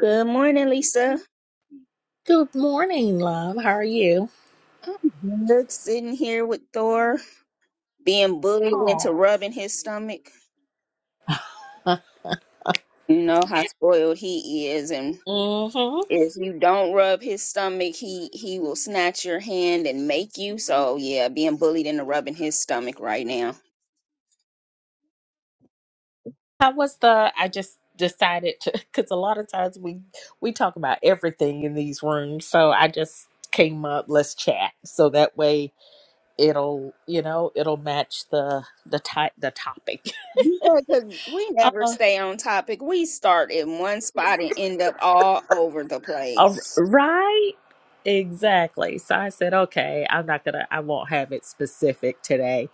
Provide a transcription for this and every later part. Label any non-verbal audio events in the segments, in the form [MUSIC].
Good morning, Lisa. Good morning, love. How are you? Good Sitting here with Thor being bullied into Oh. rubbing his stomach. You know how spoiled he is, and Mm-hmm. if you don't rub his stomach, he he will snatch your hand and make you. So yeah, being bullied into rubbing his stomach right now. How was the? I just decided to [LAUGHS] because a lot of times we we talk about everything in these rooms, so I just came up. Let's chat, so that way it'll you know it'll match the the type the topic. [LAUGHS] You know, 'cause we never Uh, stay on topic. We start in one spot and end up all over the all place. right. Exactly. So I said, okay, I'm not gonna, I won't have it specific today.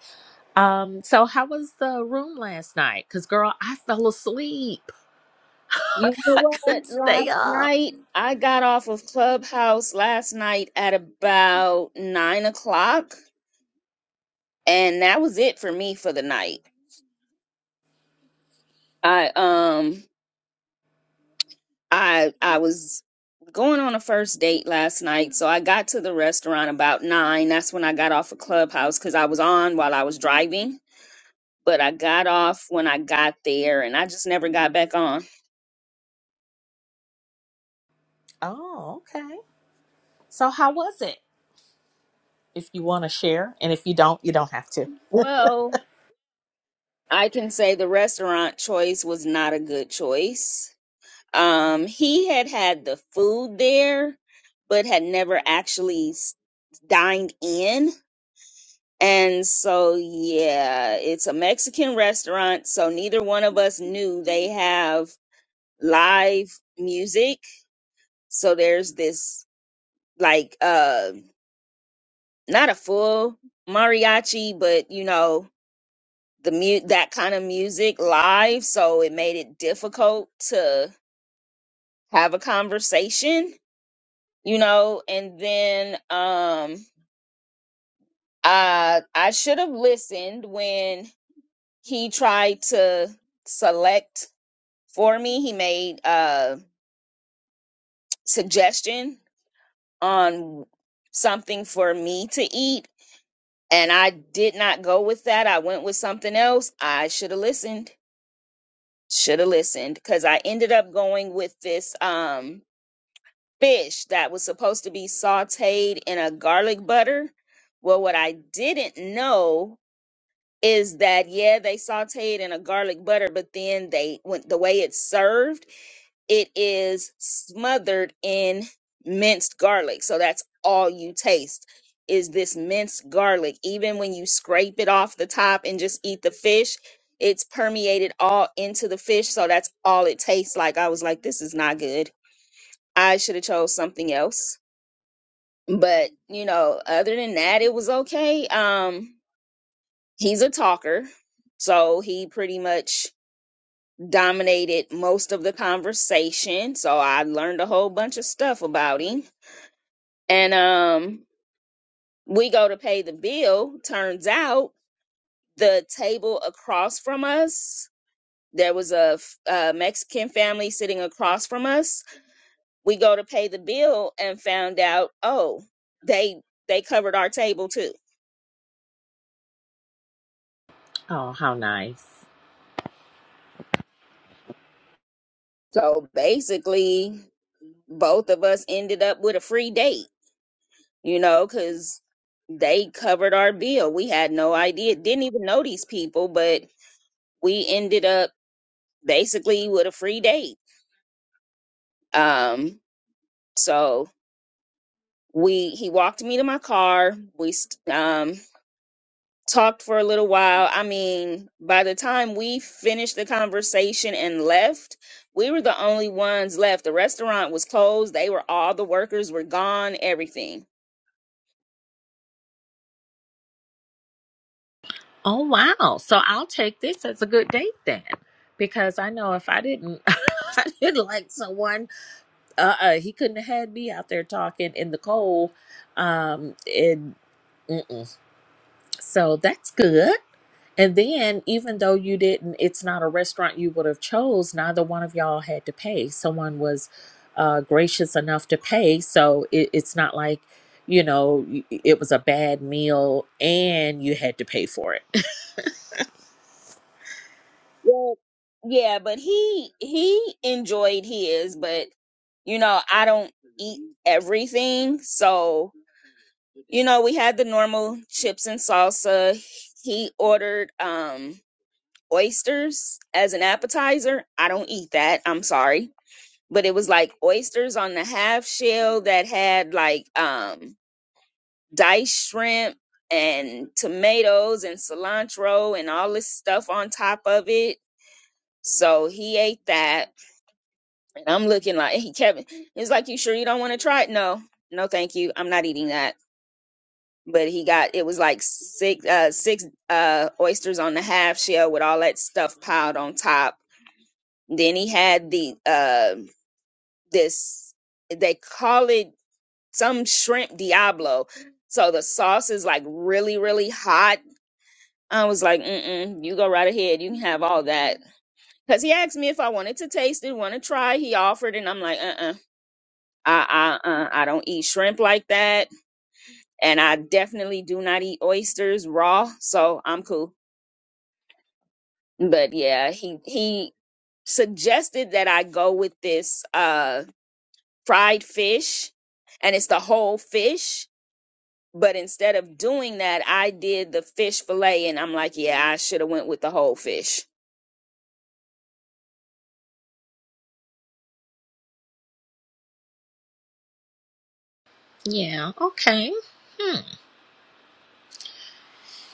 Um, so how was the room last night? Cause girl, I fell asleep. You know I what? couldn't stay Last up. night, I got off of Clubhouse last night at about nine o'clock, and that was it for me for the night. I um, I I was going on a first date last night, so I got to the restaurant about nine. That's when I got off of Clubhouse because I was on while I was driving but I got off when I got there and I just never got back on. Oh, okay. So how was it? If you want to share, and if you don't, you don't have to. Well, I can say the restaurant choice was not a good choice. Um, he had had the food there, but had never actually s- dined in. And so, yeah, it's a Mexican restaurant. So neither one of us knew they have live music. So there's this like, uh, not a full mariachi, but you know, the mu- that kind of music live so it made it difficult to have a conversation you know and then um uh i should have listened when he tried to select for me he made a suggestion on something for me to eat and i did not go with that i went with something else i should have listened should have listened because i ended up going with this um fish that was supposed to be sauteed in a garlic butter. Well, what I didn't know is that yeah, they sauteed in a garlic butter, but then they went the way it's served, it is smothered in minced garlic. So that's all you taste is this minced garlic. Even when you scrape it off the top and just eat the fish, it's permeated all into the fish. So that's all it tastes like. I was like, this is not good. I should have chose something else but you know other than that it was okay um he's a talker so he pretty much dominated most of the conversation so i learned a whole bunch of stuff about him and um we go to pay the bill turns out the table across from us there was a, f- a mexican family sitting across from us we go to pay the bill and found out oh they they covered our table too Oh, how nice. so basically both of us ended up with a free date, you know, because they covered our bill. We had no idea, didn't even know these people, but we ended up basically with a free date. Um, so we he walked me to my car. We st- um talked for a little while. I mean, by the time we finished the conversation and left, we were the only ones left. The restaurant was closed. They were all the workers were gone, everything Oh, wow. So I'll take this as a good date then. Because I know if I didn't, [LAUGHS] I didn't like someone, uh, uh, he couldn't have had me out there talking in the cold. Um, and, So that's good. And then, even though you didn't, it's not a restaurant you would have chose. Neither one of y'all had to pay. Someone was uh, gracious enough to pay, so it, it's not like you know y- it was a bad meal and you had to pay for it. Well, yeah, but he he enjoyed his, but you know, I don't eat everything. So, you know, we had the normal chips and salsa. He ordered um oysters as an appetizer. I don't eat that. I'm sorry. But it was like oysters on the half shell that had like um diced shrimp and tomatoes and cilantro and all this stuff on top of it. So he ate that And I'm looking like, hey, Kevin, it's like, you sure you don't want to try it? No, no, thank you. I'm not eating that. But he got, it was like six, uh, six uh, oysters on the half shell with all that stuff piled on top. Then he had the, uh, this, they call it some shrimp Diablo. So the sauce is like really, really hot. I was like, mm-mm, you go right ahead. You can have all that. Because he asked me if I wanted to taste it, want to try. He offered, and I'm like, uh-uh. I I uh, I don't eat shrimp like that, and I definitely do not eat oysters raw. So I'm cool. But yeah, he he suggested that I go with this uh fried fish, and it's the whole fish. But instead of doing that, I did the fish fillet, and I'm like, yeah, I should have went with the whole fish. Yeah. Okay.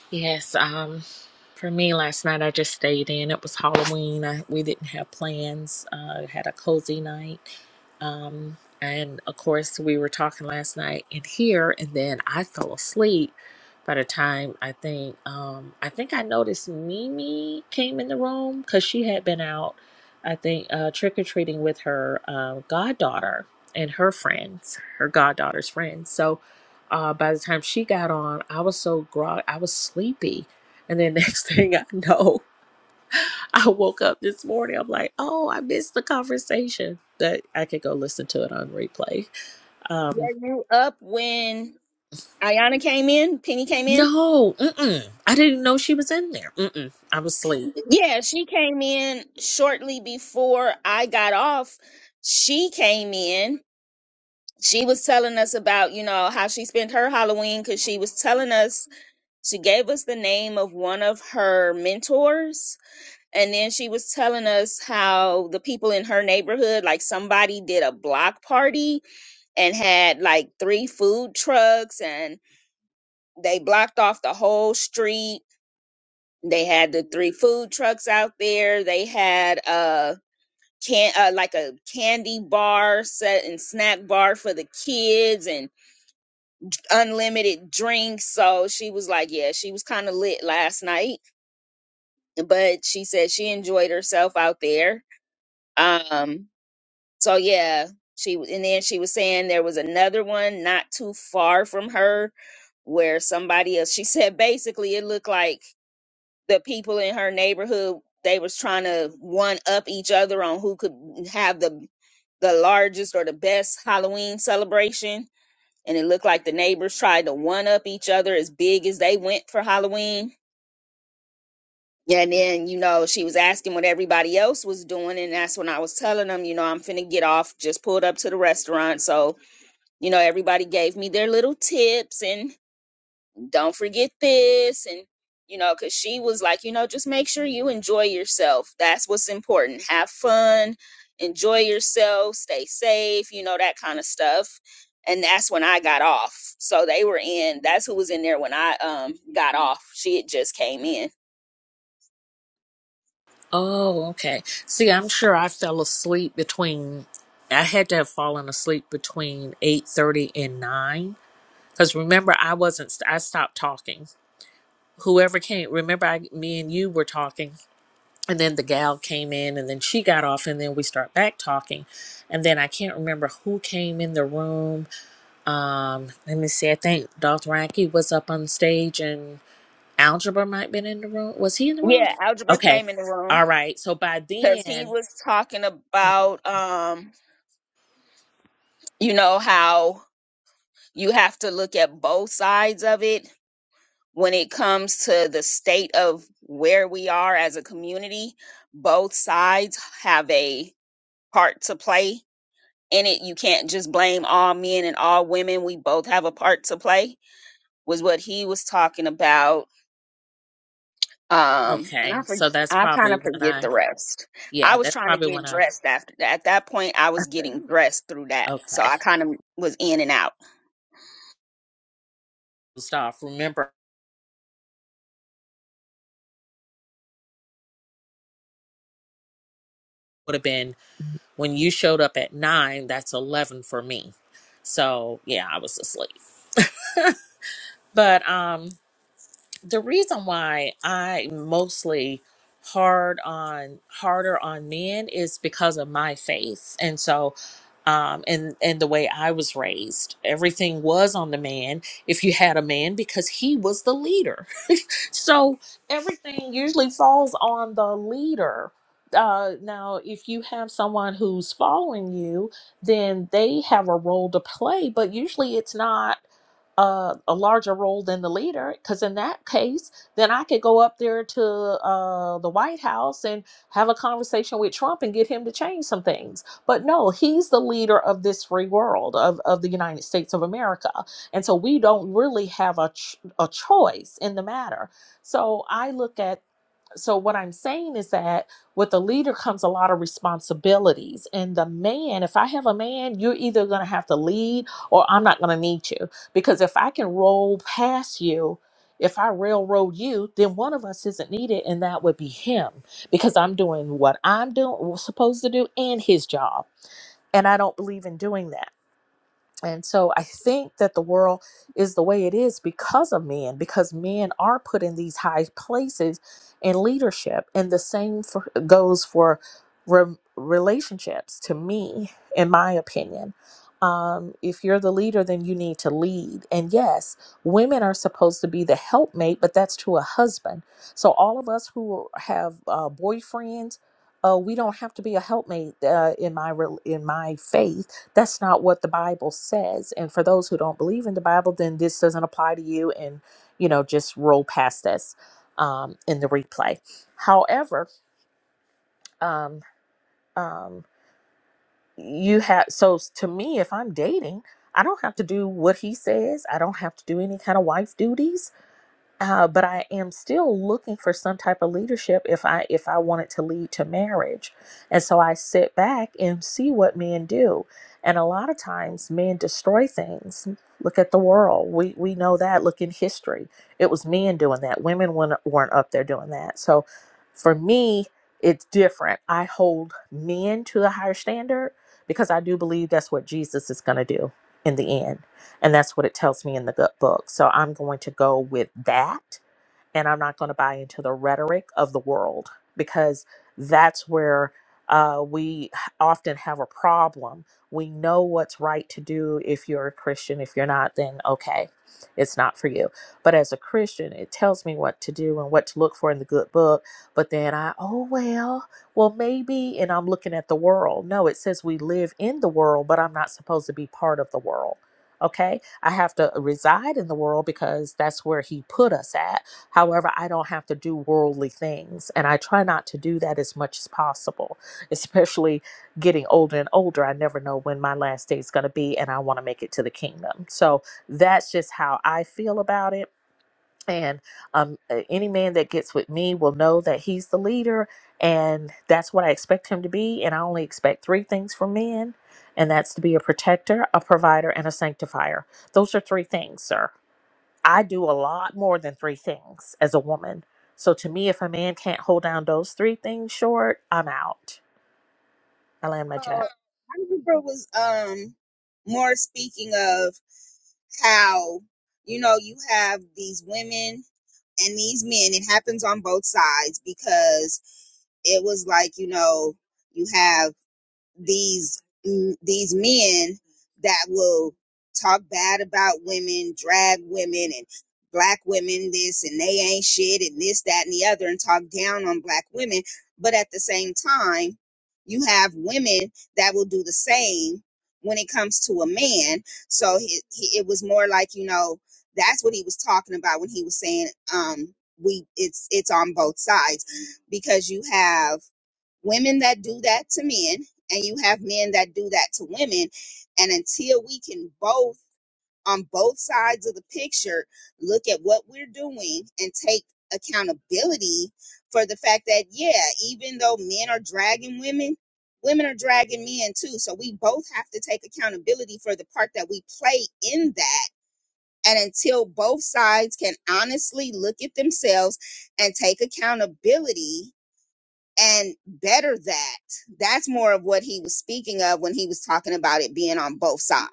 Yes, um, for me last night I just stayed in. It was Halloween. I, we didn't have plans. Uh, had a cozy night. Um, and of course we were talking last night in here and then I fell asleep by the time I think um I think I noticed Mimi came in the room because she had been out, I think, uh trick or treating with her uh, goddaughter and her friends, her goddaughter's friends. So uh, by the time she got on, I was so grog, I was sleepy. And then next [LAUGHS] thing I know, I woke up this morning. I'm like, oh, I missed the conversation that I could go listen to it on replay. Were Um, you up when Ayana came in? Penny came in. no, mm-mm. I didn't know she was in there. Mm-mm. I was asleep. Yeah, she came in shortly before I got off. She came in. She was telling us about, you know, how she spent her Halloween because she was telling us, she gave us the name of one of her mentors. And then she was telling us how the people in her neighborhood, like somebody did a block party and had like three food trucks and they blocked off the whole street. They had the three food trucks out there. They had, uh, can uh, like a candy bar set and snack bar for the kids and unlimited drinks so she was like yeah she was kind of lit last night but she said she enjoyed herself out there um so yeah she and then she was saying there was another one not too far from her where somebody else she [LAUGHS] said basically it looked like the people in her neighborhood they was trying to one up each other on who could have the the largest or the best Halloween celebration. And it looked like the neighbors tried to one up each other as big as they went for Halloween. And then, you know, she was asking what everybody else was doing. And that's when I was telling them, you know, I'm finna get off, just pulled up to the restaurant. So, you know, everybody gave me their little tips and don't forget this and you know because she was like you know just make sure you enjoy yourself that's what's important have fun enjoy yourself stay safe you know that kind of stuff and that's when i got off so they were in that's who was in there when i um got off she had just came in Oh, okay. See, I'm sure I fell asleep between. I had to have fallen asleep between eight thirty and nine because remember I wasn't. I stopped talking. Whoever came, remember I, me and you were talking and then the gal came in and then she got off and then we start back talking and then i can't remember who came in the room um let me see i think dr Ranky was up on stage and algebra might have been in the room was he in the room yeah algebra okay came in the room all right so by because he then was talking about um you know how you have to look at both sides of it when it comes to the state of where we are as a community, both sides have a part to play in it. You can't just blame all men and all women. We both have a part to play, was what he was talking about. Um, and okay I for, so that's I kind probably of when forget the i rest. I yeah was that's trying to probably get when i dressed after that. At that point, I was getting dressed through that, so okay I kind of was in and out. stop remember would have been when you showed up at nine that's 11 for me so yeah i was asleep but um the reason why I mostly hard on harder on men is because of my faith. And so um and and the way I was raised. Everything was on the man if you had a man because he was the leader. [LAUGHS] so everything usually falls on the leader. Uh, now, if you have someone who's following you, then they have a role to play, but usually it's not uh, a larger role than the leader because in that case then i could go up there to uh, the white house and have a conversation with trump and get him to change some things but no he's the leader of this free world of, of the united states of america and so we don't really have a, ch- a choice in the matter so i look at so what i'm saying is that with the leader comes a lot of responsibilities and the man if i have a man you're either going to have to lead or i'm not going to need you because if i can roll past you if i railroad you then one of us isn't needed and that would be him because i'm doing what i'm doing supposed to do and his job and i don't believe in doing that and so I think that the world is the way it is because of men, because men are put in these high places in leadership. And the same for, goes for re- relationships, to me, in my opinion. Um, if you're the leader, then you need to lead. And yes, women are supposed to be the helpmate, but that's to a husband. So all of us who have uh, boyfriends, uh, we don't have to be a helpmate uh, in my rel in my faith that's not what the bible says and for those who don't believe in the bible then this doesn't apply to you and you know just roll past this um, in the replay however um, um, you have so to me if i'm dating i don't have to do what he says i don't have to do any kind of wife duties uh, but I am still looking for some type of leadership if I if I want it to lead to marriage. And so I sit back and see what men do. And a lot of times men destroy things. Look at the world. We we know that. Look in history. It was men doing that. Women weren't, weren't up there doing that. So for me, it's different. I hold men to a higher standard because I do believe that's what Jesus is going to do in the end. And that's what it tells me in the gut book. So I'm going to go with that and I'm not going to buy into the rhetoric of the world because that's where uh, we often have a problem. We know what's right to do if you're a Christian. If you're not, then okay, it's not for you. But as a Christian, it tells me what to do and what to look for in the good book. But then I, oh, well, well, maybe, and I'm looking at the world. No, it says we live in the world, but I'm not supposed to be part of the world. Okay, I have to reside in the world because that's where he put us at However, I don't have to do worldly things. And I try not to do that as much as possible, [LAUGHS] especially getting older and older. I never know when my last day is going to be, and I want to make it to the kingdom. So that's just how I feel about it. And um, uh, any man that gets with me will know that he's the leader, and that's what I expect him to be. And I only expect three things from men, and that's to be a protector, a provider, and a sanctifier. Those are three things, sir I do a lot more than three things as a woman. So to me, if a man can't hold down those three things short, I'm out. I land my So jet. I remember was um more speaking of. how you know you have these women and these men it happens on both sides because it was like you know you have these mm, these men that will talk bad about women, drag women, and black women this and they ain't shit and this that and the other and talk down on black women, but at the same time, you have women that will do the same when it comes to a man. So he, he, it was more like you know that's what he was talking about when he was saying um we it's it's on both sides because you have women that do that to men and you have men that do that to women and until we can both on both sides of the picture look at what we're doing and take accountability for the fact that yeah even though men are dragging women women are dragging men too so we both have to take accountability for the part that we play in that and until both sides can honestly look at themselves and take accountability and better that. That's more of what he was speaking of when he was talking about it being on both sides.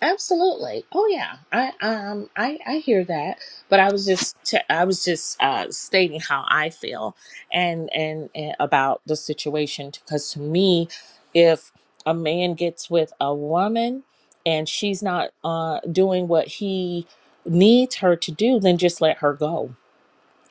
Absolutely. Oh yeah. I um I I hear that, but I was just t- I was just uh stating how I feel and and, and about the situation because to me if a man gets with a woman and she's not uh doing what he needs her to do, then just let her go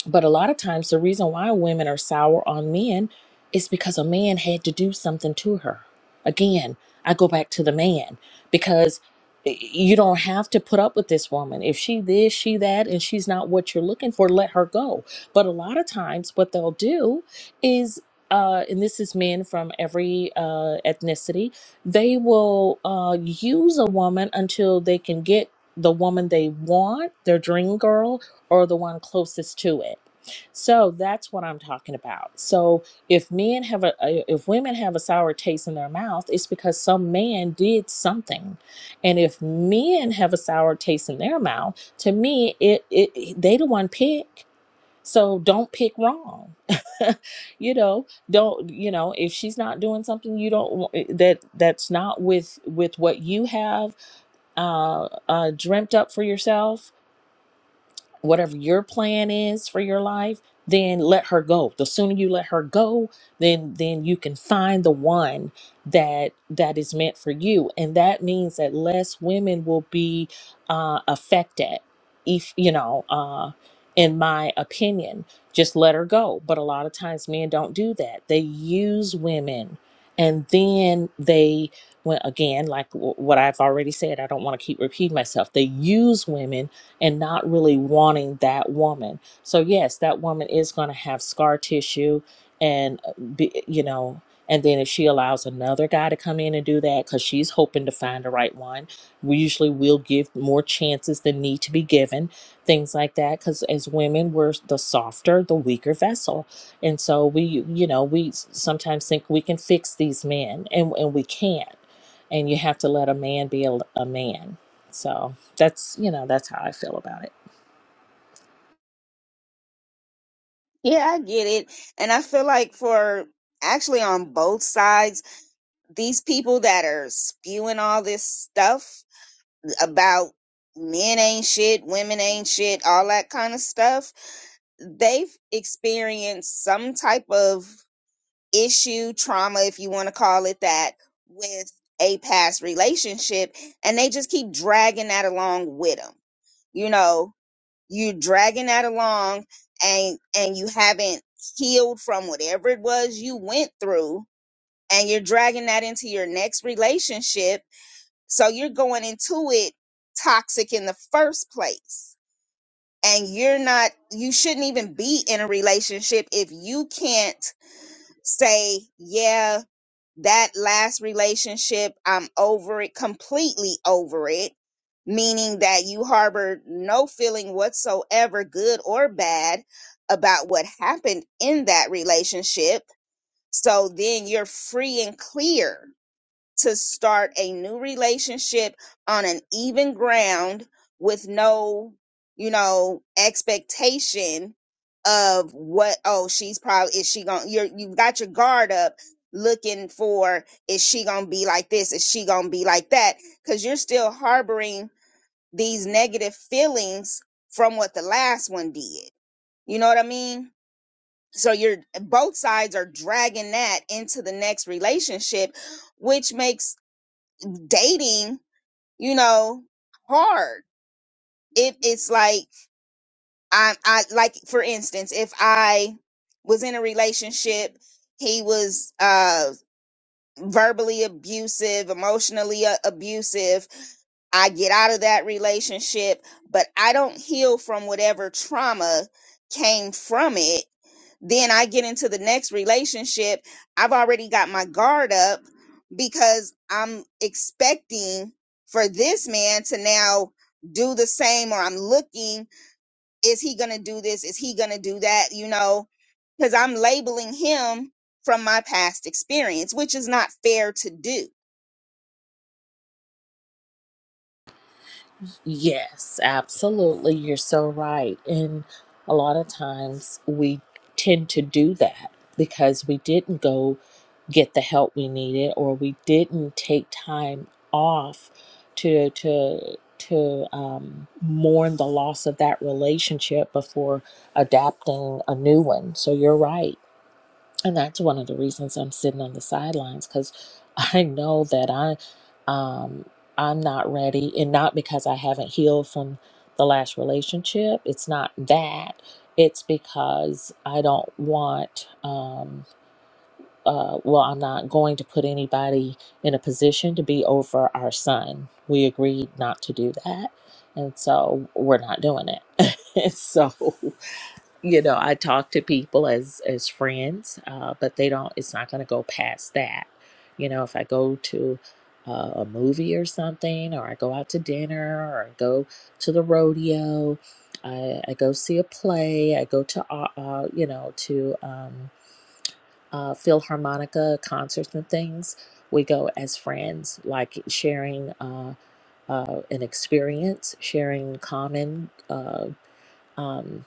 But a lot of times, the reason why women are sour on men is because a man had to do something to her. Again, I go back to the man because y- you don't have to put up with this woman. If she this, she that, and she's not what you're looking for, let her go. But a lot of times, what they'll do is, uh, and this is men from every uh, ethnicity, they will uh, use a woman until they can get the woman they want, their dream girl or the one closest to it. So that's what I'm talking about. So if men have a if women have a sour taste in their mouth, it's because some man did something. And if men have a sour taste in their mouth, to me it, it they the one pick. So don't pick wrong. [LAUGHS] you know, don't you know, if she's not doing something you don't wa- eh, that that's not with with what you have uh uh dreamt up for yourself, whatever your plan is for your life then let her go the sooner you let her go then then you can find the one that that is meant for you and that means that less women will be uh affected if you know uh in my opinion just let her go but a lot of times men don't do that they use women and then they well again like w- what i've already said i don't want to keep repeating myself they use women and not really wanting that woman. So yes, that woman is going to have scar tissue and uh, be, you know, and then if she allows another guy to come in and do that cuz she's hoping to find the right one, we usually will give more chances than need to be given, things like that cuz as women we're the softer, the weaker vessel. And so we you know, we s- sometimes think we can fix these men and and we can't. And you have to let a man be a, a man. So that's you know that's how i feel about it Yeah, I get it. And I feel like for actually on both sides, these people that are spewing all this stuff about men ain't shit, women ain't shit, all that kind of stuff, they've experienced some type of issue, trauma, if you want to call it that, with a past relationship, and they just keep dragging that along with them. You know, you're dragging that along, and and you haven't healed from whatever it was you went through, and you're dragging that into your next relationship. So you're going into it toxic in the first place. And you're not, you shouldn't even be in a relationship if you can't say, yeah, that last relationship, I'm over it, completely over it, meaning that you harbored no feeling whatsoever, good or bad, about what happened in that relationship. So then you're free and clear to start a new relationship on an even ground with no, you know, expectation of what oh she's probably is she going to you're you've got your guard up looking for is she going to be like this is she going to be like that cuz you're still harboring these negative feelings from what the last one did. You know what I mean? So you're both sides are dragging that into the next relationship which makes dating, you know, hard. It it's like I I like for instance, if I was in a relationship, he was uh verbally abusive, emotionally uh, abusive. I get out of that relationship, but I don't heal from whatever trauma came from it then I get into the next relationship, I've already got my guard up because I'm expecting for this man to now do the same or I'm looking is he going to do this? Is he going to do that? You know, because I'm labeling him from my past experience, which is not fair to do. yes absolutely you're so right and a lot of times we tend to do that because we didn't go get the help we needed or we didn't take time off to to to um, mourn the loss of that relationship before adapting a new one so you're right and that's one of the reasons I'm sitting on the sidelines because [LAUGHS] I know that I um I'm not ready and not because I haven't healed from the last relationship. It's not that. It's because I don't want um uh well I'm not going to put anybody in a position to be over our son. We agreed not to do that. And so we're not doing it. [LAUGHS] so you know i talk to people as as friends uh, but they don't it's not going to go past that you know if i go to uh, a movie or something or i go out to dinner or i go to the rodeo i, I go see a play i go to uh, uh, you know to um, uh, philharmonica concerts and things we go as friends like sharing uh, uh, an experience sharing common uh, um,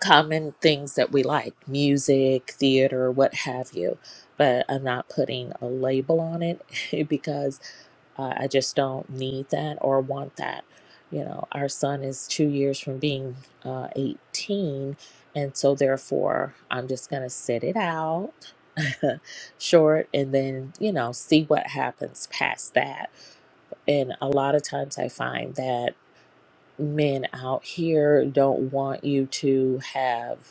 common things that we like music, theater, what have you. But I'm not putting a label on it [LAUGHS] because uh, I just don't need that or want that. You know, our son is two years from being uh, 18. And so, therefore, I'm just going to sit it out [LAUGHS] short and then, you know, see what happens past that. And a lot of times I find that men out here don't want you to have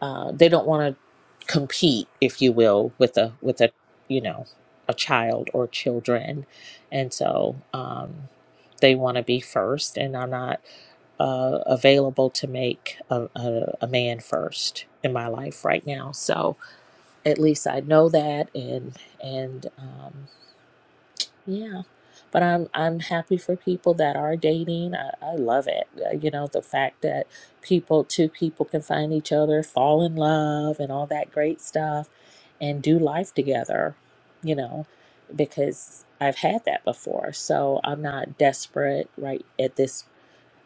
uh, they don't want to compete, if you will, with a with a you know a child or children, and so um, they want to be first. And I'm not uh, available to make a, a, a man first in my life right now. So at least I know that, and and um, yeah, but I'm I'm happy for people that are dating. I, I love it. Uh, You know, the fact that people, two people can find each other, fall in love and all that great stuff and do life together, you know, because I've had that before. So I'm not desperate right at this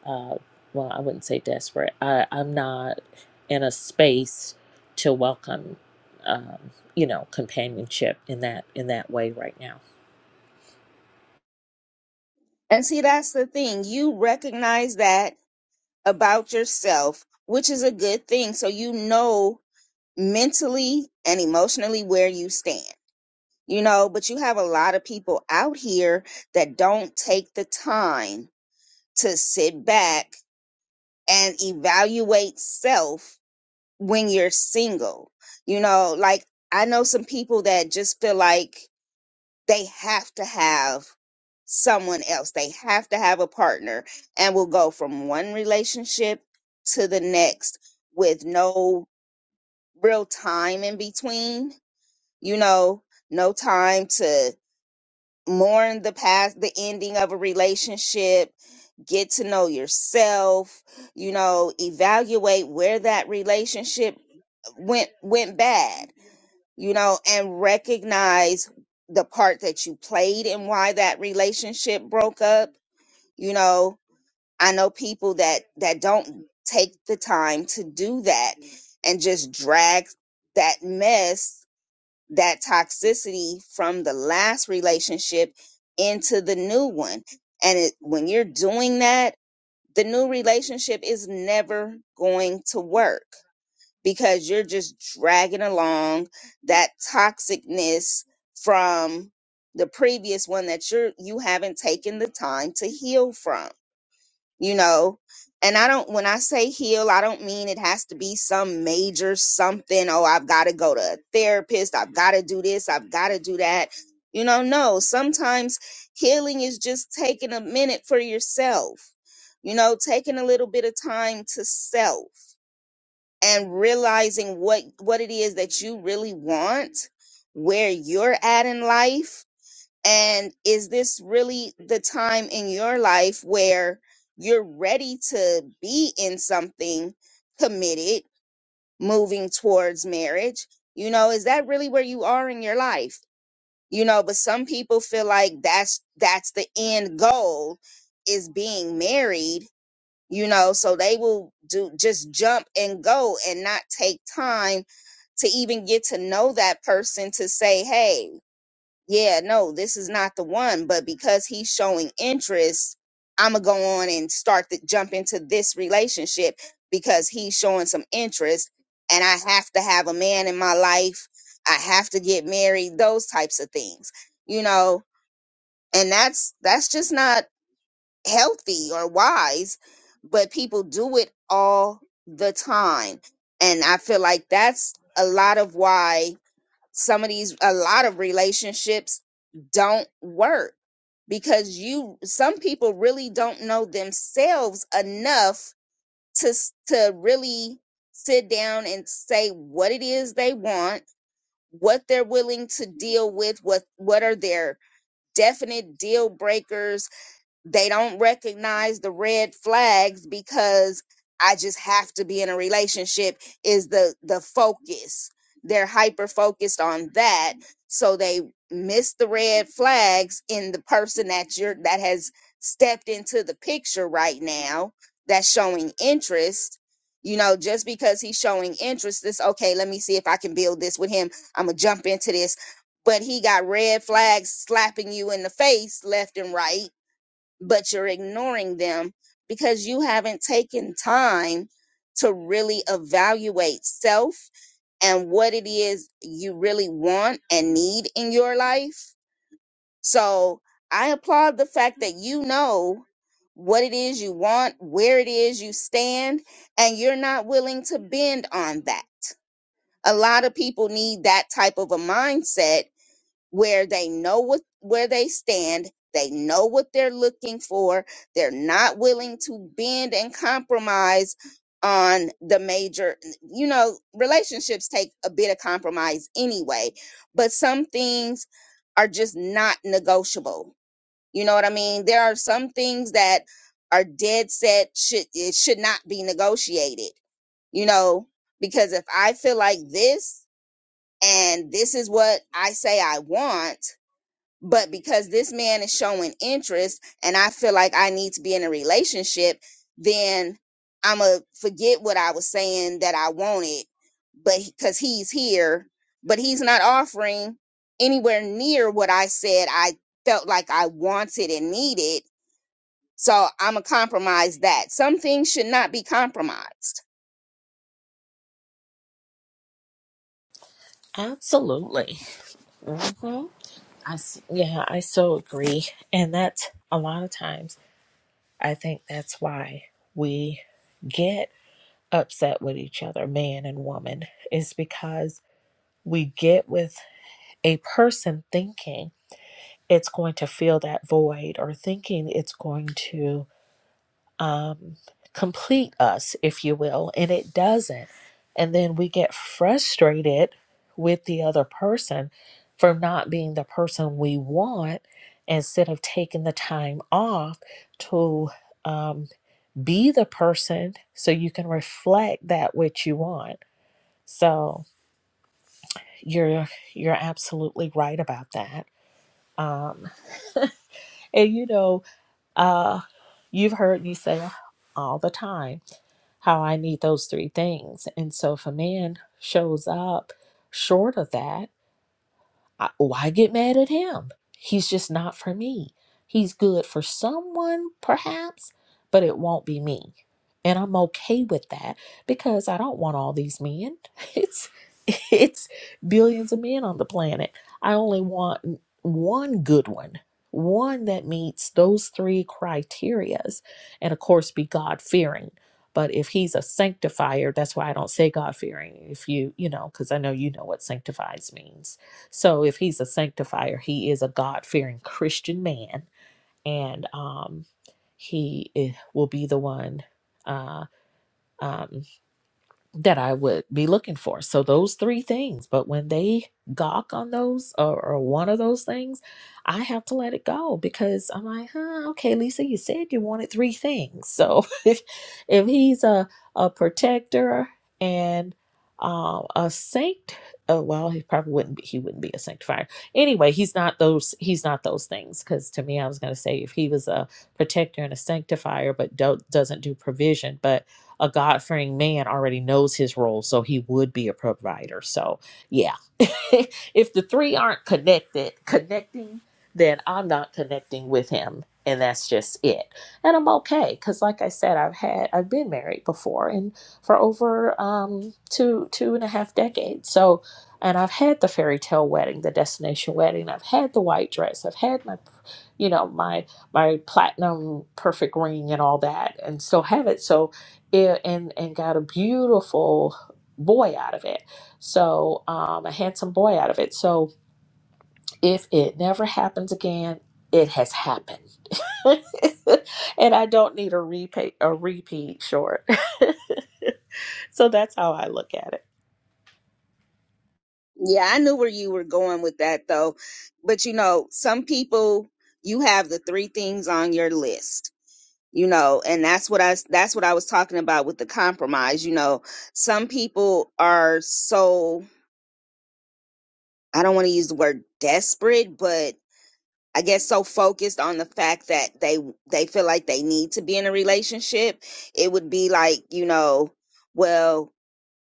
uh well, I wouldn't say desperate. I I'm not in a space to welcome um, you know, companionship in that in that way right now. And see, that's the thing. You recognize that about yourself, which is a good thing. So you know mentally and emotionally where you stand. you know but you have a lot of people out here that don't take the time to sit back and evaluate self when you're single you know like i know some people that just feel like they have to have someone else they have to have a partner and will go from one relationship to the next with no real time in between you know no time to mourn the past, the ending of a relationship, get to know yourself, you know, evaluate where that relationship went went bad, you know, and recognize the part that you played and why that relationship broke up. You know, I know people that that don't take the time to do that and just drag that mess that toxicity from the last relationship into the new one. And it, when you're doing that, the new relationship is never going to work because you're just dragging along that toxicness from the previous one that you're you haven't taken the time to heal from you know and i don't when i say heal i don't mean it has to be some major something oh i've got to go to a therapist i've got to do this i've got to do that you know no sometimes healing is just taking a minute for yourself you know taking a little bit of time to self and realizing what what it is that you really want where you're at in life and is this really the time in your life where you're ready to be in something committed, moving towards marriage? You know, is that really where you are in your life? You know, but some people feel like that's that's the end goal is being married, you know, so they will do just jump and go and not take time to even get to know that person to say, hey, yeah, no, this is not the one. But because he's showing interest, I'm gonna go on and start to jump into this relationship because he's showing some interest, and I have to have a man in my life. I have to get married. Those types of things, you know, and that's that's just not healthy or wise. But people do it all the time, and I feel like that's a lot of why some of these a lot of relationships don't work because you some people really don't know themselves enough to s- to really sit down and say what it is they want what they're willing to deal with what what are their definite deal breakers they don't recognize the red flags because I just have to be in a relationship is the the focus. They're hyper focused on that, so they miss the red flags in the person that you're that has stepped into the picture right now that's showing interest. You know, just because he's showing interest, this okay, let me see if I can build this with him. I'm gonna jump into this. But he got red flags slapping you in the face left and right but you're ignoring them because you haven't taken time to really evaluate self and what it is you really want and need in your life. So I applaud the fact that you know what it is you want, where it is you stand, and you're not willing to bend on that. A lot of people need that type of a mindset where they know what where they stand they know what they're looking for they're not willing to bend and compromise on the major you know relationships take a bit of compromise anyway but some things are just not negotiable you know what i mean there are some things that are dead set should it should not be negotiated you know because if i feel like this and this is what i say i want but because this man is showing interest and I feel like I need to be in a relationship, then I'm going to forget what I was saying that I wanted, but because he's here, but he's not offering anywhere near what I said I felt like I wanted and needed. So I'm going to compromise that. Some things should not be compromised. Absolutely. hmm I, s- yeah, I so agree. And that's a lot of times, I think that's why we get upset with each other, man and woman, is because we get with a person thinking. it's going to fill that void or thinking it's going to um, complete us, if you will, and it doesn't. And then we get frustrated with the other person for not being the person we want instead of taking the time off to um, be the person so you can reflect that which you want. So you're you're absolutely right about that. Um, and you know Uh, you've heard me say all the time how I need those three things. And so if a man shows up short of that, I, why get mad at him? He's just not for me. He's good for someone, perhaps, but it won't be me. And I'm okay with that because I don't want all these men. [LAUGHS] It's it's billions of men on the planet. I only want one good one, one that meets those three criterias, and of course be God fearing. But if he's a sanctifier, that's why I don't say God fearing. If you, you know, because I know you know what sanctifies means so if he's a sanctifier, he is a God fearing Christian man, and um, he i- will be the one. Uh, um, that I would be looking for. So those three things. But when they gawk on those or, or one of those things, I have to let it go because I'm like, huh, okay, Lisa, you said you wanted three things. So [LAUGHS] if if he's a a protector and um, a saint, uh, well, he probably wouldn't be. He wouldn't be a sanctifier anyway. He's not those. He's not those things. Because to me, I was going to say if he was a protector and a sanctifier, but do, doesn't do provision, but a God fearing man already knows his role, so he would be a provider. So, yeah, [LAUGHS] if the three aren't connected, connecting, then I'm not connecting with him. And that's just it. And I'm okay. Cause like I said, I've had, I've been married before and for over um, two, two and a half decades. So, and I've had the fairy tale wedding, the destination wedding. I've had the white dress. I've had my, you know, my, my platinum perfect ring and all that and still have it. So it, and and got a beautiful boy out of it so um a handsome boy out of it so if it never happens again it has happened [LAUGHS] and i don't need a repeat a repeat short [LAUGHS] so that's how i look at it Yeah, I knew where you were going with that though. But you know, some people, you have the three things on your list you know and that's what i that's what i was talking about with the compromise you know some people are so i don't want to use the word desperate but i guess so focused on the fact that they they feel like they need to be in a relationship it would be like you know well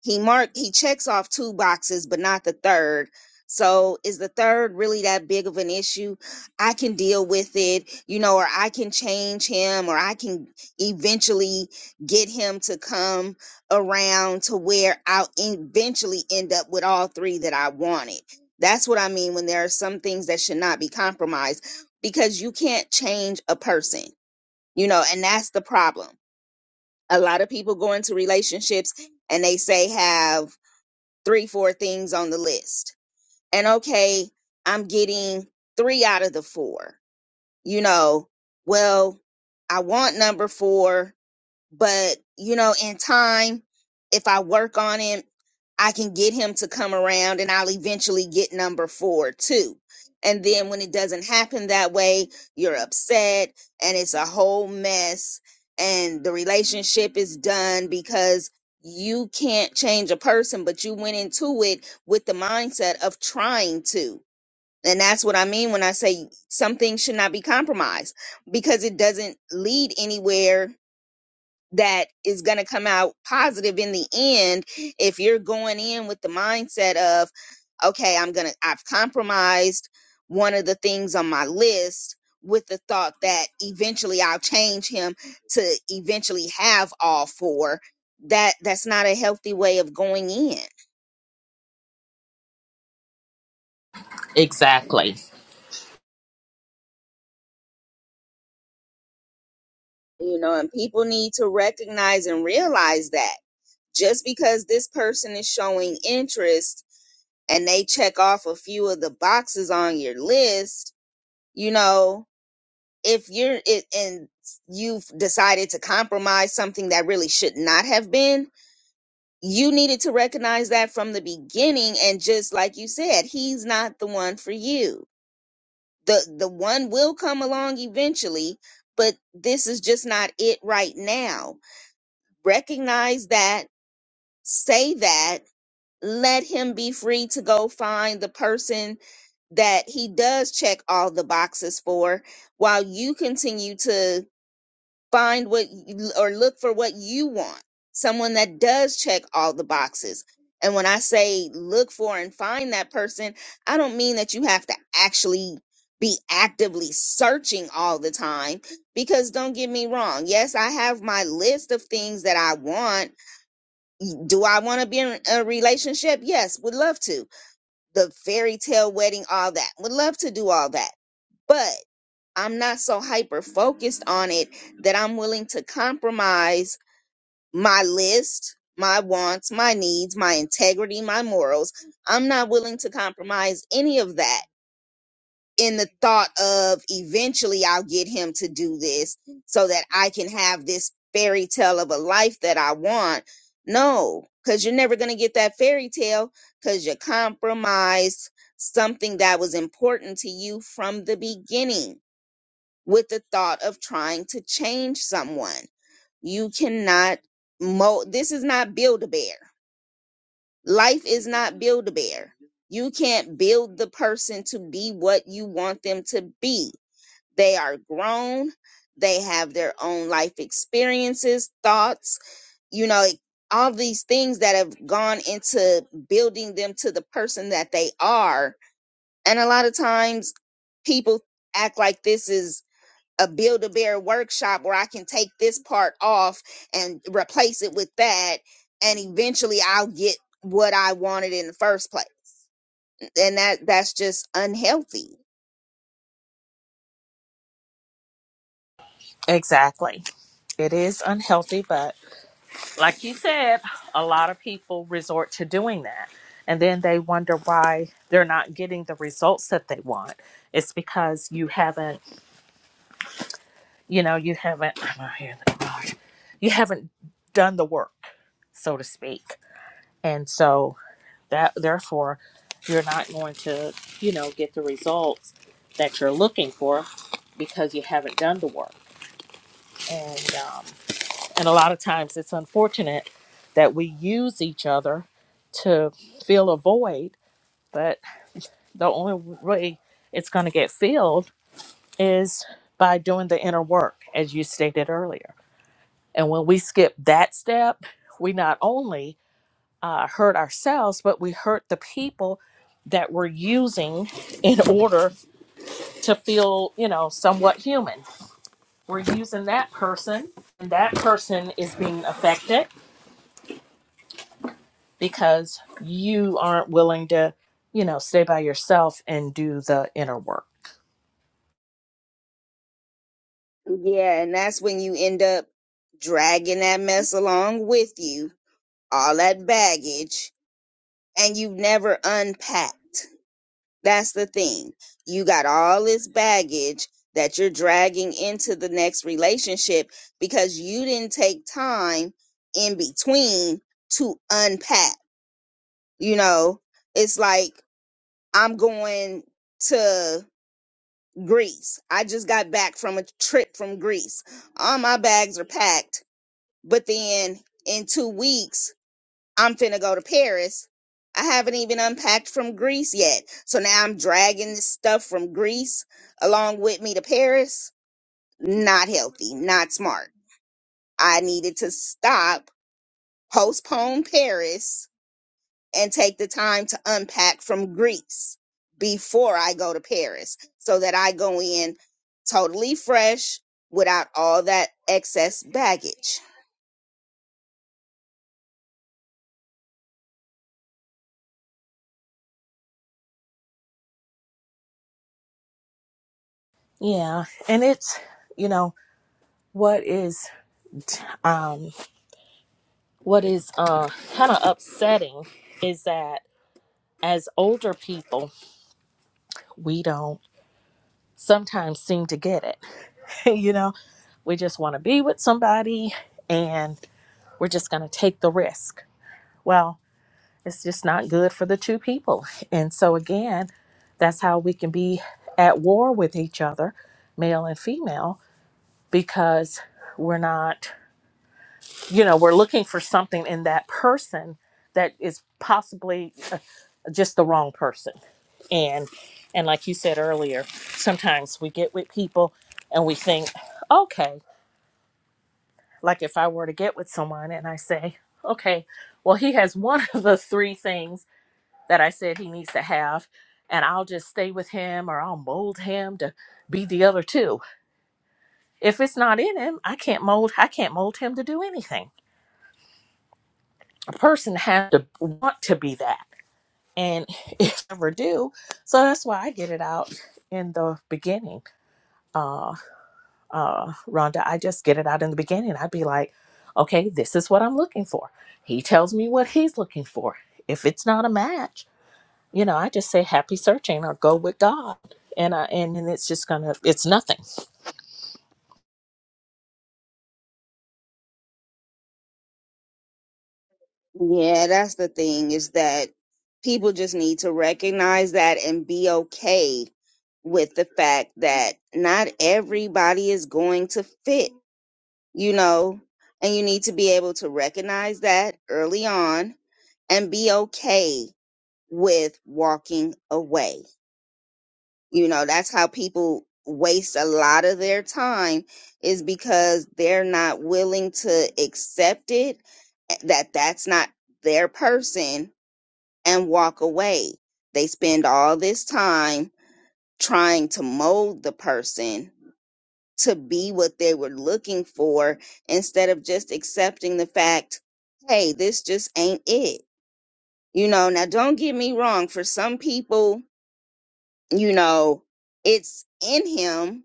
he mark he checks off two boxes but not the third so is the third really that big of an issue i can deal with it you know or i can change him or i can eventually get him to come around to where i'll eventually end up with all three that i wanted that's what i mean when there are some things that should not be compromised because you can't change a person you know and that's the problem a lot of people go into relationships and they say have three, four things on the list. And okay, I'm getting three out of the four. You know, well, I want number four but you know in time if i work on him i can get him to come around and i'll eventually get number four too and then when it doesn't happen that way you're upset and it's a whole mess and the relationship is done because you can't change a person but you went into it with the mindset of trying to and that's what i mean when i say something should not be compromised because it doesn't lead anywhere that is going to come out positive in the end if you're going in with the mindset of okay i'm going to i've compromised one of the things on my list with the thought that eventually i'll change him to eventually have all four that that's not a healthy way of going in Exactly. you know and people need to recognize and realize that just because this person is showing interest and they check off a few of the boxes on your list you know if you're it and you've decided to compromise something that really should not have been you needed to recognize that from the beginning and just like you said he's not the one for you the the one will come along eventually but this is just not it right now recognize that say that let him be free to go find the person that he does check all the boxes for while you continue to find what or look for what you want someone that does check all the boxes and when i say look for and find that person i don't mean that you have to actually be actively searching all the time because don't get me wrong yes i have my list of things that i want do i want to be in a relationship yes would love to the fairy tale wedding all that would love to do all that But. I'm not so hyper focused on it that I'm willing to compromise my list, my wants, my needs, my integrity, my morals. I'm not willing to compromise any of that in the thought of eventually I'll get him to do this so that I can have this fairy tale of a life that I want. No, because you're never going to get that fairy tale because you compromised something that was important to you from the beginning with the thought of trying to change someone. You cannot mold. This is not build a bear. Life is not build a bear. You can't build the person to be what you want them to be. They are grown. They have their own life experiences, thoughts, you know, all these things that have gone into building them to the person that they are. And a lot of times people act like this is a build a bear workshop where I can take this part off and replace it with that and eventually I'll get what I wanted in the first place. And that that's just unhealthy. exactly it is unhealthy but like you said a lot of people resort to doing that and then they wonder why they're not getting the results that they want it's because you haven't you know you haven't i'm out here in the garage you haven't done the work so to speak and so that therefore you're not going to you know get the results that you're looking for because you haven't done the work and um, and a lot of times it's unfortunate that we use each other to fill a void but the only way it's going to get filled is by doing the inner work as you stated earlier And when we skip that step, we not only uh, hurt ourselves, but we hurt the people that we're using in order to feel, you know, somewhat human. We're using that person, and that person is being affected because you aren't willing to, you know, stay by yourself and do the inner work. Yeah, and that's when you end up dragging that mess along with you, all that baggage and you've never unpacked. That's the thing. You got all this baggage that you're dragging into the next relationship because you didn't take time in between to unpack. You know, it's like I'm going to Greece. I just got back from a trip from Greece. All my bags are packed, but then in 2 weeks I'm finna go to Paris. I haven't even unpacked from Greece yet. So now I'm dragging this stuff from Greece along with me to Paris. Not healthy, not smart. I needed to stop, postpone Paris, and take the time to unpack from Greece before I go to Paris so that I go in totally fresh without all that excess baggage. Yeah. And it's, you know, what is um what is uh kind of upsetting is that as older people, we don't sometimes seem to get it. [LAUGHS] you know, we just want to be with somebody and we're just going to take the risk. Well, it's just not good for the two people. And so, again, that's how we can be at war with each other, male and female, because we're not, you know, we're looking for something in that person that is possibly just the wrong person and and like you said earlier sometimes we get with people and we think okay like if i were to get with someone and i say okay well he has one [LAUGHS] of the three things that i said he needs to have and i'll just stay with him or i'll mold him to be the other two if it's not in him i can't mold i can't mold him to do anything a person has to want to be that and [LAUGHS] if they ever do so that's why i get it out in the beginning uh, uh, Rhonda, I just get it out in the beginning. I'd be like, okay, this is what I'm looking for. He tells me what he's looking for. If it's not a match, you know, I just say happy searching or go with God. And, I, and, and it's just gonna, it's nothing. Yeah, that's the thing is that people just need to recognize that and be okay with the fact that not everybody is going to fit, you know, and you need to be able to recognize that early on and be okay with walking away. You know, that's how people waste a lot of their time is because they're not willing to accept it eh, that that's not their person and walk away. They spend all this time trying to mold the person to be what they were looking for instead of just accepting the fact, hey, this just ain't it. You know, now don't get me wrong, for some people, you know, it's in him,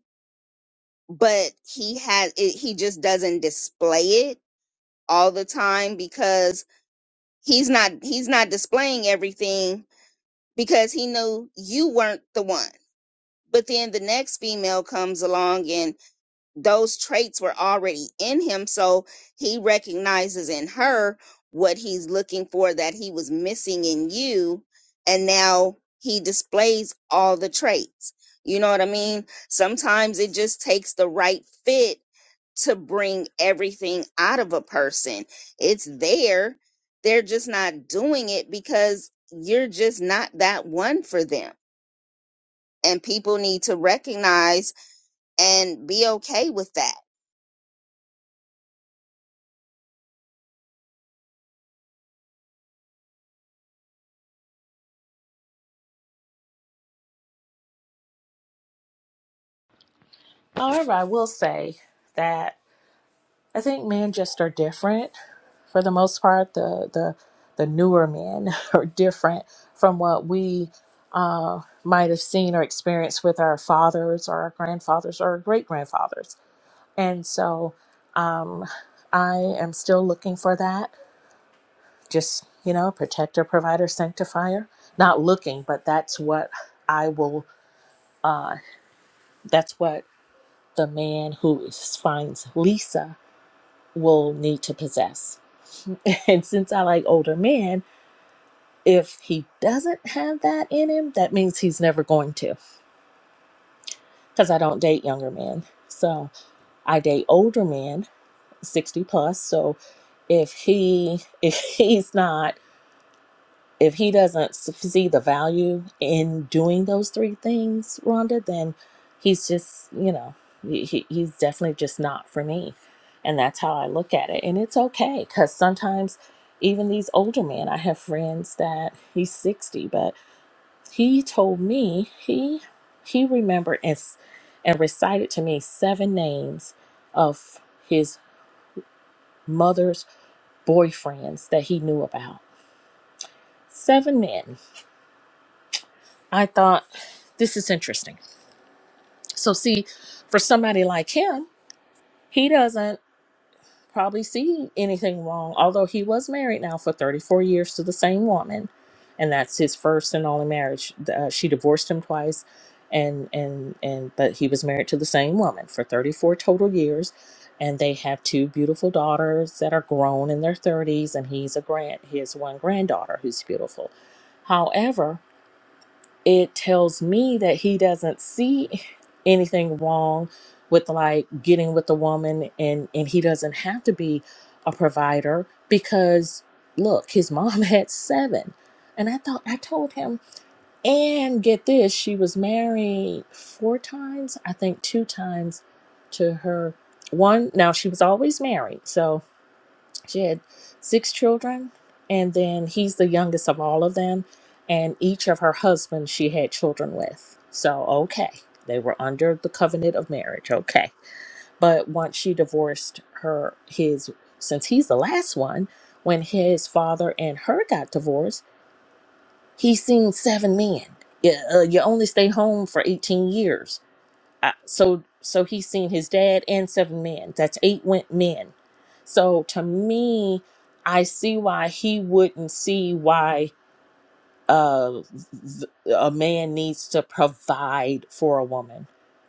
but he has it, he just doesn't display it all the time because he's not he's not displaying everything because he knew you weren't the one but then the next female comes along and those traits were already in him so he recognizes in her what he's looking for that he was missing in you and now he displays all the traits you know what i mean sometimes it just takes the right fit to bring everything out of a person it's there they're just not doing it because you're just not that one for them and people need to recognize and be okay with that. However, I will say that I think men just are different for the most part. The, the, the newer men [LAUGHS] are different from what we uh, might have seen or experienced with our fathers or our grandfathers or our great grandfathers And so um, I am still looking for that. Just, you know, protector, provider, sanctifier. Not looking, but that's what I will, uh, that's what the man who is- finds Lisa will need to possess. [LAUGHS] And since I like older men, if he doesn't have that in him, that means he's never going to because I don't date younger men. So I date older men, 60 plus. So if he [LAUGHS] if he's not if he doesn't s- see the value in doing those three things, Rhonda, then he's just, you know, he, he- he's definitely just not for me. And that's how I look at it. And it's okay because sometimes even these older men, I have friends that he's 60, but he told me he he remembered and, s- and recited to me seven names of his mother's boyfriends that he knew about. Seven men I thought this is interesting. So, see, for somebody like him, he doesn't probably see anything wrong, although he was married now for 34 years to the same woman. And that's his first and only marriage. Uh, she divorced him twice, and and and but he was married to the same woman for 34 total years, and they have two beautiful daughters that are grown in their 30s, and he's a grand. He has one granddaughter who's beautiful. However, it tells me that he doesn't see anything wrong with like getting with a woman and and he doesn't have to be a provider because look his mom [LAUGHS] had seven and i thought i told him and get this she was married four times i think two times to her one now she was always married so she had six children, and then he's the youngest of all of them. And each of her husbands she had children with. So, okay, they were under the covenant of marriage. Okay. But once she divorced her, his, since he's the last one, when his father and her got divorced, he seen seven men. Yeah, uh, you only stay home for 18 years I, so so he's seen his dad and seven men. That's eight went men. So to me, I see why he wouldn't see why uh, th- a man needs to provide for a woman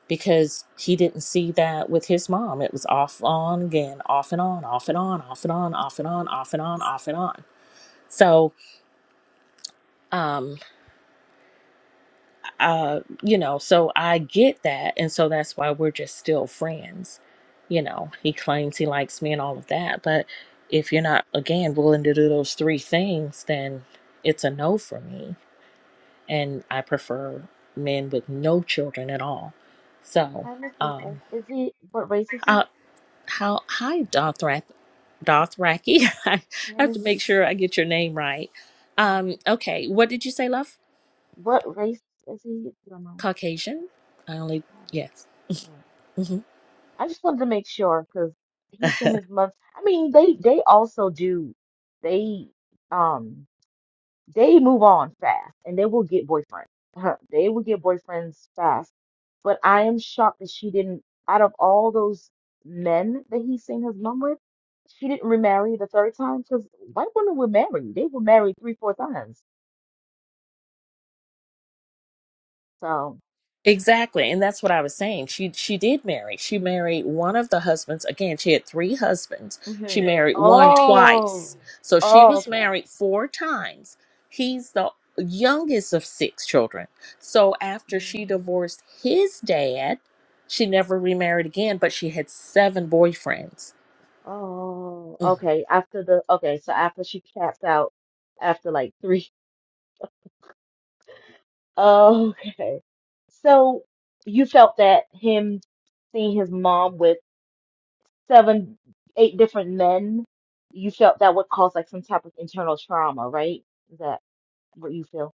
because he didn't see that with his mom. It was off on again, off and on, off and on, off and on, off and on, off and on, off and on. So um, uh you know so i get that and so that's why we're just still friends you know he claims he likes me and all of that but if you're not again willing to do those three things then it's a no for me and i prefer men with no children at all so Hi, Miss Lisa. um Is he, what race is he? uh how hi dothrak dothraki [LAUGHS] i Hi, have Miss to Lisa. make sure i get your name right um okay what did you say love What race is he? I don't know. caucasian i only Oh, yes yeah. Mm-hmm. I just wanted to make sure because he's in his month. I mean, they they also do. They um they move on fast and they will get boyfriends. Huh, They will get boyfriends fast. But I am shocked that she didn't. Out of all those men that he's seen his mom with, she didn't remarry the third time because white women were married. They were married three, four times. So. Exactly, and that's what I was saying. She she did marry. She married one of the husbands. Again, she had three husbands. She Mhm. married one Oh. twice. So she Oh, was okay. married four times. He's the youngest of six children. So after she Mm. divorced his dad, she never remarried again, but she had seven boyfriends. Oh, Mm-hmm. okay. After the okay, so after she tapped out after like three. [LAUGHS] Oh, okay. So you felt that him seeing his mom with seven, eight different men, you felt that would cause like some type of internal trauma, right? Is that what you feel?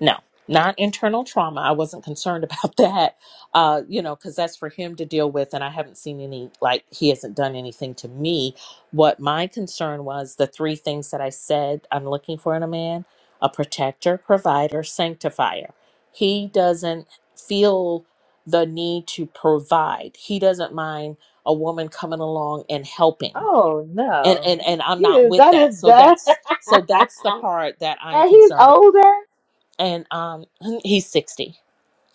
No, not internal trauma. I wasn't concerned about [LAUGHS] that, uh, you know, because that's for him to deal with. And I haven't seen any, like, he hasn't done anything to me. What my concern was the three things that I said I'm looking for in a man a protector, provider, sanctifier. He Mm. doesn't feel the need to provide, he doesn't mind a woman coming along and helping. Oh And, no. and and I'm He not is with that is that. So done. that's so that's the [LAUGHS] part that I'm And he's concerned about older. and um [LAUGHS] he's 60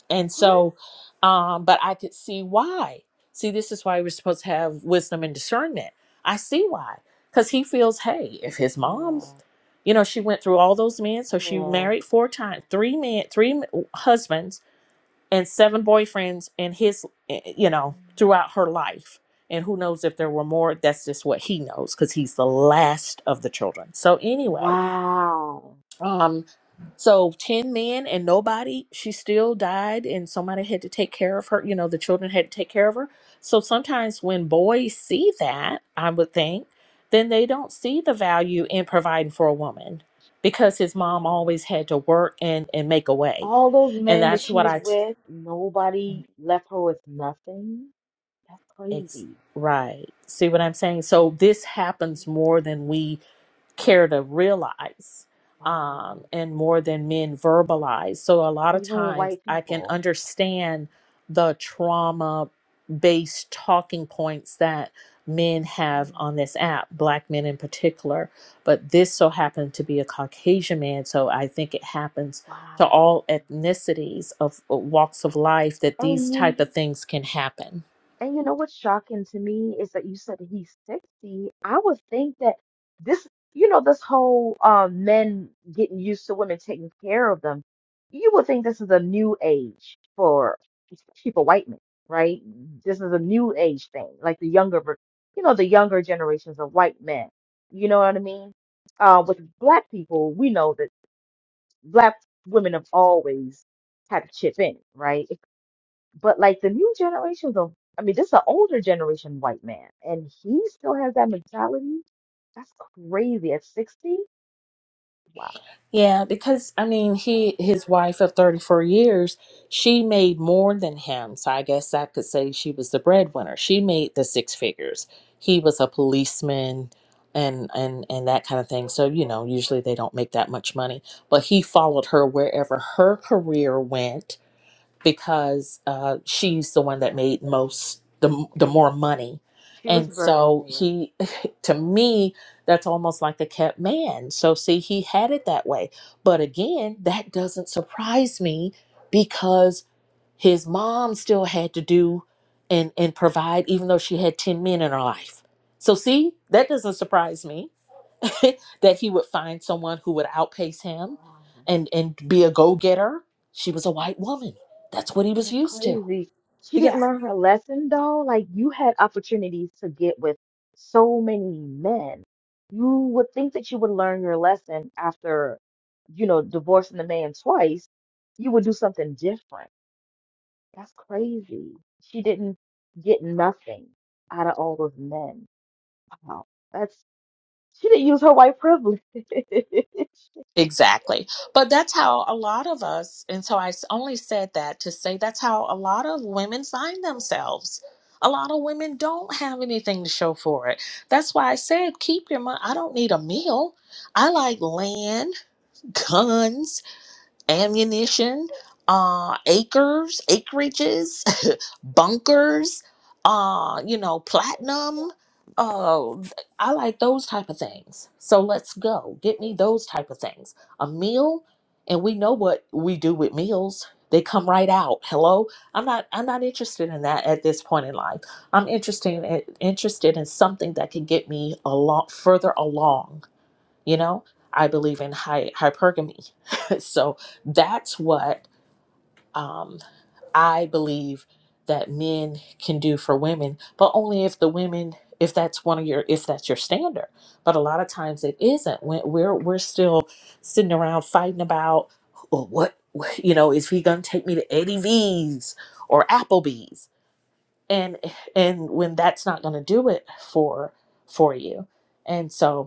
and What? so um but i could see why see this is why we're supposed to have wisdom and discernment i see why because he feels hey if his mom Yeah. you know she went through all those men so she Yeah. married four times three men three m- husbands and seven boyfriends and his eh, eh, you know throughout her life and who knows if there were more that's just what he knows because he's the last of the children so anyway Wow. um, so 10 men and nobody, she still died and somebody had to take care of her, you know, the children had to take care of her. So sometimes when boys see that, I would think, then they don't see the Yeah. value in providing for a woman because his mom Yeah. always had to work and and make a way. All those And men that that's she what was I with, nobody left her with nothing. That's it's crazy. right. See what I'm saying? So this happens Crazy. more than we care to realize um, Wow. and more than men verbalize. So a lot of Even with times white I can people. understand the trauma based talking points that men have Mm. on this app, black men in particular. But this so happened to be a Caucasian man. So I think it happens Wow. to all ethnicities of uh, walks of life that these And you type of things can happen. And you know what's shocking to me is that you said that he's 60. I would think that this, you know, this whole um, men getting used to women taking care of them, you would think this is a new age for especially for white men, right? This is a new age thing, like the younger, ver- you know, the younger generations of white men. You know what I mean? Uh, with black people, we know that black women have always had a chip in, right? But like the new generations of, I mean, this is an older generation white man, and he still has that mentality. That's crazy. At 60? Wow. Yeah, because I mean, he his wife of 34 years, she made more than him. So I guess I could say she was the breadwinner. She made the six figures. He was a policeman and and and that kind of thing. So, you know, usually they don't make that much money, but he followed her wherever her career went because uh, she's the one that made most the the more money, She was and so Berliner, yeah. he, [LAUGHS] to me, that's almost like a kept man. So see, he had it that way. But again, that doesn't surprise me because his mom still had to do and and provide, even though she had ten men in her life. So see, that doesn't surprise me [LAUGHS] that he would find someone who would outpace him Wow. and and be a go-getter she was a white woman that's what he was That's used to crazy. She didn't yeah learn her lesson though. Like you had opportunities to get with so many men. You would think that you would learn your lesson after, you know, divorcing the man twice. You would do something different. That's crazy. She didn't get nothing out of all those men. Wow. That's she didn't use her white privilege. [LAUGHS] Did they exactly but that's how a lot of us and so i s- only said that to say that's how a lot of women find themselves a lot of women don't have anything to show for it that's why i said keep your money i don't need a meal i like land [LAUGHS] guns ammunition, uh, acres, acreages, [LAUGHS] bunkers, uh, you know, platinum. Uh, I like those type of things. So let's go. Get me those type of things. A meal, and we know what we do with meals. They come right out. Hello, I'm not. I'm not interested in that at this point in life. I'm interested in, interested in something that can get me a lot further along you know i believe in hy- hypergamy [LAUGHS] so that's what um, i believe that men can do for women but only if the women if that's one of your if that's your standard but a lot of times it isn't when we're we're still sitting around fighting about well, what you know is he gonna take me to eddie v's or applebee's and and when that's not gonna do it for for you and so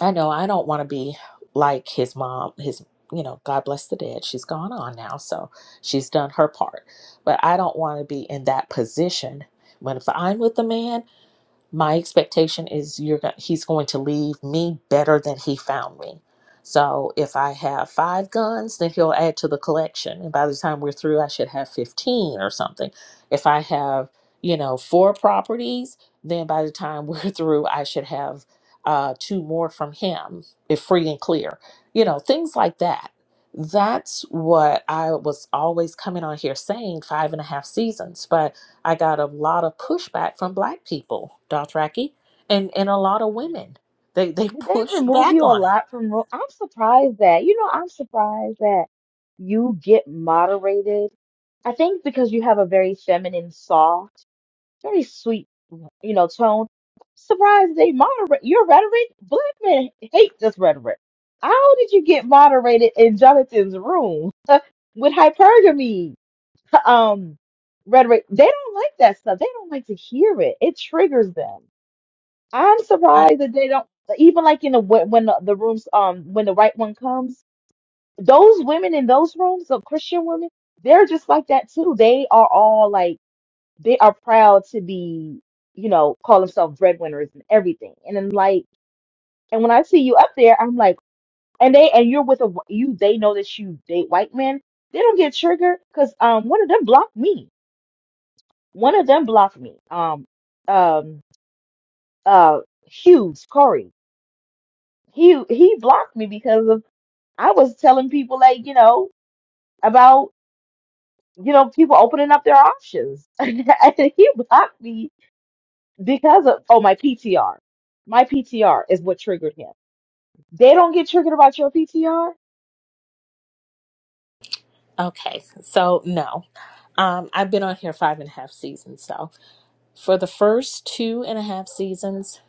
I know I don't want to be like his mom, his, you know, God bless the dead. She's gone on now, so she's done her part. But I don't want to be in that position when if I'm with a man my expectation is you're go- he's going to leave me better than he found me. So if I have five guns, then he'll add to the collection, and by the time we're through, I should have fifteen or something. If I have you know four properties, then by the time we're [LAUGHS] through, I should have uh, two more from him, if free and clear. You know things like that. That's what I was always coming on here saying five and a half seasons, but I got a lot of pushback from black people, Dothraki, and, and a lot of women. They they [LAUGHS] pushed remove back you a on it. lot from room? I'm surprised that, you know, I'm surprised that you get moderated. I think because you have a very feminine soft. very sweet, you know, tone. Surprised they moderate your rhetoric. Black men hate this rhetoric. How did you get moderated in Jonathan's room [LAUGHS] with hypergamy? Um, rhetoric. They don't like that stuff. They don't like to hear it. It triggers them. I'm I surprised that they don't. Even like in the when when the, the rooms um when the right one comes, those women in those rooms, the Christian women, they're just like that too. They are all like they are proud to be, you know, call themselves breadwinners and everything. And then like, and when I see you up there, I'm like, and they and you're with a wh- you. They know that you date white men. They don't get triggered because um one of them blocked me. One of them blocked me. Um um uh Hughes Corey. He he blocked me because of I was telling people like you know about you know people opening up their options. [LAUGHS] and he blocked me because of oh my PTR. My PTR is what triggered him. They don't get triggered about your PTR, okay, so no. Um, I've been on here five and a half seasons, so for the first two and a half seasons,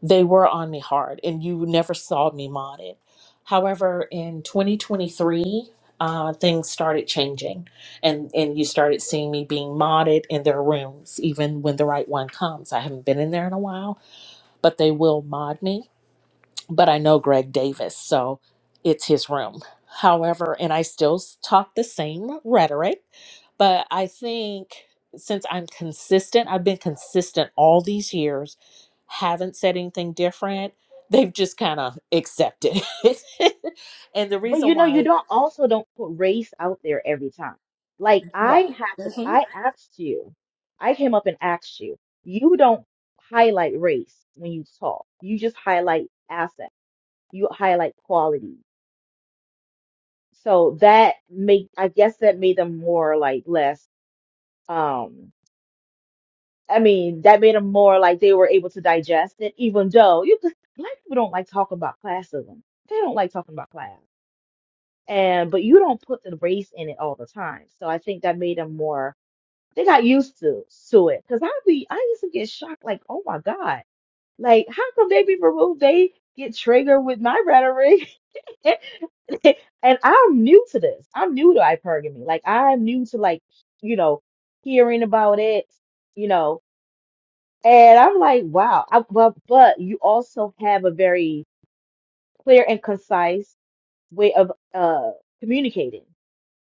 they were on me hard and you never saw me modded. However, in 2023, uh, things started changing and, and you started seeing me being modded in their rooms, even when the right one comes. I haven't been in there in a while but they will mod me. But I know Greg Davis, so it's his room. However, and I still s- talk the same rhetoric, but I think since I'm consistent, I've been consistent all these years, haven't said anything different. They've just kind of accepted it. [LAUGHS] and the but reason you know you why, don't also don't put race out there every time. Like I had to Mhm. I asked you. I came up and asked you. You don't highlight race when you talk. You just highlight assets. You highlight quality. So that made I guess that made them more like less Um, I mean, that made them more like they were able to digest it, even though you could, black people don't like talking about classism. They don't like talking about class. And but you don't put the race in it all the time. So I think that made them more they got used to to it. Cause be I used to get shocked, like, oh my God. Like, how come they be removed? They get triggered with my rhetoric. [LAUGHS] And I'm new to this. I'm new to hypergamy. Like I'm new to like, you know, hearing about it, you know. And I'm like, wow. I, but but you also have a very clear and concise way of uh communicating.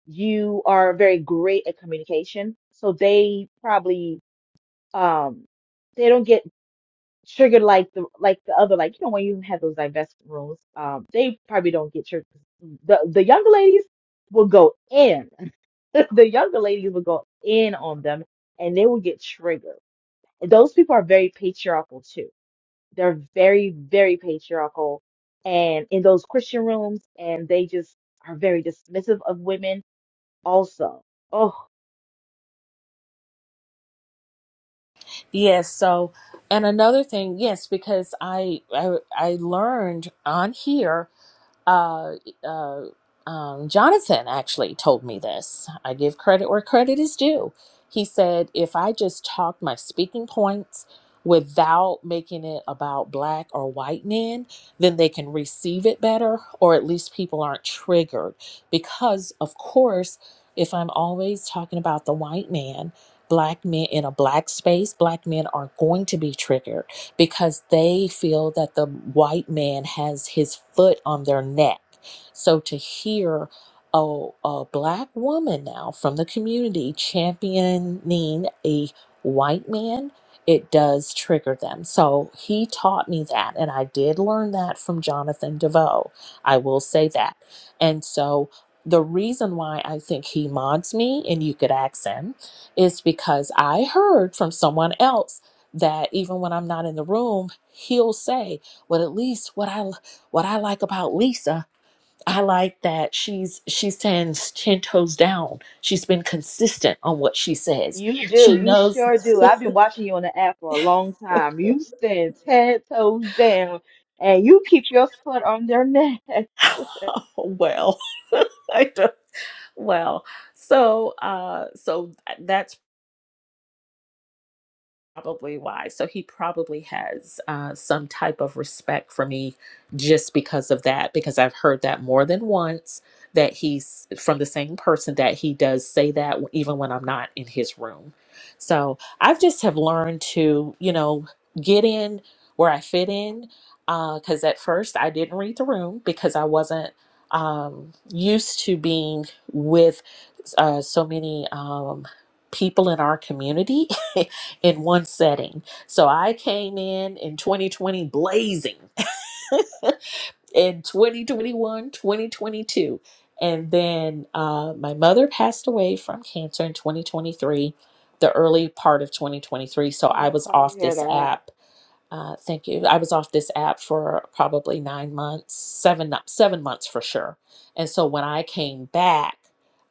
You are very great at communication, so they probably um they don't get triggered like the like the other like you know when you have those divestment rooms um they probably don't get triggered. The the younger ladies will go in. [LAUGHS] The younger ladies will go in on them, and they will get triggered. And those people are very patriarchal too They're very, very patriarchal and in those Christian rooms, and they just are very dismissive of women also. Oh, yes, so, and another thing, yes, because I, I, I learned on here uh, uh, um, Jonathan actually told me this. I give credit where credit is due. He said, if I just talked my speaking points without making it about black or white men, then they can receive it better, or at least people aren't triggered. Because, of course, if I'm always talking about the white man, black men in a black space, black men are going to be triggered because they feel that the white man has his foot on their neck. So to hear a, a black woman now from the community championing a white man, it does trigger them. So he taught me that, and I did learn that from Jonathan DeVoe. I will say that. And so the reason why I think he mods me, and you could ask him, is because I heard from someone else that even when I'm not in the room, he'll say, "Well, at least what I what I like about Lisa, I like that she's she's ten ten toes down. She's been consistent on what she says. you do. She You knows." sure do. I've been watching you on the app for a long time. You stand ten toes down and you keep your foot on their neck. [LAUGHS] [LAUGHS] well, [LAUGHS] I don't, well, so uh, so uh, that's." probably why. So he probably has uh, some type of respect for me just because of that, because I've heard that more than once that he's from the same person that he does say that even when I'm not in his room. So I've just have learned to, you know, get in where I fit in. Because at first I didn't read the room because I wasn't um, used to being with uh, so many um, people in our community. [LAUGHS] in one setting. So I came in in 2020 blazing [LAUGHS] in 2021, 2022. And then uh, my mother passed away from cancer in 2023, the early part of 2023. So I Oh, was sorry to off hear this that. app uh, thank you. I was off this app for probably nine months, seven seven months for sure. And so when I came back,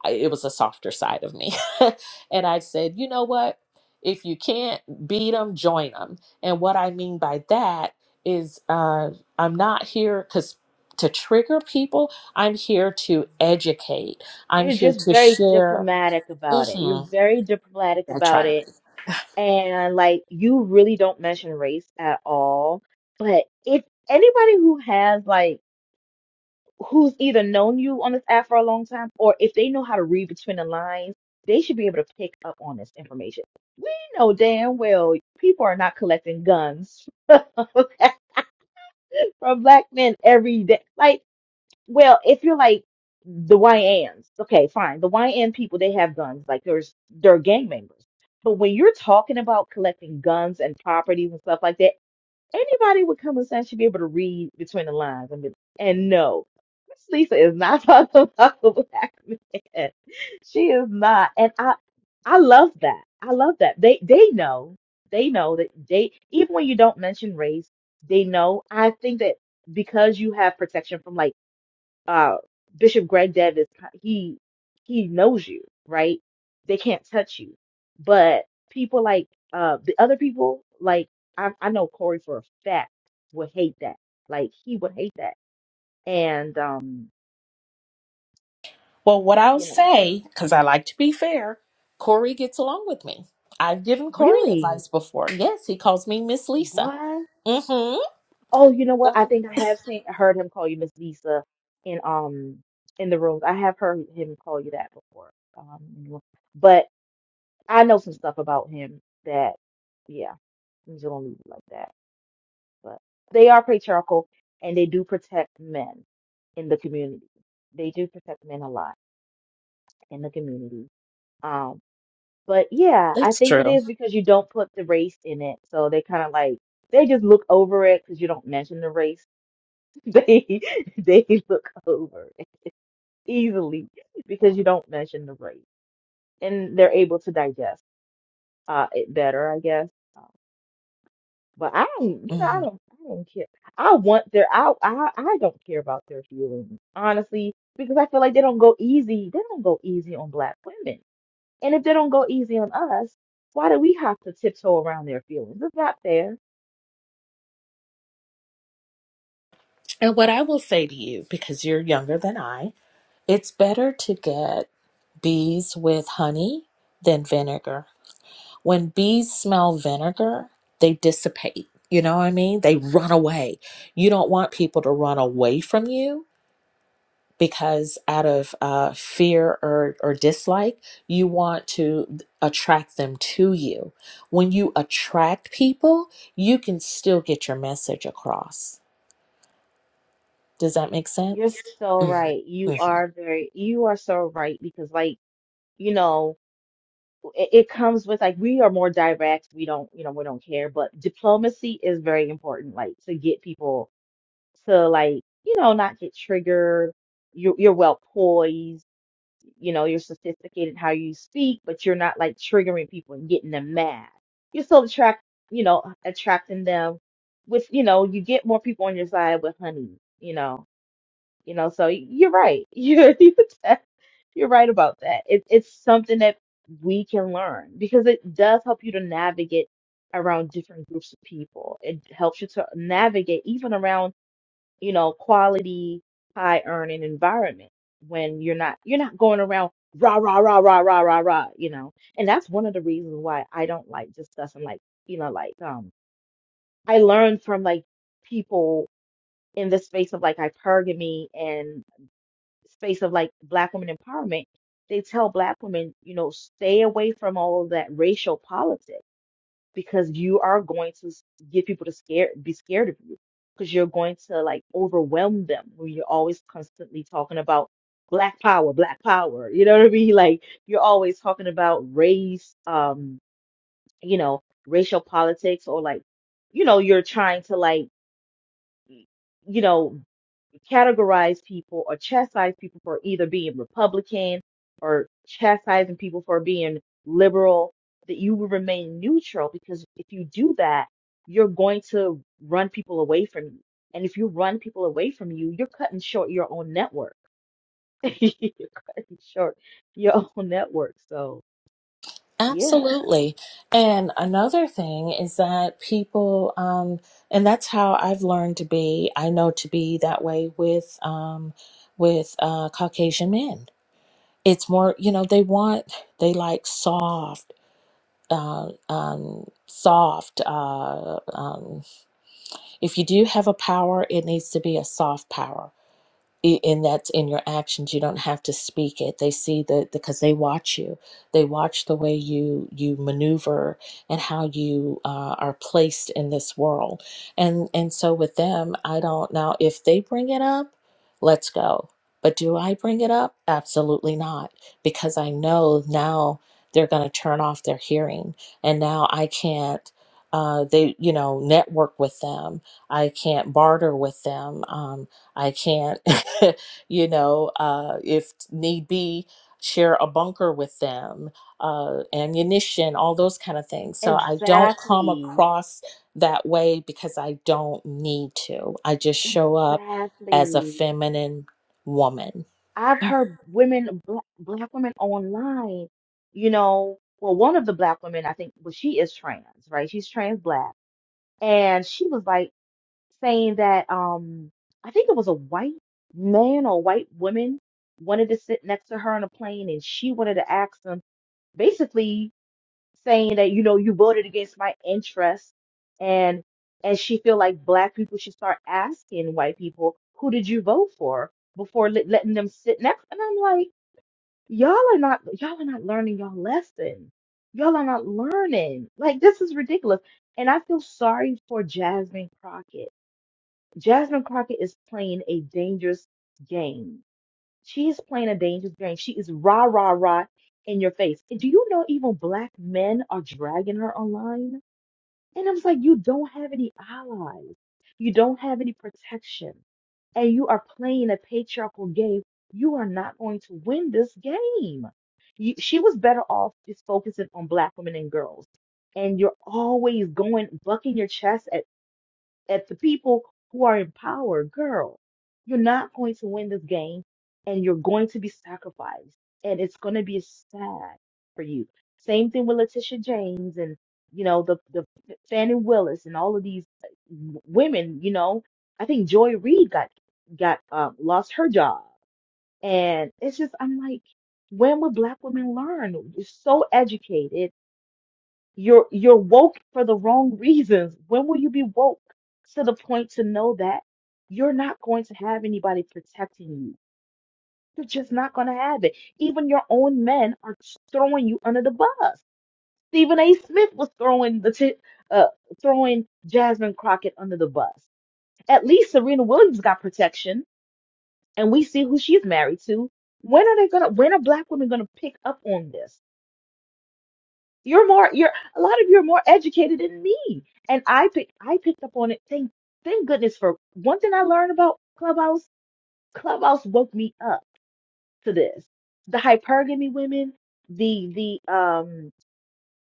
I, it was a softer side of me, [LAUGHS] and I said, you know what? If you can't beat them, join them. And what I mean by that is, uh, I'm not here because to trigger people. I'm here to educate. I'm You're here just to very share. diplomatic about it. You're hmm very diplomatic I try about to it be. and like you really don't mention race at all. But if anybody who has like who's either known you on this app for a long time or if they know how to read between the lines, they should be able to pick up on this information. We know damn well people are not collecting guns [LAUGHS] from black men every day. Like well, if you're like the YNs, okay, fine. The YN people, they have guns. Like there's they're gang members. But when you're talking about collecting guns and properties and stuff like that, anybody with common sense should be able to read between the lines and be, and no, Miss Lisa is not [LAUGHS] talking about a black man. She is not. And I I love that. I love that. They they know. They know that they even when you don't mention race, they know. I think that because you have protection from like uh, Bishop Greg Davis, he he knows you, right? They can't touch you, but people like uh, the other people, like I, I know Corey for a fact would hate that. Like he would hate that, and um, Well, what I'll you know, say, because I like to be fair, Corey gets along with me. I've given Corey really, advice before. Yes, he calls me Miss Lisa. what? Mm-hmm. Oh, you know what? I So think I have seen heard him call you Miss Lisa in um in the rooms. I have heard him call you that before. Um, but I know some stuff about him that. Yeah Things don't leave it like that. But they are patriarchal and they do protect men in the community. They do protect men a lot in the community. Um, but yeah, I that's think it true. is because you don't put the race in it. So they kind of like, they just look over it because you don't mention the race. [LAUGHS] They they look over it easily because you don't mention the race, and they're able to digest uh it better, I guess. um, But I don't, you know, I hmm don't, I don't care. I want their, I, I, I don't care about their feelings, honestly, because I feel like they don't go easy. They don't go easy on black women, and if they don't go easy on us, why do we have to tiptoe around their feelings? It's not fair. And what I will say to you, because you're younger than I, it's better to get bees with honey than vinegar. When bees smell vinegar, they dissipate. You know what I mean? They run away. You don't want people to run away from you because out of uh, fear or, or dislike, you want to attract them to you. When you attract people, you can still get your message across. Does that make You're sense? so Mhm. right. You Mhm. are very, you are so right because, like, you know, it, it comes with like we are more direct. We don't, you know, we don't care, but diplomacy is very important, like to get people to like, you know, not get triggered. You're you're well poised, you know, you're sophisticated in how you speak, but you're not like triggering people and getting them mad. You're still attract, you know, attracting them with, you know, you get more people on your side with honey, you know, you know. So y- you're right. [LAUGHS] You're you're de- you're right about that. It, it's something that we can learn because it does help you to navigate around different groups of people. It helps you to navigate even around you know, quality, high earning environment when you're not you're not going around rah rah rah rah rah rah rah, you know. And that's one of the reasons why I don't like discussing like, you know, like um I learned from like people in the space of like hypergamy and space of like black women empowerment, they tell black women, you know, stay away from all of that racial politics because you are going to s- get people to scare, be scared of you because you're going to like overwhelm them when you're always constantly talking about black power black power you know what i mean [LAUGHS] like you're always talking about race um you know racial politics or like you know you're trying to like you know categorize people or chastise people for either being Republican or chastising people for being liberal, that you will remain neutral because if you do that, you're going to run people away from you. And if you run people away from you, you're cutting short your own network. [LAUGHS] you're cutting short your [LAUGHS] own network. So, yeah, Absolutely. And another thing is that people, um, and that's how I've learned to be, I know to be that way with, um, with uh, Caucasian men. It's more, you know, they want, they like soft. uh, um, soft. Uh, um, if you do have a power, it needs to be a soft power I- and that's in your actions you don't have to speak it they see the because they watch you they watch the way you you maneuver and how you uh, are placed in this world and and so with them i don't now if they bring it up let's go but do i bring it up absolutely not because i know now they're going to turn off their hearing and now i can't uh, they you know network with them i can't barter with them Um, I can't, [LAUGHS] you know, uh, if need be, share a bunker with them, uh, ammunition, all those kind of things. So I don't come exactly. across that way because I don't need to. I just show up as a Exactly. feminine woman. I've heard women, black, black women online, you know, well, one of the black women, I think, well, she is trans, right? She's trans black. And she was like saying that, um, I think it was a white man or white woman wanted to sit next to her on a plane and she wanted to ask him, basically saying that, you know, you voted against my interests and, and she feel like black people should start asking white people, who did you vote for before let- letting them sit next? And I'm like, Y'all are not y'all are not learning y'all lesson. Y'all are not learning. Like this is ridiculous. And I feel sorry for Jasmine Crockett. Jasmine Crockett is playing a dangerous game. She is playing a dangerous game. She is rah rah rah in your face. And do you know even black men are dragging her online? And I was like, you don't have any allies. You don't have any protection. And you are playing a patriarchal game. You are not going to win this game. You, she was better off just focusing on black women and girls. And you're always going, bucking your chest at at the people who are in power, girl, you're not going to win this game and you're going to be sacrificed. And it's going to be sad for you. Same thing with Letitia James and, you know, the, the Fannie Willis and all of these uh, w- women, you know, I think Joy Reid got, got, um, lost her job. And it's just, I'm like, when will black women learn? you are so educated you're you're woke for the wrong reasons. When will you be woke to the point to know that you're not going to have anybody protecting you? You're just not going to have it. Even your own men are throwing you under the bus. Stephen A. Smith was throwing the t- uh, throwing Jasmine Crockett under the bus. At least Serena Williams got protection, and we see who she's married to. When are they gonna? When are black women gonna pick up on this? You're more, you're a lot of you are more educated than me. And I pick, I picked up on it. Thank, thank goodness for one thing I learned about Clubhouse. Clubhouse woke me up to this. The hypergamy women, the the um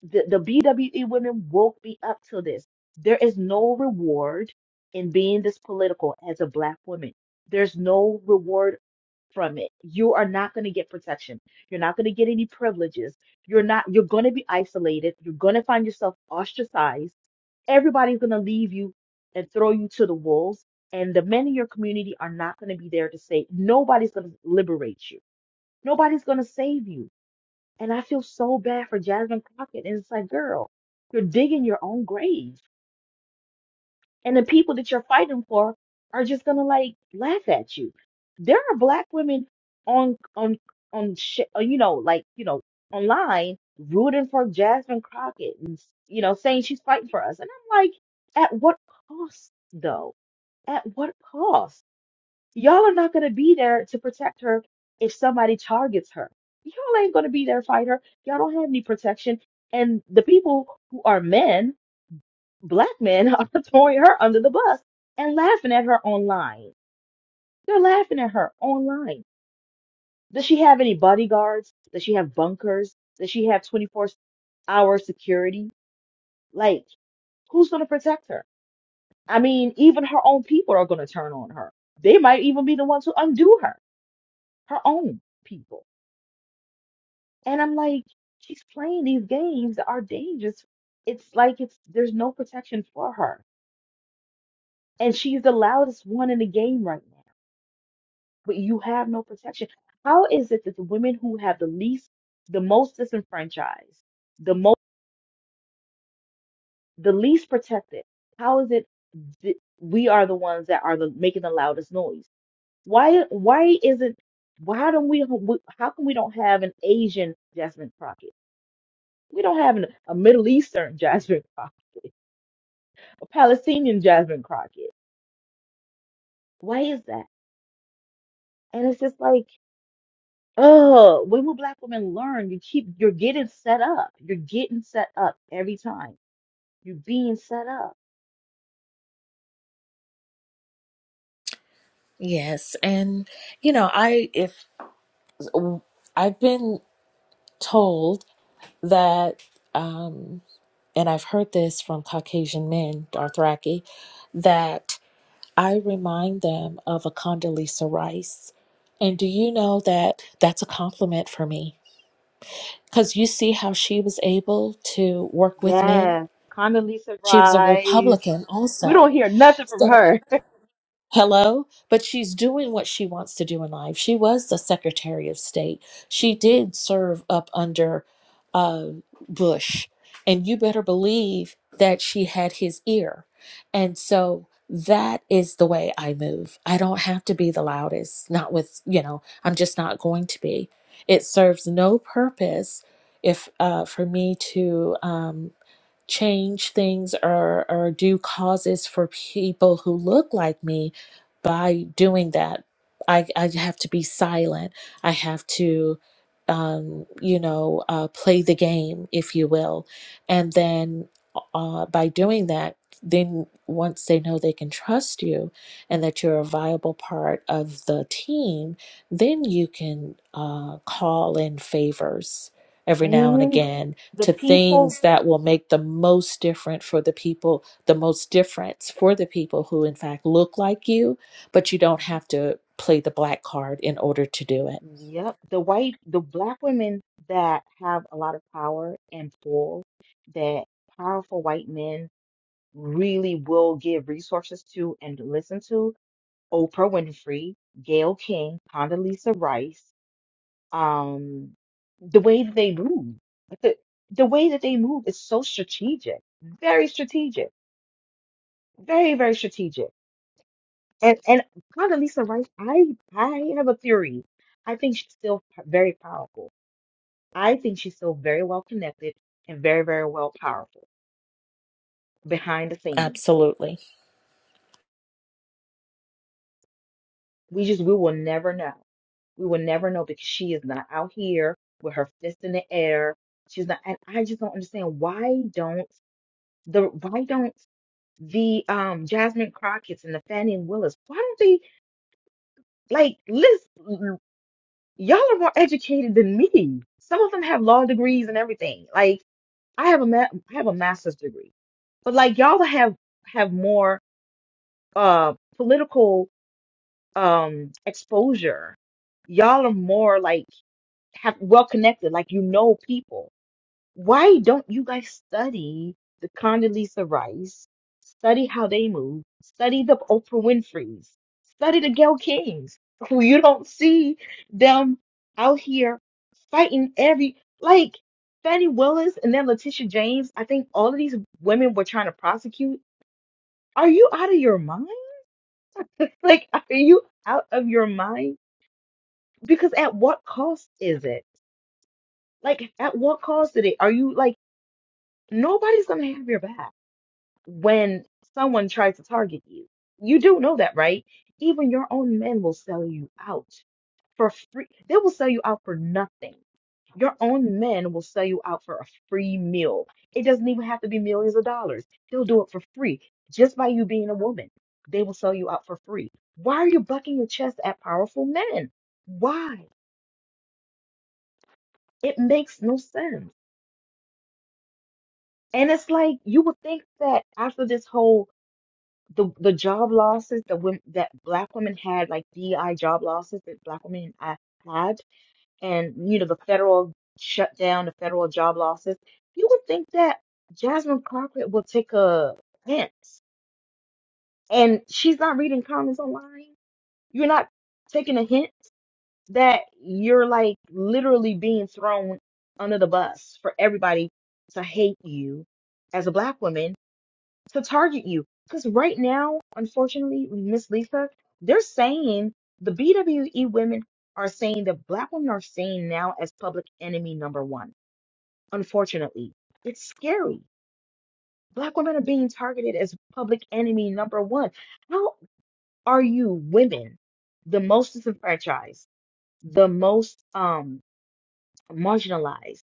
the, the BWE women woke me up to this. There is no reward in being this political as a black woman. There's no reward from it. You are not going to get protection. You're not going to get any privileges. You're not you're going to be isolated. You're going to find yourself ostracized. Everybody's going to leave you and throw you to the wolves. And the men in your community are not going to be there to say nobody's going to liberate you. Nobody's going to save you and I feel so bad for Jasmine Crockett. And it's like, girl, you're digging your own grave. And the people that you're fighting for are just gonna like laugh at you. There are black women on on on sh- uh, you know like you know online rooting for Jasmine Crockett and you know saying she's fighting for us. And I'm like, at what cost though? At what cost? Y'all are not going to be there to protect her if somebody targets her. Y'all ain't going to be there to fight her. Y'all don't have any protection. And the people who are men, black men, [LAUGHS] are throwing her under the bus and laughing at her online. They're laughing at her online. Does she have any bodyguards? Does she have bunkers? Does she have 24 hour security? Like, who's going to protect her? I mean, even her own people are going to turn on her. They might even be the ones who undo her, her own people. And I'm like, she's playing these games that are dangerous. It's like it's there's no protection for her. And she's the loudest one in the game right now. But you have no protection. How is it that the women who have the least, the most disenfranchised, the most, the least protected, how is it that we are the ones that are the making the loudest noise? Why, why isn't, why don't we, how come we don't have an Asian Jasmine Crockett? We don't have an, a Middle Eastern [LAUGHS] Jasmine Crockett. a Palestinian Jasmine Crockett. Why is that? And it's just like, oh, when will black women learn? You keep, you're getting set up. You're getting set up every time. You're being set up. Yes. And, you know, I, if I've been told that, um, and I've heard this from Caucasian men, Dothraki, that I remind them of a Condoleezza Rice. And do you know that that's a compliment for me? Because you see how she was able to work with men? Yes. Condoleezza She was a Rice. Republican We don't also. hear nothing from So. her. Hello, but she's doing what she wants to do in life. She was the Secretary of State. She did serve up under uh, Bush, and you better believe that she had his ear. And so that is the way I move. I don't have to be the loudest, not with, you know, I'm just not going to be. It serves no purpose if uh, for me to um, change things or or do causes for people who look like me by doing that i i have to be silent i have to um you know uh play the game if you will and then uh by doing that then once they know they can trust you and that you're a viable part of the team then you can uh call in favors every now and hmm again The to people, things that will make the most different for the people, the most difference for the people who, in fact, look like you, but you don't Mhm. have to play the black card in order to do it. yep, the white, the black women that have a lot of power and pull that powerful white men really will give resources to and listen to Oprah Winfrey, Gayle King, Condoleezza Rice, um, the way that they move, the, the way that they move is so strategic, very strategic, very, very strategic. And and Condoleezza Rice, I I have a theory. I think she's still p- very powerful. I think she's still very well connected and very, very well powerful behind the scenes. Absolutely. We just, we will never know. We will never know because she is not out here with her fist in the air. She's not, and I just don't understand why don't the why don't the um Jasmine Crockett's and the Fannie and Willis, why don't they like listen y'all are more educated than me. Some of them have law degrees and everything. Like I have a ma- I have a master's degree. But like y'all have have more uh political um exposure. Y'all are more like have well connected, like you know people. Why don't you guys study the Condoleezza Rice? Study how they move. Study the Oprah Winfrey's. Study the Gayle Kings, [LAUGHS] who you don't see them out here fighting every like Fannie Willis and then Letitia James. I think all of these women were trying to prosecute. Are you out of your mind? [LAUGHS] Like, are you out of your mind? Because at what cost is it? Like, at what cost did it? Are you like? nobody's going to have your back when someone tries to target you. You do know that, right? Even your own men will sell you out for free. They will sell you out for nothing. Your own men will sell you out for a free meal. It doesn't even have to be millions of dollars. They'll do it for free just by you being a woman. They will sell you out for free. Why are you bucking your chest at powerful men? Why? It makes no sense. And it's like you would think that after this whole the the job losses that women that black women had, like DI job losses that black women uh, had, and you know the federal shutdown, the federal job losses. You would think that Jasmine Crockett will take a hint, and she's not reading comments online. You're not taking a hint that you're like literally being thrown under the bus for everybody to hate you as a black woman to target you. Because right now, unfortunately, Miss Lisa, they're saying the BWE women are saying that black women are saying now as public enemy number one. Unfortunately, it's scary. Black women are being targeted as public enemy number one. How are you women, the most disenfranchised, the most um marginalized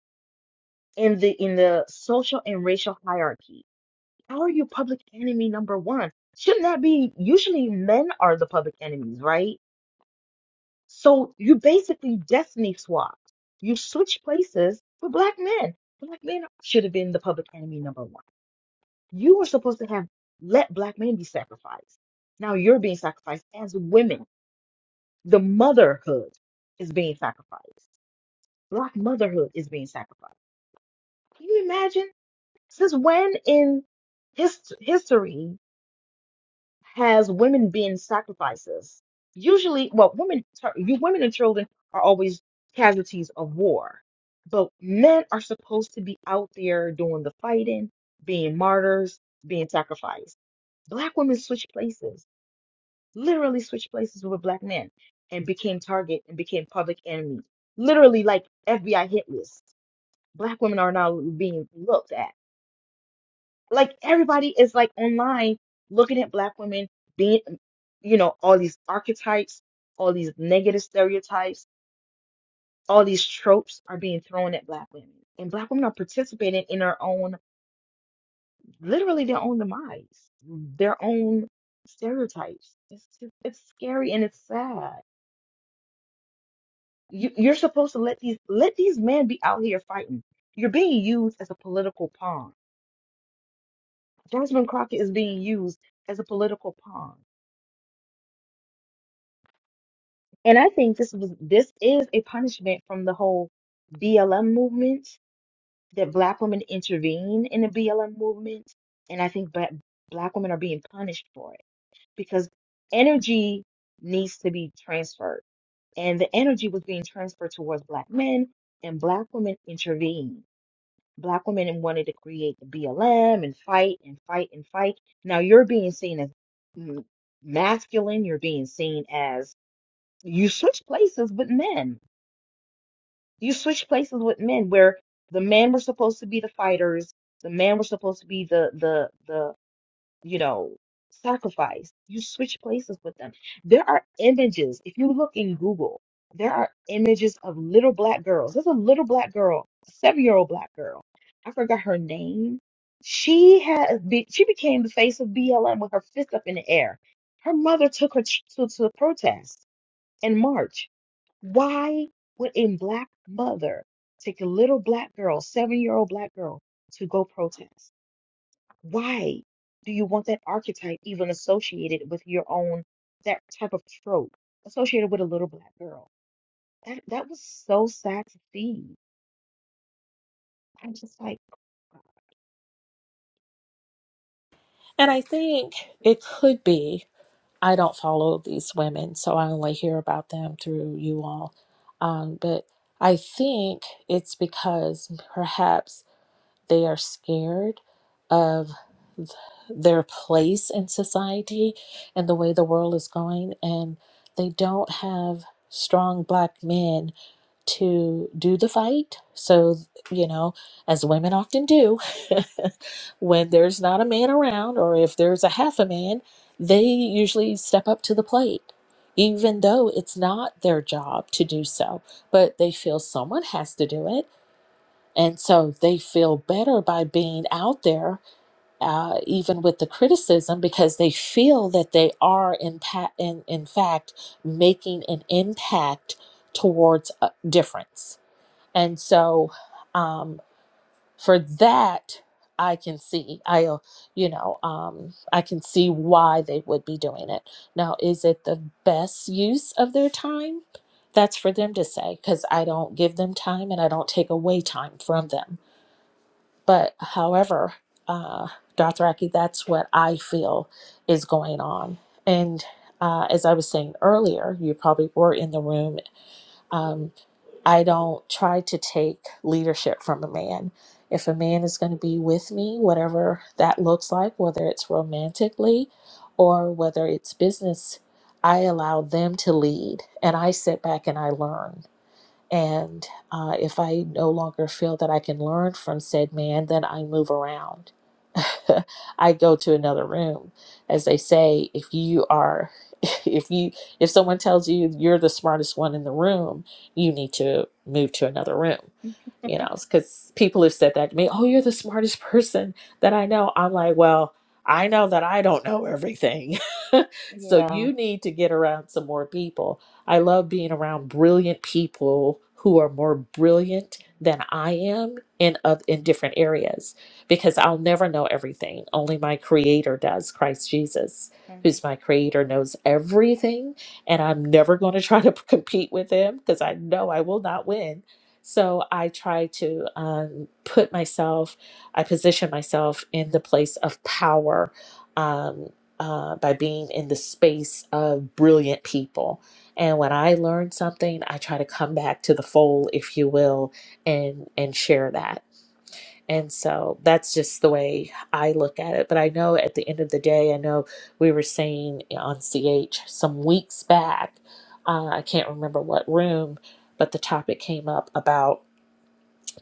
in the in the social and racial hierarchy? How are you public enemy number one? Shouldn't that be usually men are the public enemies, right? So you basically destiny swapped. You switch places for black men. Black men should have been the public enemy number one. You were supposed to have let black men be sacrificed. Now you're being sacrificed as women. The motherhood is being sacrificed. Black motherhood is being sacrificed. Can you imagine? Since when in his history has women being sacrifices. Usually, well, women, sorry, you women and children are always casualties of war, but men are supposed to be out there doing the fighting, being martyrs, being sacrificed. Black women switched places, literally switched places with black men, and became target and became public enemy. Literally, like FBI hit list. Black women are now being looked at like everybody is like online looking at black women being you know all these archetypes all these negative stereotypes all these tropes are being thrown at black women and black women are participating in their own literally their own demise their own stereotypes it's just, it's scary and it's sad you, you're supposed to let these let these men be out here fighting you're being used as a political pawn jasmine crockett is being used as a political pawn And I think this was this is a punishment from the whole BLM movement that black women intervene in the BLM movement, and I think black black women are being punished for it because energy needs to be transferred, and the energy was being transferred towards black men, and black women intervened. Black women wanted to create the BLM and fight and fight and fight. Now you're being seen as mm, masculine, you're being seen as you switch places with men you switch places with men where the men were supposed to be the fighters, the men were supposed to be the the the you know sacrifice. You switch places with them. There are images. If you look in Google, there are images of little black girls. There's a little black girl, a seven year old black girl. I forgot her name. She had be- she became the face of BLM with her fist up in the air. Her mother took her ch- to to the protest in March. Why would a black mother take a little black girl, seven-year-old black girl, to go protest? Why do you want that archetype even associated with your own, that type of trope associated with a little black girl? That that was so sad to see. I'm just like, God, And this, I think it could be, I don't follow these women, so I only hear about them through you all. Um, but I think it's because perhaps they are scared of. their place in society and the way the world is going and they don't have strong black men to do the fight so you know as women often do [LAUGHS] when there's not a man around or if there's a half a man they usually step up to the plate even though it's not their job to do so but they feel someone has to do it and so they feel better by being out there uh, even with the criticism because they feel that they are in, pa- in, in fact making an impact towards a difference and so um, for that i can see i uh, you know um, i can see why they would be doing it now is it the best use of their time that's for them to say because i don't give them time and i don't take away time from them but however, uh, Dothraki, that's what I feel is going on. And uh, as I was saying earlier, you probably were in the room. Um, I don't try to take leadership from a man. If a man is going to be with me, whatever that looks like, whether it's romantically or whether it's business, I allow them to lead and I sit back and I learn and uh, if I no longer feel that I can learn from said man, then I move around. [LAUGHS] I go to another room. As they say, if you are, [LAUGHS] if you, if someone tells you you're the smartest one in the room, you need to move to another room you know, because people have said that to me, oh, you're the smartest person that I know. I'm like, well, I know that I don't know everything. [LAUGHS] so yeah. you need to get around some more people. I love being around brilliant people who are more brilliant than I am in of in different areas because I'll never know everything. Only my creator does, Christ Jesus, mm. who's my creator knows everything and I'm never going to try to [LAUGHS] compete with him because I know I will not win so I try to um, put myself, I position myself in the place of power um, uh, by being in the space of brilliant people. And when I learn something, I try to come back to the fold, if you will, and and share that. And so that's just the way I look at it. But I know at the end of the day, I know we were saying on CH some weeks back, uh, I can't remember what room, but the topic came up about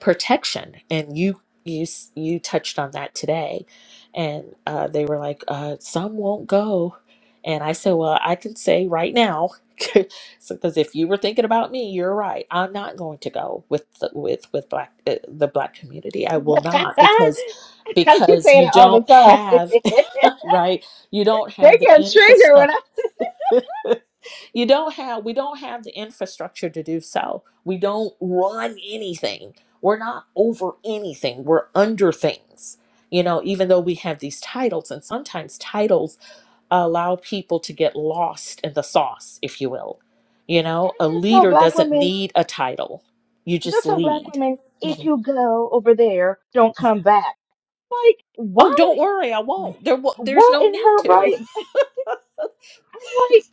protection and you you s- you touched on that today and uh, they were like uh, some won't go and i said well i can say right now [LAUGHS] because if you were thinking about me you're right i'm not going to go with the, with with black uh, the black community i will [LAUGHS] not because I keep because saying you it all the don't time. have [LAUGHS] [LAUGHS] right you don't They have the get triggered when infrastructure I and [LAUGHS] you don't have we don't have the infrastructure to do so we don't run anything we're not over anything we're under things you know even though we have these titles and sometimes titles allow people to get lost in the sauce if you will you know a I tell leader black doesn't women. need a title you just Just tell black lead women, if Mhm. you go over there, don't come back. Like, oh why? don't worry i the- won't there wa- there's What no in need her to right? [LAUGHS] I'm like,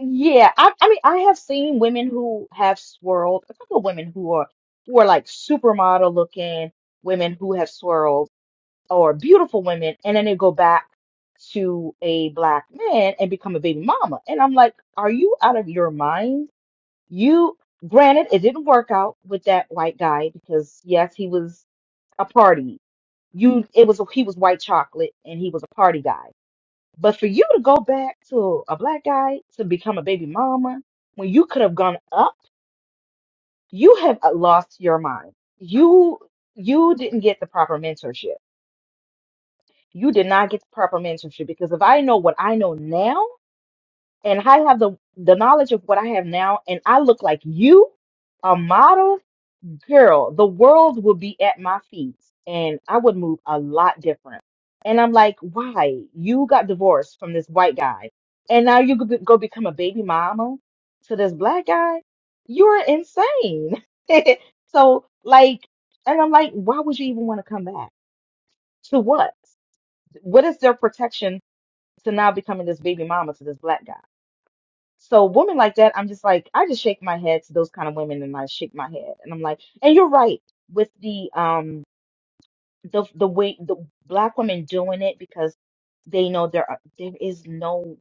yeah. I, I mean, I have seen women who have swirled. A couple of women who are who are like supermodel looking women who have swirled, or beautiful women, and then they go back to a black man and become a baby mama. And I'm like, are you out of your mind? You, granted, it didn't work out with that white guy because yes, he was a party. You, it was he was white chocolate and he was a party guy. But for you to go back to a black guy to become a baby mama when you could have gone up, you have uh, lost your mind. You you didn't get the proper mentorship. You did not get the proper mentorship because if I know what I know now and I have the the knowledge of what I have now and I look like you, a model girl, the world would be at my feet and I would move a lot different. And I'm like, why? You got divorced from this white guy and now you could be- go become a baby mama to this black guy? You're insane. [LAUGHS] so, like, and I'm like, why would you even want to come back? To what? What is their protection to now becoming this baby mama to this black guy? So women like that, I'm just like, I just shake my head to those kind of women and I shake my head. And I'm like, and you're right with the um the the way the black women doing it because they know there are, there is no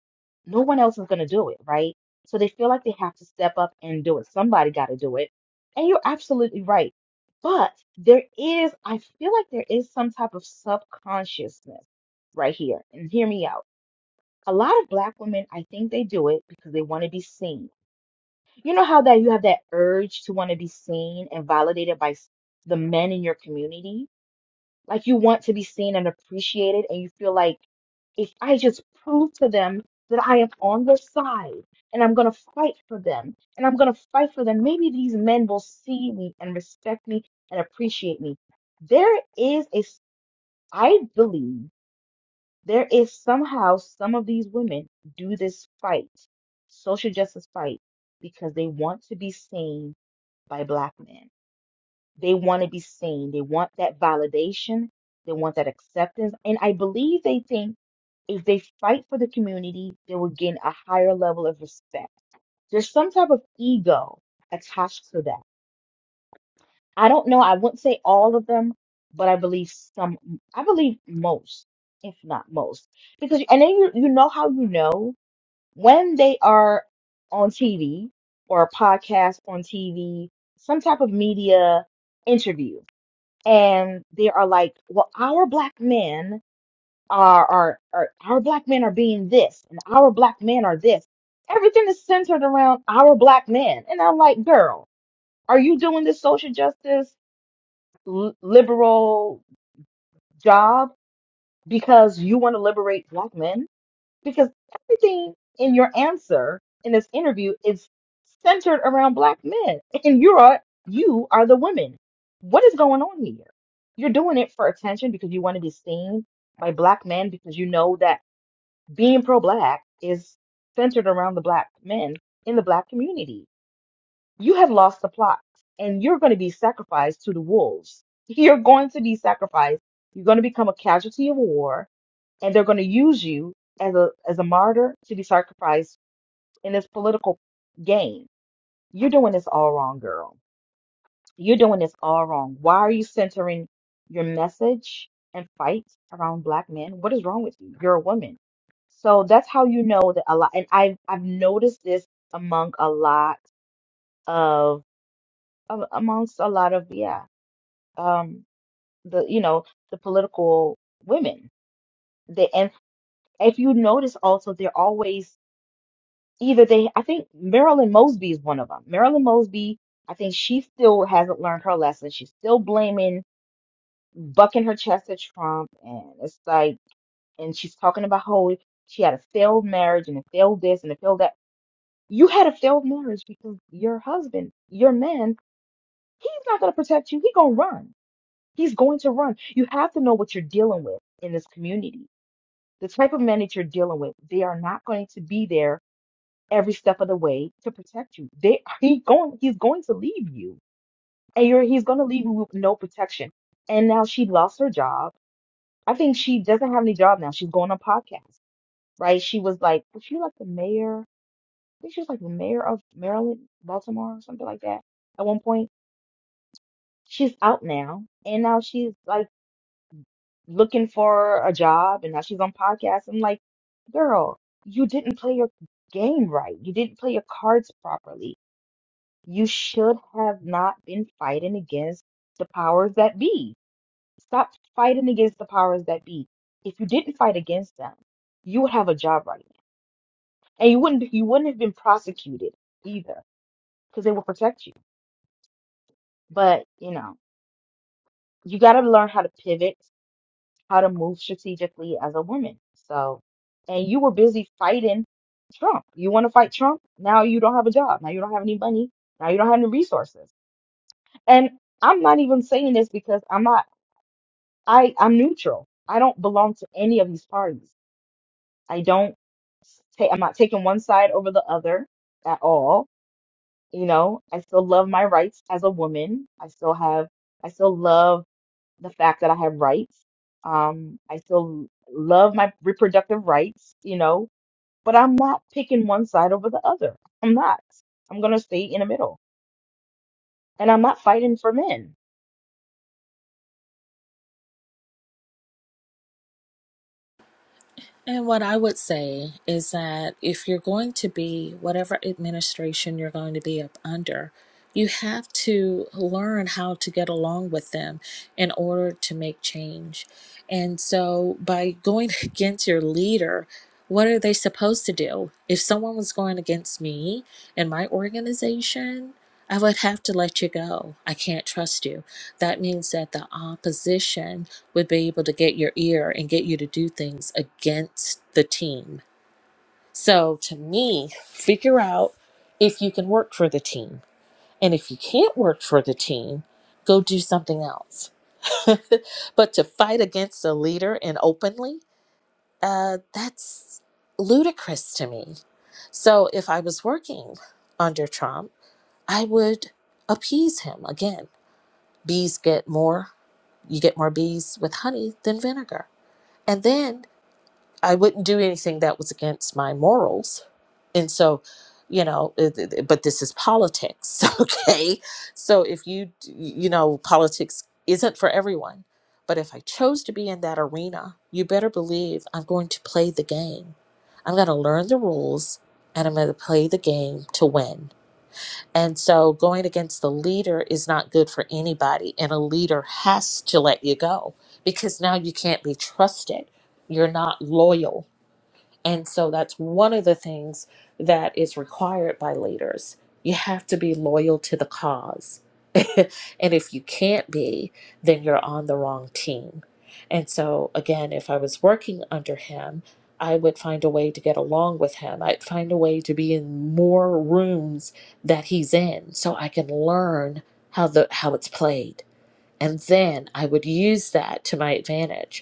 no one else is gonna do it, right? So they feel like they have to step up and do it. Somebody got to do it. And you're absolutely right. But there is, I feel like there is some type of subconsciousness right here. And hear me out. A lot of black women, I think they do it because they want to be seen you know how that you have that urge to want to be seen and validated by s- the men in your community? Like you want to be seen and appreciated, and you feel like if I just prove to them that I am on their side and I'm going to fight for them and I'm going to fight for them, maybe these men will see me and respect me and appreciate me. There is a, s- I believe there is somehow some of these women do this fight, social justice fight because they want to be seen by black men. They want to be seen. They want that validation. They want that acceptance. And I believe they think if they fight for the community, they will gain a higher level of respect. There's some type of ego attached to that. I don't know. I wouldn't say all of them, but I believe some, I believe most, if not most. Because, and then you, you know how you know when they are on TV or a podcast on TV, some type of media interview and they are like, well, our black men are, are, are our black men are being this, and our black men are this. Everything is centered around our black men. And I'm like, girl, are you doing this social justice li- liberal job because you want to liberate black men? because everything in your answer in this interview is centered around black men and you are you are the women what is going on here you're doing it for attention because you want to be seen by black men because you know that being pro-black is centered around the black men in the black community you have lost the plot and you're going to be sacrificed to the wolves [LAUGHS] you're going to be sacrificed you're going to become a casualty of war and they're going to use you as a as a martyr to be sacrificed in this political game. You're doing this all wrong, girl. You're doing this all wrong. Why are you centering your message and fight around black men? What is wrong with you? You're a woman. So that's how you know that a lot and I've I've noticed this among a lot of a- amongst a lot of yeah um the you know the political women they and if you notice also they're always either they I think Marilyn Mosby is one of them. Marilyn Mosby, I think she still hasn't learned her lesson. She's still blaming, bucking her chest at Trump, and it's like, and she's talking about how she had a failed marriage and a failed this and a failed that. You had a failed marriage because your husband, your man, he's not going to protect you. He's going to run. He's going to run. You have to know what you're dealing with in this community. The type of men that you're dealing with, they are not going to be there every step of the way to protect you. They he going he's going to leave you. And you're he's gonna leave you with no protection. And now she lost her job. I think she doesn't have any job now. She's going on podcasts, right? She was like was she like the mayor? I think she was like the mayor of Maryland, Baltimore, or something like that at one point. She's out now and now she's like looking for a job and now she's on podcasts. I'm like, girl, you didn't play your game right. You didn't play your cards properly You should have not been fighting against the powers that be. Stop fighting against the powers that be. If you didn't fight against them, you would have a job right now, and you wouldn't you wouldn't have been prosecuted either because they will protect you. But you know, you got to learn how to pivot, how to move strategically as a woman. So, and you were busy fighting Trump. You want to fight Trump? Now you don't have a job. Now you don't have any money. Now you don't have any resources. And I'm not even saying this because I'm not. I I'm neutral. I don't belong to any of these parties. I don't take I'm not taking one side over the other at all. You know, I still love my rights as a woman. I still have I still love the fact that I have rights. Um, I still love my reproductive rights, you know, but I'm not picking one side over the other. I'm not. I'm gonna stay in the middle. And I'm not fighting for men. And what I would say is that if you're going to be whatever administration you're going to be up under, you have to learn how to get along with them in order to make change. And so by going [LAUGHS] against your leader, what are they supposed to do? If someone was going against me in my organization, I would have to let you go. I can't trust you. That means that the opposition would be able to get your ear and get you to do things against the team. So to me, figure out if you can work for the team. And if you can't work for the team, go do something else. [LAUGHS] but to fight against a leader and openly, uh, that's ludicrous to me. So if I was working under Trump, I would appease him again. Bees get more, you get more bees with honey than vinegar. And then I wouldn't do anything that was against my morals. And so, you know, it- it- but this is politics, [LAUGHS] okay? So if you, you know, politics isn't for everyone. But if I chose to be in that arena, you better believe I'm going to play the game. I'm going to learn the rules and I'm going to play the game to win. And so going against the leader is not good for anybody. And a leader has to let you go because now you can't be trusted. You're not loyal and so that's one of the things that is required by leaders. You have to be loyal to the cause. [LAUGHS] and if you can't be, then you're on the wrong team. And so, again, if I was working under him, I would find a way to get along with him. I'd find a way to be in more rooms that he's in so I can learn how the how it's played. And then I would use that to my advantage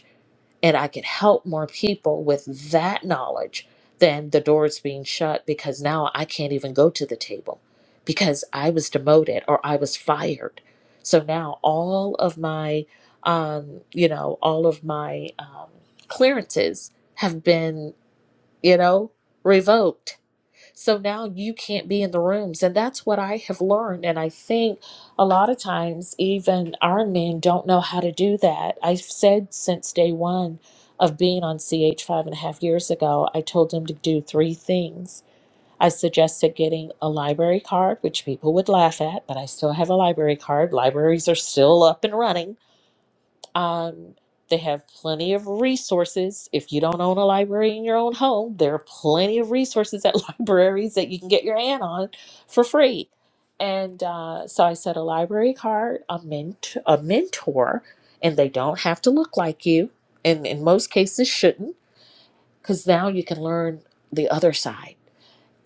and I could help more people with that knowledge than the doors being shut because now I can't even go to the table because I was demoted or I was fired. So now all of my, um, you know, all of my um, clearances have been, you know, revoked so now you can't be in the rooms. And that's what I have learned. And I think a lot of times, even our men don't know how to do that. I've said since day one of being on CH five and a half years ago, I told them to do three things. I suggested getting a library card, which people would laugh at, but I still have a library card. Libraries are still up and running um, they have plenty of resources. If you don't own a library in your own home, there are plenty of resources at [LAUGHS] libraries that you can get your hand on for free. And uh, so I said a library card, a ment- a mentor, and they don't have to look like you, and in most cases shouldn't, because now you can learn the other side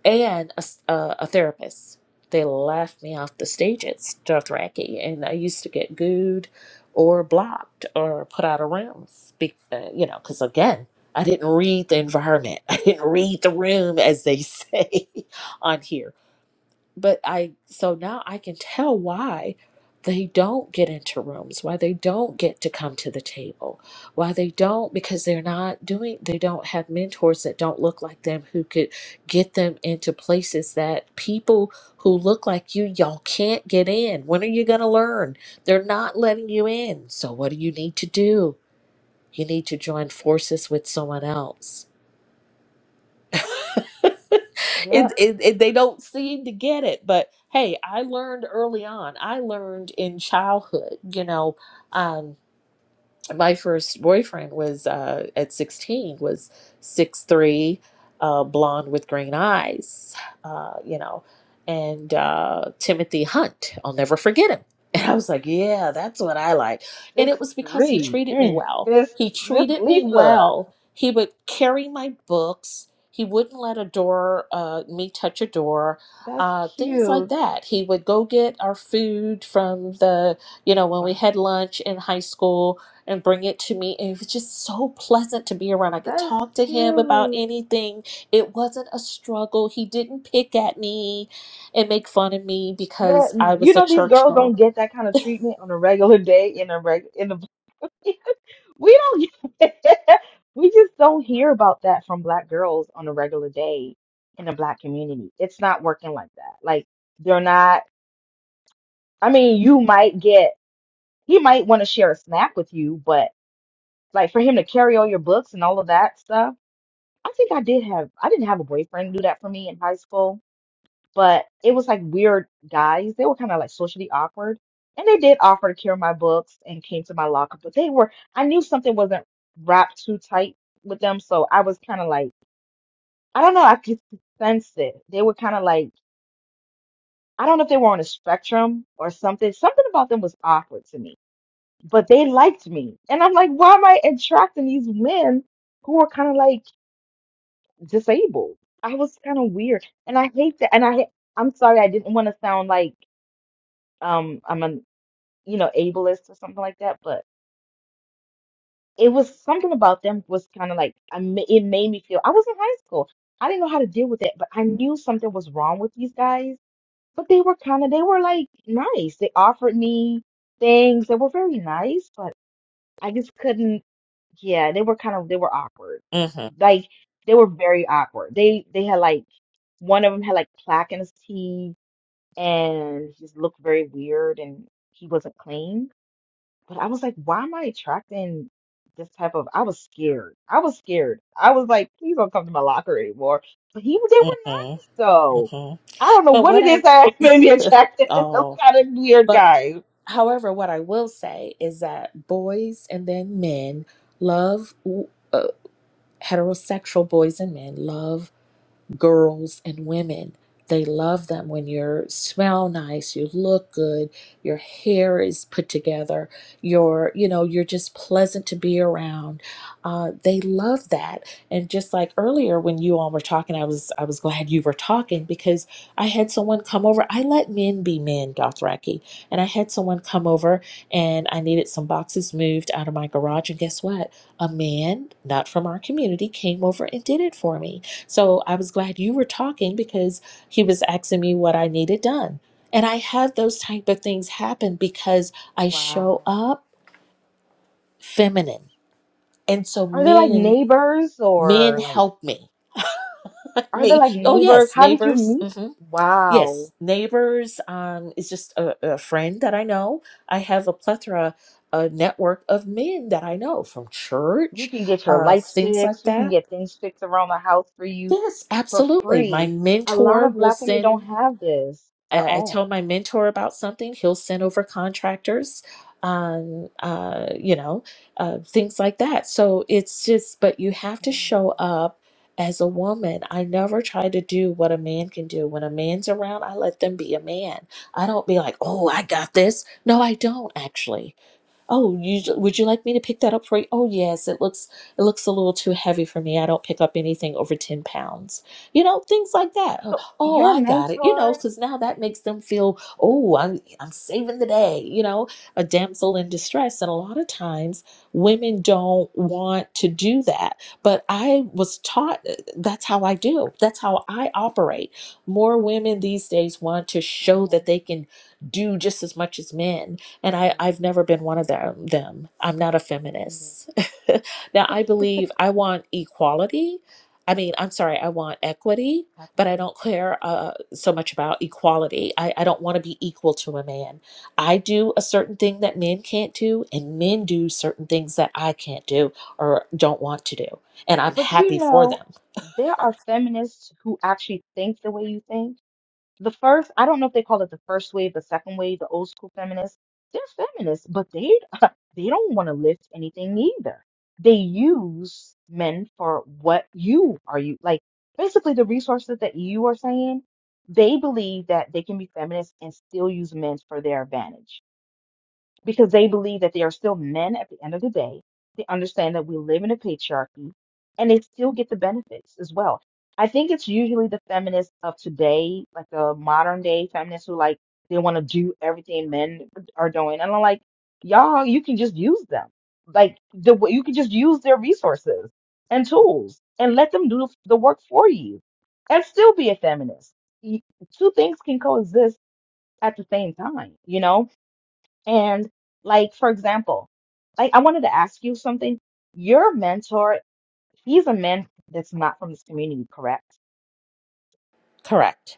and a, s- uh, a therapist. They laughed me off the stage at Dothraki, and I used to get gooed or blocked or put out of rooms, be, uh, you know, because again, I didn't read the environment. [LAUGHS] I didn't read the room, as they say [LAUGHS] on here but I so now I can tell why they don't get into rooms, why they don't get to come to the table, why they don't because they're not doing they don't have mentors that don't look like them who could get them into places that people who look like you y'all can't get in. When are you going to learn? They're not letting you in. So what do you need to do? You need to join forces with someone else it, Yep, it, it they don't seem to get it but hey i learned early on i learned in childhood you know um, my first boyfriend was uh, at 16 was 6'3 uh, blonde with green eyes uh, you know and uh, timothy hunt i'll never forget him [LAUGHS] and i was like yeah that's what i like and it six was because he three. treated me Mm, well this he this treated me Lisa. well he would carry my books he wouldn't let a door uh, me touch a door That's uh, things like cute. that he would go get our food from the you know when we Wow. had lunch in high school and bring it to me. And it was just so pleasant to be around. I could That's talk to him about cute. anything. It wasn't a struggle. He didn't pick at me and make fun of me But because I you was a know these church girls don't girl. get that kind of treatment on a regular day in a reg in a [LAUGHS] we don't [LAUGHS] we just don't hear about that from black girls on a regular day in the black community. It's not working like that. Like they're not I mean, you might get he might want to share a snack with you, but like for him to carry all your books and all of that stuff. I think I did have I didn't have a boyfriend do that for me in high school but it was like weird guys. They were kind of like socially awkward. And they did offer to carry my books and came to my locker, but they were, I knew something wasn't wrapped too tight with them. So I was kind of like, I don't know, I could sense it. They were kind of like, I don't know if they were on a spectrum or something. Something about them was awkward to me, but they liked me. And I'm like, why am I attracting these men who are kind of like disabled? I was kind of weird. And I hate that. And I, I'm sorry, I didn't want to sound like, um I'm a you know, ableist or something like that. But it was something about them was kind of like I ma- it made me feel I was in high school. I didn't know how to deal with it, but I knew something was wrong with these guys. But they were kind of they were like nice. They offered me things. They were very nice, but I just couldn't. Yeah, they were kind of they were awkward. hmm Like they were very awkward. They they had like one of them had like plaque in his teeth and just looked very weird and he wasn't clean But I was like, why am I attracting this type of? I was scared. I was scared. I was like, please don't come to my locker anymore. But he, they were hmm nice though. hmm I don't know But what what it is I that [LAUGHS] made me attracted [LAUGHS] to [LAUGHS] those oh, kind of weird but guys. however, what I will say is that boys and then men love uh, heterosexual boys and men love girls and women. They love them when you smell nice, you look good, your hair is put together, you're, you know, you're just pleasant to be around. Uh, they love that. And just like earlier when you all were talking, I was I was glad you were talking because I had someone come over. I let men be men, Dothraki. And I had someone come over and I needed some boxes moved out of my garage. And guess what? A man, not from our community, came over and did it for me so I was glad you were talking because he was asking me what I needed done. And I have those type of things happen because I Wow. show up feminine. And so Are they like men neighbors men or like, help me. [LAUGHS] are they me. like Oh neighbors? yes, How did you neighbors. meet? hmm Wow. Yes, neighbors um is just a, a friend that I know. I have a plethora a network of men that I know from You church, can get your uh lights things like fixed. You can that. get things fixed around the house for you Yes, for absolutely. My free. A lot mentor of will black women don't send have this at I, I tell all. my mentor about something, he'll send over contractors, um, uh, you know, uh, things like that. So it's just, but you have to show up as a woman. I never try to do what a man can do. When a man's around, I let them be a man. I don't be like, oh, I got this. No, I don't actually. Oh, you, Mm, would you like me to pick that up for you? Oh, yes, it looks it looks a little too heavy for me. I don't pick up anything over 10 pounds. You know, things like that. Oh, So oh, your I got it. You know, mentor, because now that makes them feel, oh, I'm, I'm saving the day, you know, a damsel in distress. And a lot of times women don't want to do that. But I was taught uh, that's how I do. That's how I operate. More women these days want to show that they can do just as much as men and I, I've never been one of them. them. I'm not a hmm feminist. [LAUGHS] now, I believe I want equality. I mean, I'm sorry, I want equity, but I don't care uh, so much about equality. I, I don't want to be equal to a man. I do a certain thing that men can't do, and men do certain things that I can't do or don't want to do. And I'm but you happy for know, them. there are feminists who actually think the way you think. The first, I don't know if they call it the first wave, the second wave, the old school feminists. They're feminists, but they [LAUGHS] they don't want to lift anything either. They use men for what you are you like basically the resources that you are saying. They believe that they can be feminists and still use men for their advantage. because they believe that they are still men at the end of the day. They understand that we live in a patriarchy and they still get the benefits as well. I think it's usually the feminists of today, like the modern day feminists who like they want to do everything men are doing. And I'm like, y'all, you can just use them. Like the way- you can just use their resources and tools and let them do the work for you and still be a feminist. You- Two things can coexist at the same time, you know? And like, for example, like I wanted to ask you something. Your mentor, he's a man that's not from this community, correct? Correct.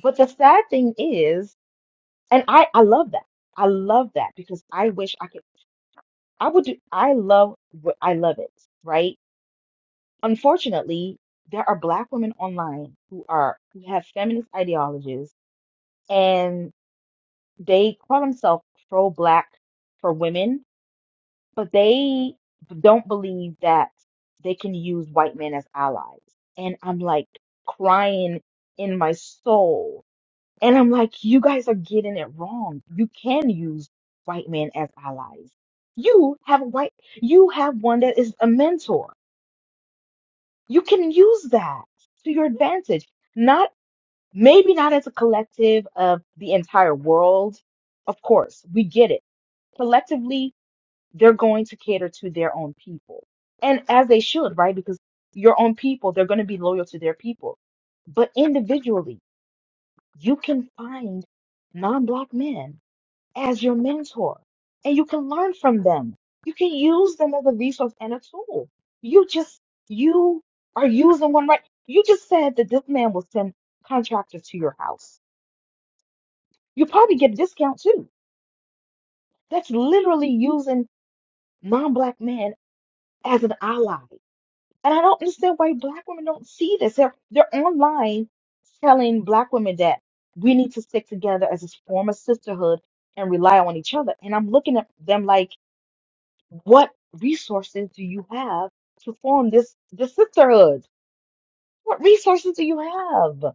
But the sad thing is, and I I love that. I love that because I wish I could. I would do. I love. what- I love it. Right. Unfortunately, there are black women online who are who have feminist ideologies and they call themselves pro-black for women but they don't believe that they can use white men as allies. And I'm like crying in my soul. And I'm like, you guys are getting it wrong. You can use white men as allies. You have a white, you have one that is a mentor. You can use that to your advantage. Not, maybe not as a collective of the entire world. Of course, we get it. Collectively, they're going to cater to their own people. And as they should, right? Because your own people, they're going to be loyal to their people. But individually, you can find non black men as your mentor and you can learn from them. You can use them as a resource and a tool. You just, you are using one right. You just said that this man will send contractors to your house. You probably get a discount too. That's literally using non black men as an ally And I don't understand why black women don't see this. They're they're online telling black women that we need to stick together as a form of sisterhood and rely on each other. And I'm looking at them like, what resources do you have to form this this sisterhood? What resources do you have?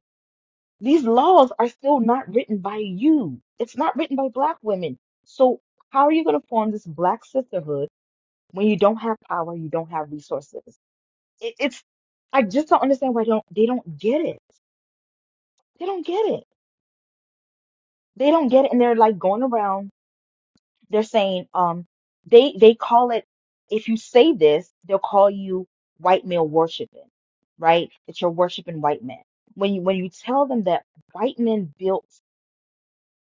These laws are still not written by you. It's not written by black women. So how are you going to form this black sisterhood when you don't have power, you don't have resources? it, it's I just don't understand why they don't they don't get it. They don't get it. They don't get it, and they're like going around. They're saying um they they call it if you say this they'll call you white male worshiping, right? That you're worshiping white men. When you when you tell them that white men built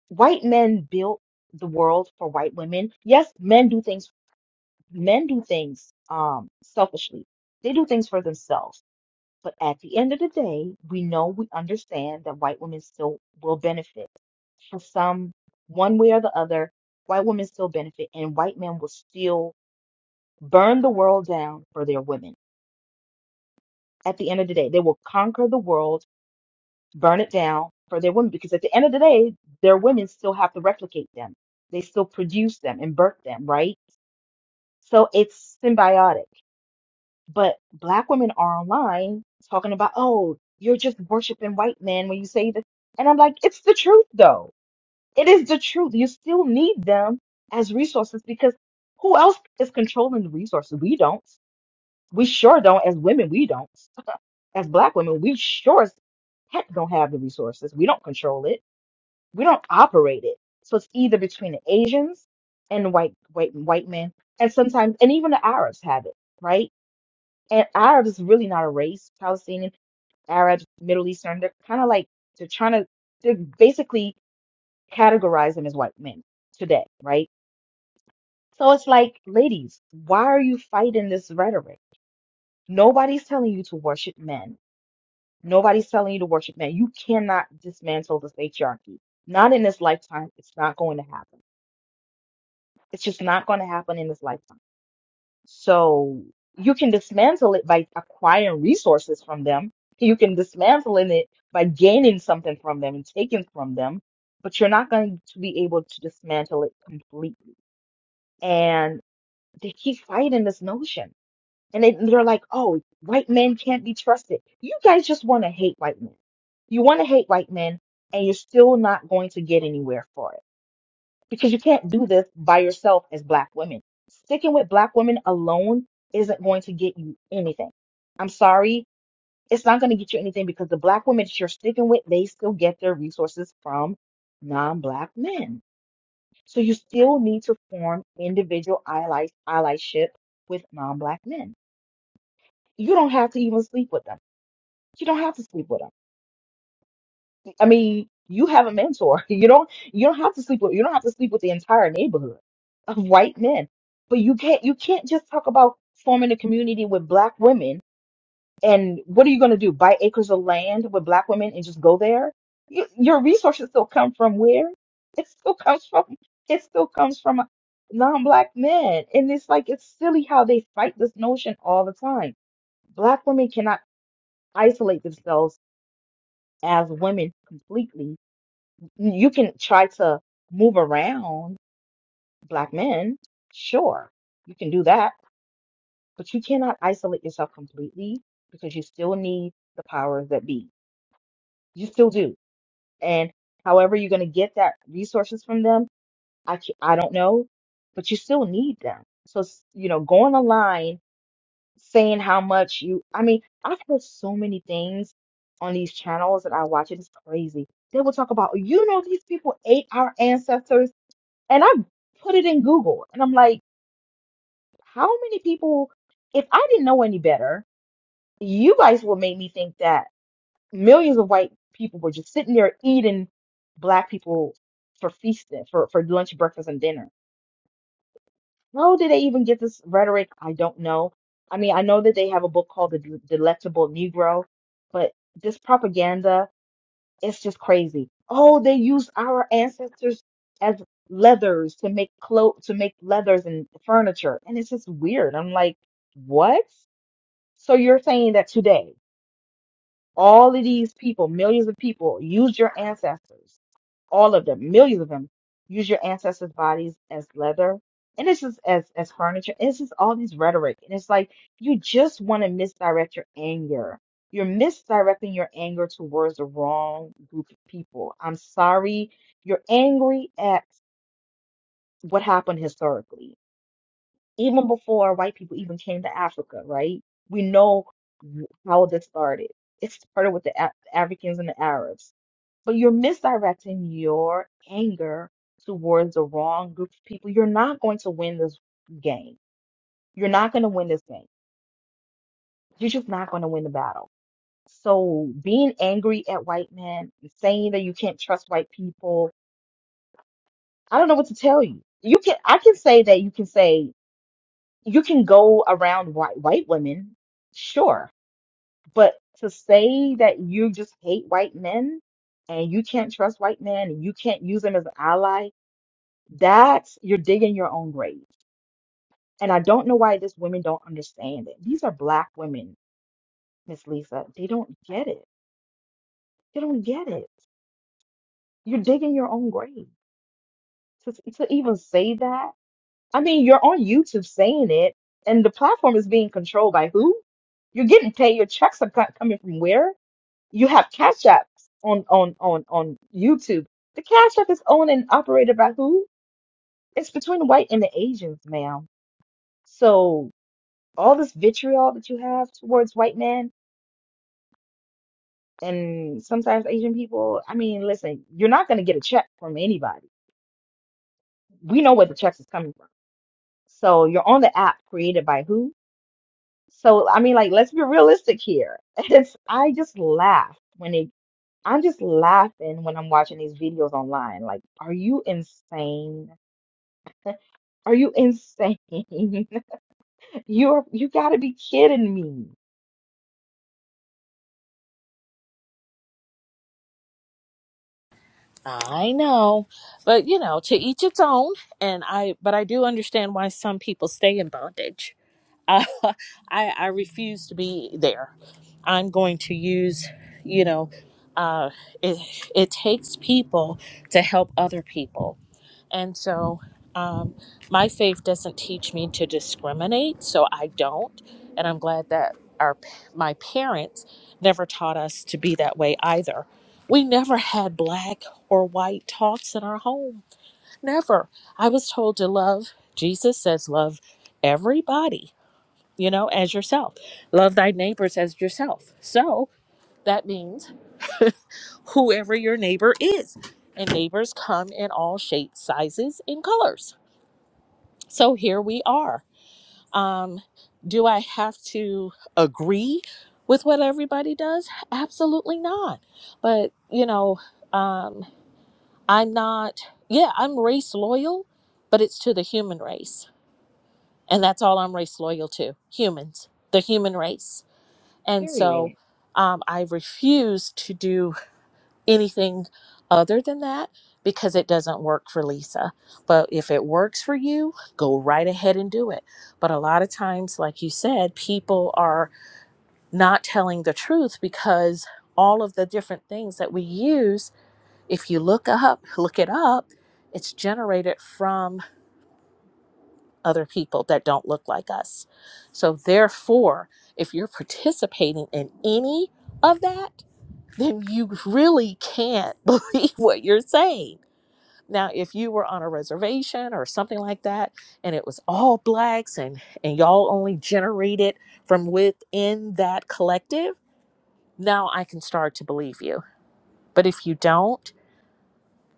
white men built the world for white women. Yes, men do things. Men do things um selfishly. They do things for themselves But at the end of the day, we know we understand that white women still will benefit for some one way or the other. White women still benefit, and white men will still burn the world down for their women. At the end of the day, they will conquer the world, burn it down for their women, because at the end of the day, their women still have to replicate them. They still produce them and birth them, right? So it's symbiotic But black women are online talking about, oh, you're just worshiping white men when you say this. And I'm like, it's the truth, though. It is the truth. You still need them as resources because who else is controlling the resources? We don't. We sure don't. As women, we don't. [LAUGHS] As black women, we sure as heck don't have the resources. We don't control it. We don't operate it. So it's either between the Asians and white white white men, and sometimes and even the Arabs have it, right? And Arabs is really not a race. Palestinian, Arabs, Middle Eastern, they're kind of like they're trying to they're basically categorize them as white men today, right? So it's like, ladies, why are you fighting this rhetoric? Nobody's telling you to worship men. Nobody's telling you to worship men. You cannot dismantle this patriarchy. Not in this lifetime. It's not going to happen. It's just not going to happen in this lifetime. So you can dismantle it by acquiring resources from them. You can dismantle in it by gaining something from them and taking from them, but you're not going to be able to dismantle it completely. And they keep fighting this notion. And they, they're like, oh, white men can't be trusted. You guys just want to hate white men. You want to hate white men, and you're still not going to get anywhere for it because you can't do this by yourself as black women. Sticking with black women alone isn't going to get you anything. I'm sorry, it's not going to get you anything because the black women that you're sticking with, they still get their resources from non-black men. So you still need to form individual allies, allyship with non-black men. You don't have to even sleep with them. You don't have to sleep with them I mean, you have a mentor. [LAUGHS] You don't you don't have to sleep with you don't have to sleep with the entire neighborhood of white men. But you can't you can't just talk about forming a community with black women and what are you going to do? Buy acres of land with black women and just go there? You, your resources still come from where? It still comes from it still comes from non-black men. And it's like it's silly how they fight this notion all the time. Black women cannot isolate themselves as women completely you can try to move around black men. Sure, you can do that, but you cannot isolate yourself completely because you still need the powers that be. You still do. And however you're going to get that resources from them, I ca- I don't know, but you still need them. So, s- you know, going online saying how much you, I mean, I've heard so many things on these channels that I watch. It is crazy. They will talk about, you know, these people ate our ancestors. And I put it in Google and I'm like, how many people, if I didn't know any better, you guys would make me think that millions of white people were just sitting there eating black people for feasting, for, for lunch, breakfast, and dinner. How did they even get this rhetoric? I don't know. I mean, I know that they have a book called The Delectable Negro, but this propaganda. It's just crazy. Oh, they used our ancestors as leathers to make clothes, to make leathers and furniture. And it's just weird. I'm like, what? So you're saying that today? All of these people, millions of people, used your ancestors. All of them, millions of them, use your ancestors' bodies as leather. And it's just as, as furniture. It's just all these rhetoric. And it's like you just want to misdirect your anger. You're misdirecting your anger towards the wrong group of people. I'm sorry. You're angry at what happened historically even before white people even came to Africa, right? We know how this started. It started with the Af- Africans and the Arabs. But you're misdirecting your anger towards the wrong group of people. You're not going to win this game. You're not going to win this game. You're just not going to win the battle. So being angry at white men, saying that you can't trust white people, I don't know what to tell you. You can I can say that you can say you can go around white white women, sure But to say that you just hate white men and you can't trust white men and you can't use them as an ally, that's you're digging your own grave. And I don't know why these women don't understand it. These are black women, Miss Lisa. They don't get it. They don't get it. You're digging your own grave. To, to even say that, I mean, you're on YouTube saying it, and the platform is being controlled by who? You're getting paid. Your checks are co- coming from where? you have Cash Apps on on on on YouTube. The Cash App is owned and operated by who? It's between the white and the Asians, ma'am. So all this vitriol that you have towards white men and sometimes Asian people, I mean, listen, you're not going to get a check from anybody. We know where the checks is coming from. So you're on the app created by who? So I mean, like, let's be realistic here. [LAUGHS] It's I just laugh when they. I'm just laughing when I'm watching these videos online. Like, are you insane? Are you insane? [LAUGHS] You're you gotta be kidding me. I know. But, you know, to each its own. And I, but I do understand why some people stay in bondage I, [LAUGHS] I I refuse to be there. I'm going to use, you know, uh, it it takes people to help other people, and so um, my faith doesn't teach me to discriminate, so I don't, and I'm glad that our p- my parents never taught us to be that way either. We never had black or white talks in our home. Never. I was told to love. Jesus says love everybody you know, as yourself. Love thy neighbors as yourself. So that means [LAUGHS] whoever your neighbor is. And neighbors come in all shapes, sizes, and colors. So here we are. Um, do I have to agree with what everybody does? Absolutely not. But, you know, um, I'm not, yeah, I'm race loyal, but it's to the human race. And that's all I'm race loyal to humans, the human race And so Period. um, I refuse to do anything other than that because it doesn't work for Lisa. But if it works for you, go right ahead and do it. But a lot of times, like you said, people are not telling the truth because all of the different things that we use, if you look up, look it up, it's generated from other people that don't look like us. So, therefore, if you're participating in any of that, then you really can't [LAUGHS] believe what you're saying. Now, if you were on a reservation or something like that, and it was all blacks and, and y'all only generated from within that collective, now I can start to believe you. But if you don't,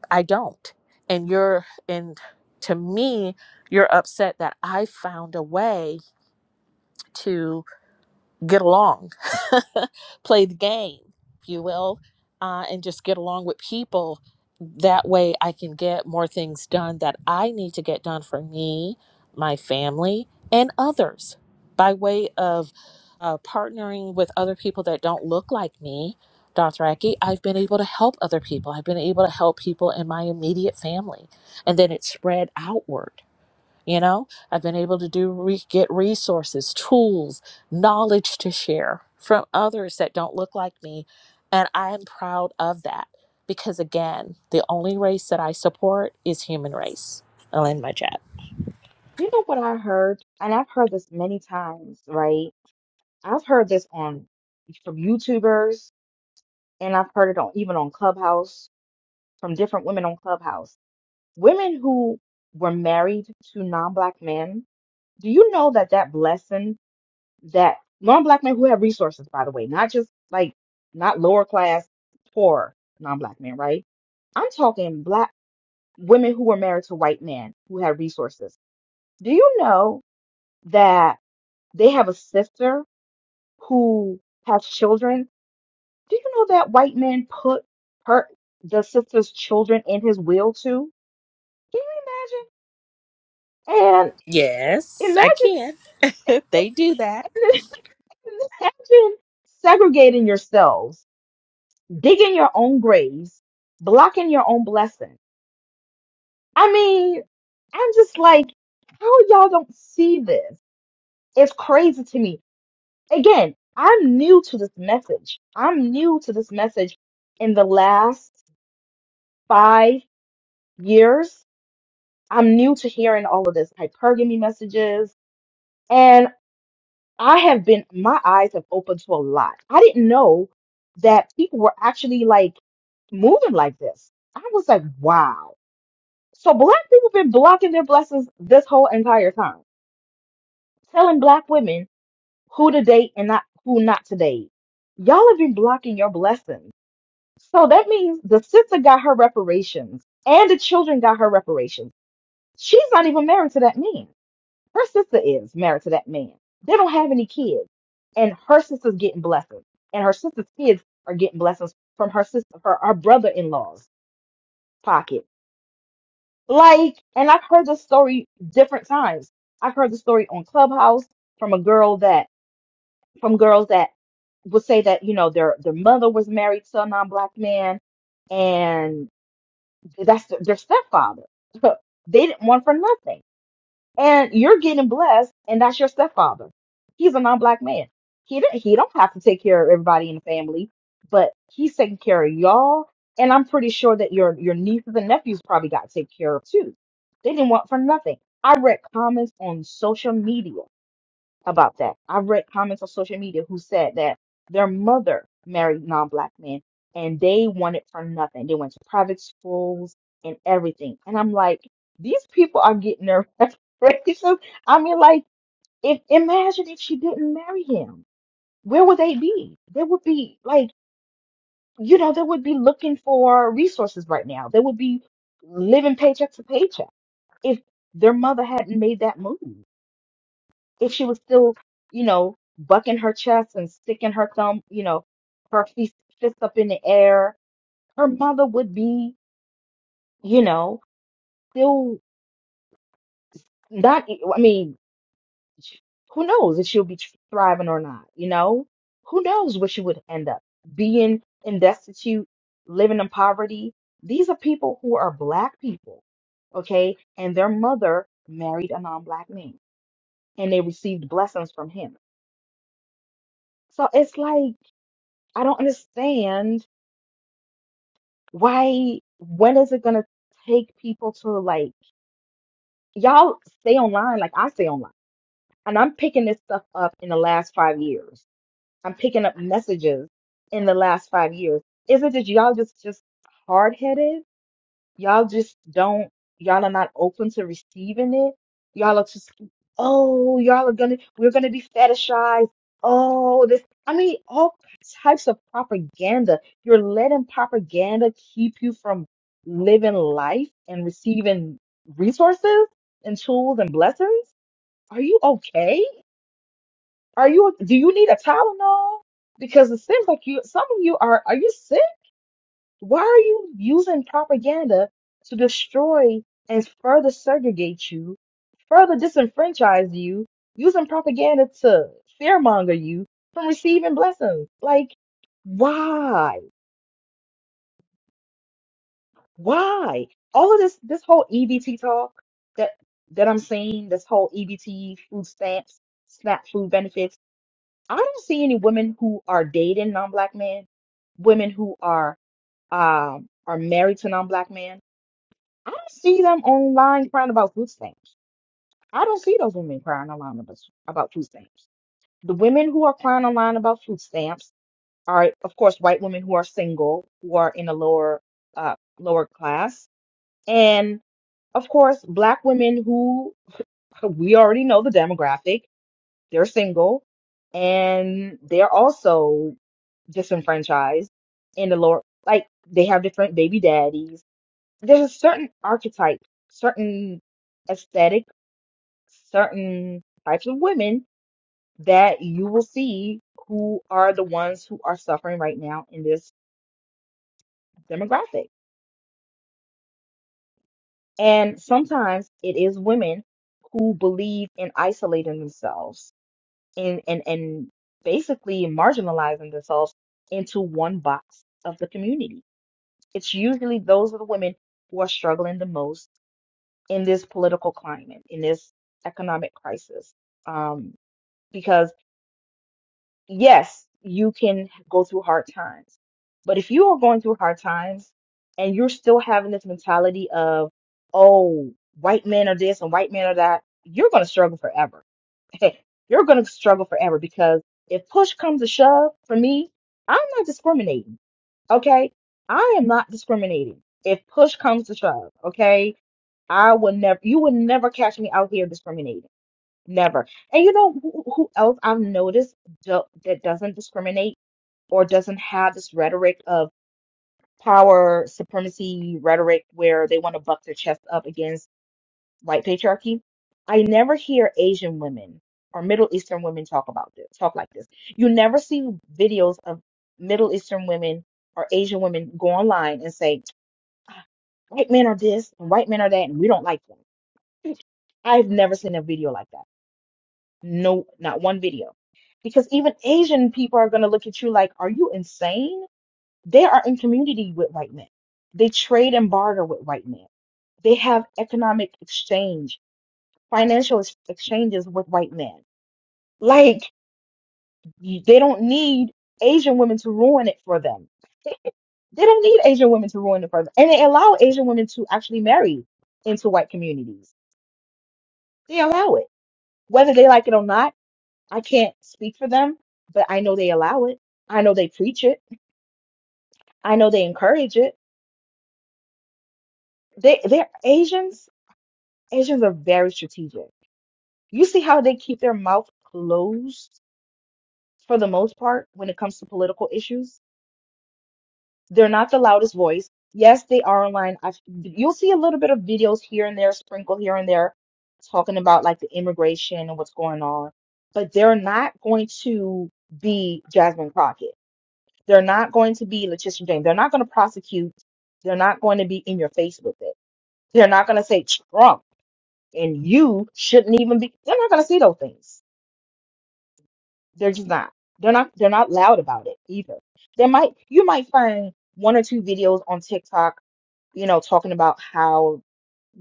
I don't. And you're, and to me, you're upset that I found a way to. get along, [LAUGHS] play the game, if you will, uh, and just get along with people. That way, I can get more things done that I need to get done for me, my family, and others by way of uh, partnering with other people that don't look like me. Dr. Aki, I've been able to help other people. I've been able to help people in my immediate family. And then it spread outward you know, I've been able to do re- get resources, tools, knowledge to share from others that don't look like me, and I am proud of that because again, the only race that I support is human race. I'll end my chat. You know what I heard? And I've heard this many times, right? I've heard this on from YouTubers and I've heard it on even on Clubhouse from different women on Clubhouse. Women who were married to non-black men. Do you know that that blessing that non-black men who have resources, by the way, not just like not lower class, poor non-black men, right? I'm talking black women who were married to white men who had resources. Do you know that they have a sister who has children? Do you know that white man put her the sister's children in his will too? Can you imagine? And Yes, I imagine can. [LAUGHS] they do that. [LAUGHS] imagine segregating yourselves, digging your own graves, blocking your own blessing. I mean, I'm just like, how y'all don't see this? It's crazy to me again, I'm new to this message. I'm new to this message in the last five years. I'm new to hearing all of this hypergamy messages. And I have been, my eyes have opened to a lot. I didn't know that people were actually like moving like this. I was like, wow. So black people been blocking their blessings this whole entire time, telling black women who to date and not who not to date. Y'all have been blocking your blessings So that means the sister got her reparations and the children got her reparations. She's not even married to that man. Her sister is married to that man. They don't have any kids. And her sister's getting blessings. And her sister's kids are getting blessings from her sister, her, her brother in law's pocket. Like, and I've heard this story different times. I've heard the story on Clubhouse from a girl that, from girls that would say that, you know, their, their mother was married to a non black man and That's their, their stepfather. [LAUGHS] they didn't want for nothing. And you're getting blessed, and that's your stepfather. He's a non-black man. He didn't, he don't have to take care of everybody in the family, but he's taking care of y'all. And I'm pretty sure that your your nieces and nephews probably got taken care of too. They didn't want for nothing. I read comments on social media about that. I've read comments on social media who said that their mother married non-black men and they wanted for nothing. They went to private schools and everything. And I'm like, these people are getting their [LAUGHS] reparations. I mean, like, if imagine if she didn't marry him, where would they be? They would be like, you know, they would be looking for resources right now. They would be living paycheck to paycheck if their mother hadn't made that move if she was still, you know, bucking her chest and sticking her thumb, you know, her fist, fist up in the air, her mother would be, you know, still not, e, I mean, who knows if she'll be thriving or not, you know? Who knows where she would end up being in destitute, living in poverty. These are people who are black people, okay? And their mother married a non-black man and they received blessings from him. So it's like, I don't understand why when is it gonna take people to like y'all stay online like I stay online and I'm picking this stuff up in the last five years. I'm picking up messages in the last five years. Is it that y'all just just hard headed Y'all just don't, y'all are not open to receiving it. Y'all are just, oh, y'all are gonna, we're gonna be fetishized. Oh, this, I mean, all types of propaganda. You're letting propaganda keep you from living life and receiving resources and tools and blessings. Are you okay? Are you, do you need a Tylenol? Because it seems like you, some of you are, are you sick? Why are you using propaganda to destroy and further segregate you, further disenfranchise you, using propaganda to fearmonger you from receiving blessings? Like, why? Why? All of this, this whole EBT talk that that I'm seeing, this whole EBT food stamps, SNAP food benefits. I don't see any women who are dating non-black men, women who are um are married to non-black men. I don't see them online crying about food stamps. I don't see those women crying online about, about food stamps. The women who are crying online about food stamps are, of course, white women who are single, who are in a lower, uh, lower class, and of course, black women who we already know the demographic. They're single, and they're also disenfranchised in the lower, like they have different baby daddies. There's a certain archetype, certain aesthetic certain types of women that you will see who are the ones who are suffering right now in this demographic. And sometimes it is women who believe in isolating themselves and, and, and basically marginalizing themselves into one box of the community. It's usually those are the women who are struggling the most in this political climate, in this economic crisis. Um, because yes, you can go through hard times. But if you are going through hard times and you're still having this mentality of, oh, white men are this and white men are that, you're going to struggle forever. [LAUGHS] you're going to struggle forever because if push comes to shove for me, I'm not discriminating. Okay. I am not discriminating. If push comes to shove, okay, I would never, you would never catch me out here discriminating. Never. And you know who, who else I've noticed do, that doesn't discriminate or doesn't have this rhetoric of power supremacy rhetoric where they want to buck their chest up against white patriarchy? I never hear Asian women or Middle Eastern women talk about this, talk like this. You never see videos of Middle Eastern women or Asian women go online and say, white men are this and white men are that, and we don't like them. I've never seen a video like that. No, not one video. Because even Asian people are going to look at you like, are you insane? They are in community with white men. They trade and barter with white men. They have economic exchange, financial ex- exchanges with white men. Like, y- they don't need Asian women to ruin it for them. They don't need Asian women to ruin it for them. And they allow Asian women to actually marry into white communities. They allow it, whether they like it or not I can't speak for them, but I know they allow it. I know they preach it. I know they encourage it. They they're Asians. Asians are very strategic. You see how they keep their mouth closed for the most part when it comes to political issues? They're not the loudest voice. Yes, they are online. I've, you'll see a little bit of videos here and there, sprinkle here and there, talking about like the immigration and what's going on. But they're not going to be Jasmine Crockett They're not going to be Letitia James. They're not going to prosecute. They're not going to be in your face with it. They're not going to say Trump and you shouldn't even be. They're not going to see those things. They're just not. They're not. They're not loud about it either. They might. You might find one or two videos on TikTok, you know, talking about how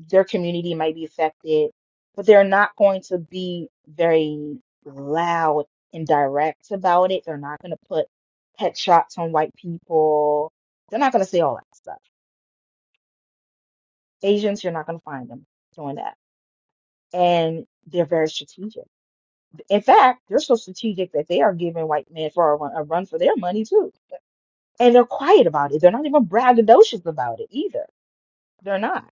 their community might be affected, but they're not going to be very loud and direct about it. They're not going to put pet shots on white people. They're not going to say all that stuff. Asians, you're not going to find them doing that. And they're very strategic. In fact, they're so strategic that they are giving white men for a run, a run for their money too. And they're quiet about it. They're not even braggadocious about it either. They're not.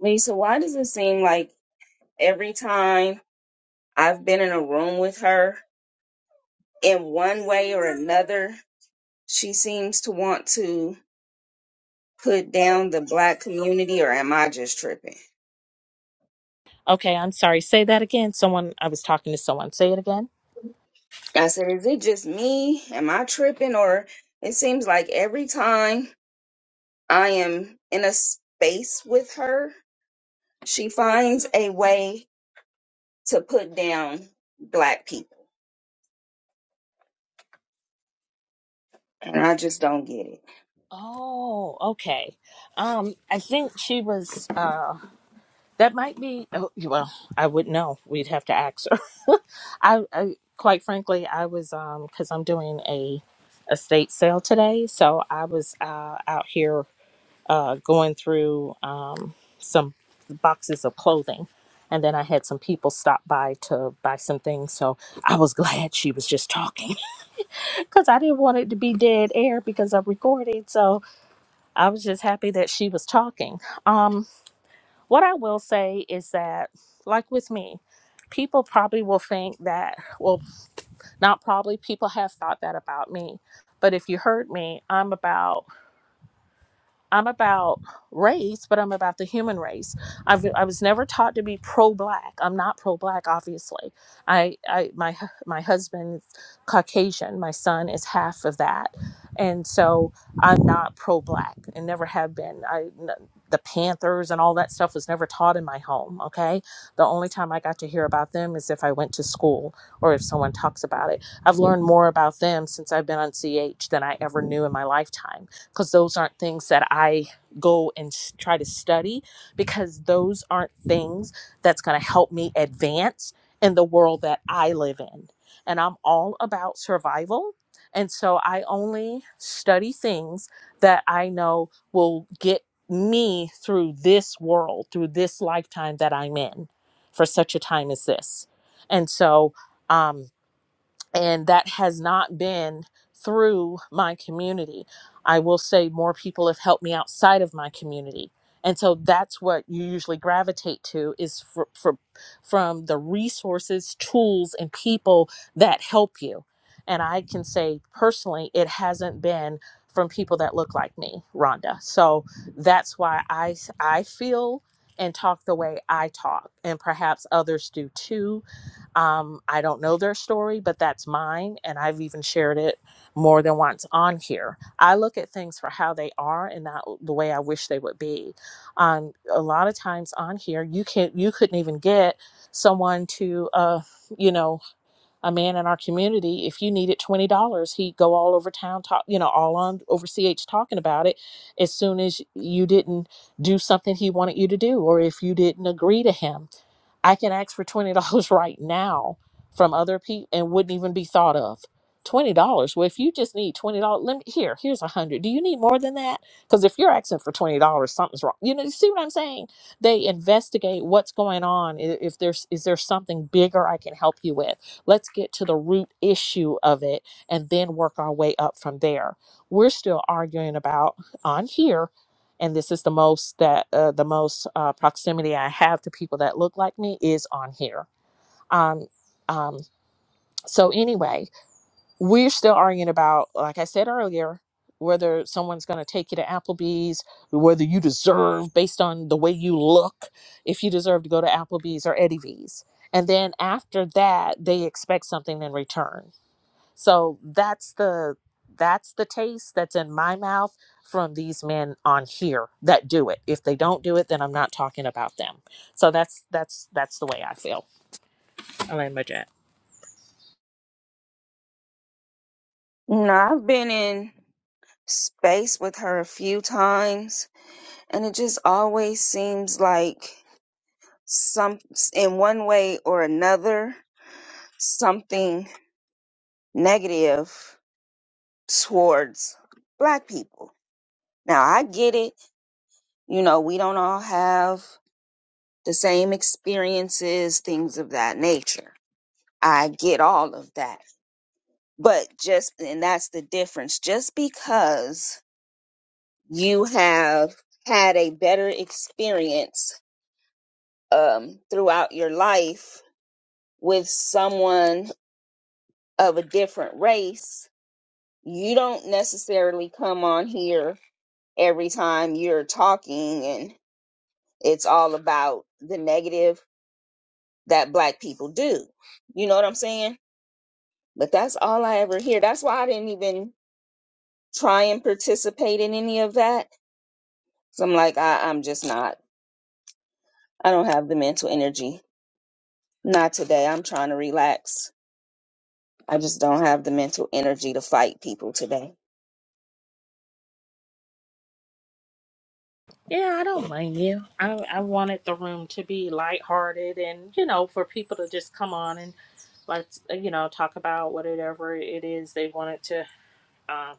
Lisa, why does it seem like every time I've been in a room with her, in one way or another, she seems to want to put down the black community, or am I just tripping? Okay, I'm sorry. Say that again. Someone I was talking to someone. Say it again. I said, is it just me? Am I tripping? Or it seems like every time I am in a space with her, she finds a way to put down black people. And I just don't get it. Oh, okay. Um, I think she was. Uh, That might be. Oh, well, I would know. We'd have to ask her. [LAUGHS] I, I quite frankly, I was um because I'm doing a estate sale today, so I was uh, out here uh, going through um some boxes of clothing, and then I had some people stop by to buy some things. So I was [LAUGHS] glad she was just talking [LAUGHS] because I didn't want it to be dead air because I'm recording. So I was just happy that she was talking. Um what I will say is that, like with me, people probably will think that, well, not probably, people have thought that about me. But if you heard me, I'm about I'm about race, but I'm about the human race. I've, I was never taught to be pro-black. I'm not pro-black, obviously. I, I my my husband's Caucasian. My son is half of that, and so I'm not pro-black and never have been. I n- the Panthers and all that stuff was never taught in my home. Okay, the only time I got to hear about them is if I went to school or if someone talks about it. I've learned more about them since I've been on CH than I ever knew in my lifetime because those aren't things that I go and s- try to study because those aren't things that's going to help me advance in the world that I live in. And I'm all about survival. And so I only study things that I know will get me through this world, through this lifetime that I'm in for such a time as this. And so, um, and that has not been through my community. I will say more people have helped me outside of my community. And so that's what you usually gravitate to is for, for, from the resources, tools, and people that help you. And I can say personally, it hasn't been from people that look like me, Rhonda. So that's why I I feel and talk the way I talk, and perhaps others do too um, I don't know their story, but that's mine. And I've even shared it more than once on here. I look at things for how they are and not the way I wish they would be. Um, a lot of times on here, you can't, you couldn't even get someone to, uh, you know, a man in our community if you needed $20 he'd go all over town talk you know all on over ch talking about it as soon as you didn't do something he wanted you to do or if you didn't agree to him i can ask for $20 [LAUGHS] right now from other people and wouldn't even be thought of $20 well if you just need $20 let me here here's a hundred do you need more than that because if you're asking for $20 something's wrong you know you see what i'm saying they investigate what's going on i- if there's is there something bigger i can help you with Let's get to the root issue of it and then work our way up from there. We're still arguing about on here, and this is the most that uh, the most uh, proximity I have to people that look like me is on here. Um, um, so anyway, we're still arguing about, like I said earlier, whether someone's going to take you to Applebee's, whether you deserve based on the way you look, if you deserve to go to Applebee's or Eddie V's. And then after that, they expect something in return so that's the that's the taste that's in my mouth from these men on here that do it. If they don't do it, then I'm not talking about them. So that's that's that's the way I feel. I land my jet. No, I've been in space with her a few times, and it just always seems like some, in one way or another, something negative towards black people. Now, I get it. You know, we don't all have the same experiences, things of that nature. I get all of that. But just, and that's the difference. Just because you have had a better experience um, throughout your life with someone of a different race, you don't necessarily come on here every time you're talking and it's all about the negative that black people do. You know what I'm saying? But that's all I ever hear. That's why I didn't even try and participate in any of that So I'm like, I, I'm just not. I don't have the mental energy. Not today. I'm trying to relax. I just don't have the mental energy to fight people today. Yeah, I don't blame you. I I wanted the room to be lighthearted and you know for people to just come on and let's uh, you know talk about whatever it is they wanted to. Um,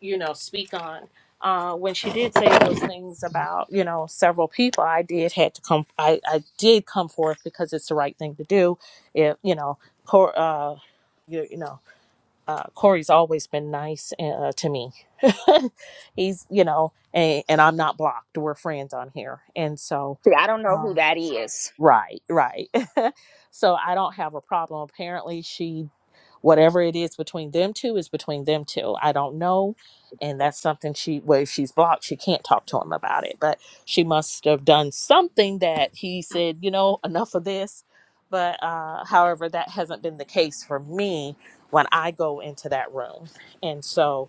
you know, speak on. Uh, when she did say those things about, you know, several people, I did had to come. I, I did come forth because it's the right thing to do. If you know, Cor, uh, you, you know, uh, Corey's always been nice uh, to me. [LAUGHS] He's, you know, and, and I'm not blocked. We're friends on here, and so, See, I don't know who um, that is. right, right. [LAUGHS] so I don't have a problem. Apparently, she whatever it is between them two is between them two. I don't know. And that's something she, well, if she's blocked. She can't talk to him about it. But she must have done something that he said, you know, enough of this. But uh, however, that hasn't been the case for me when I go into that room. And so,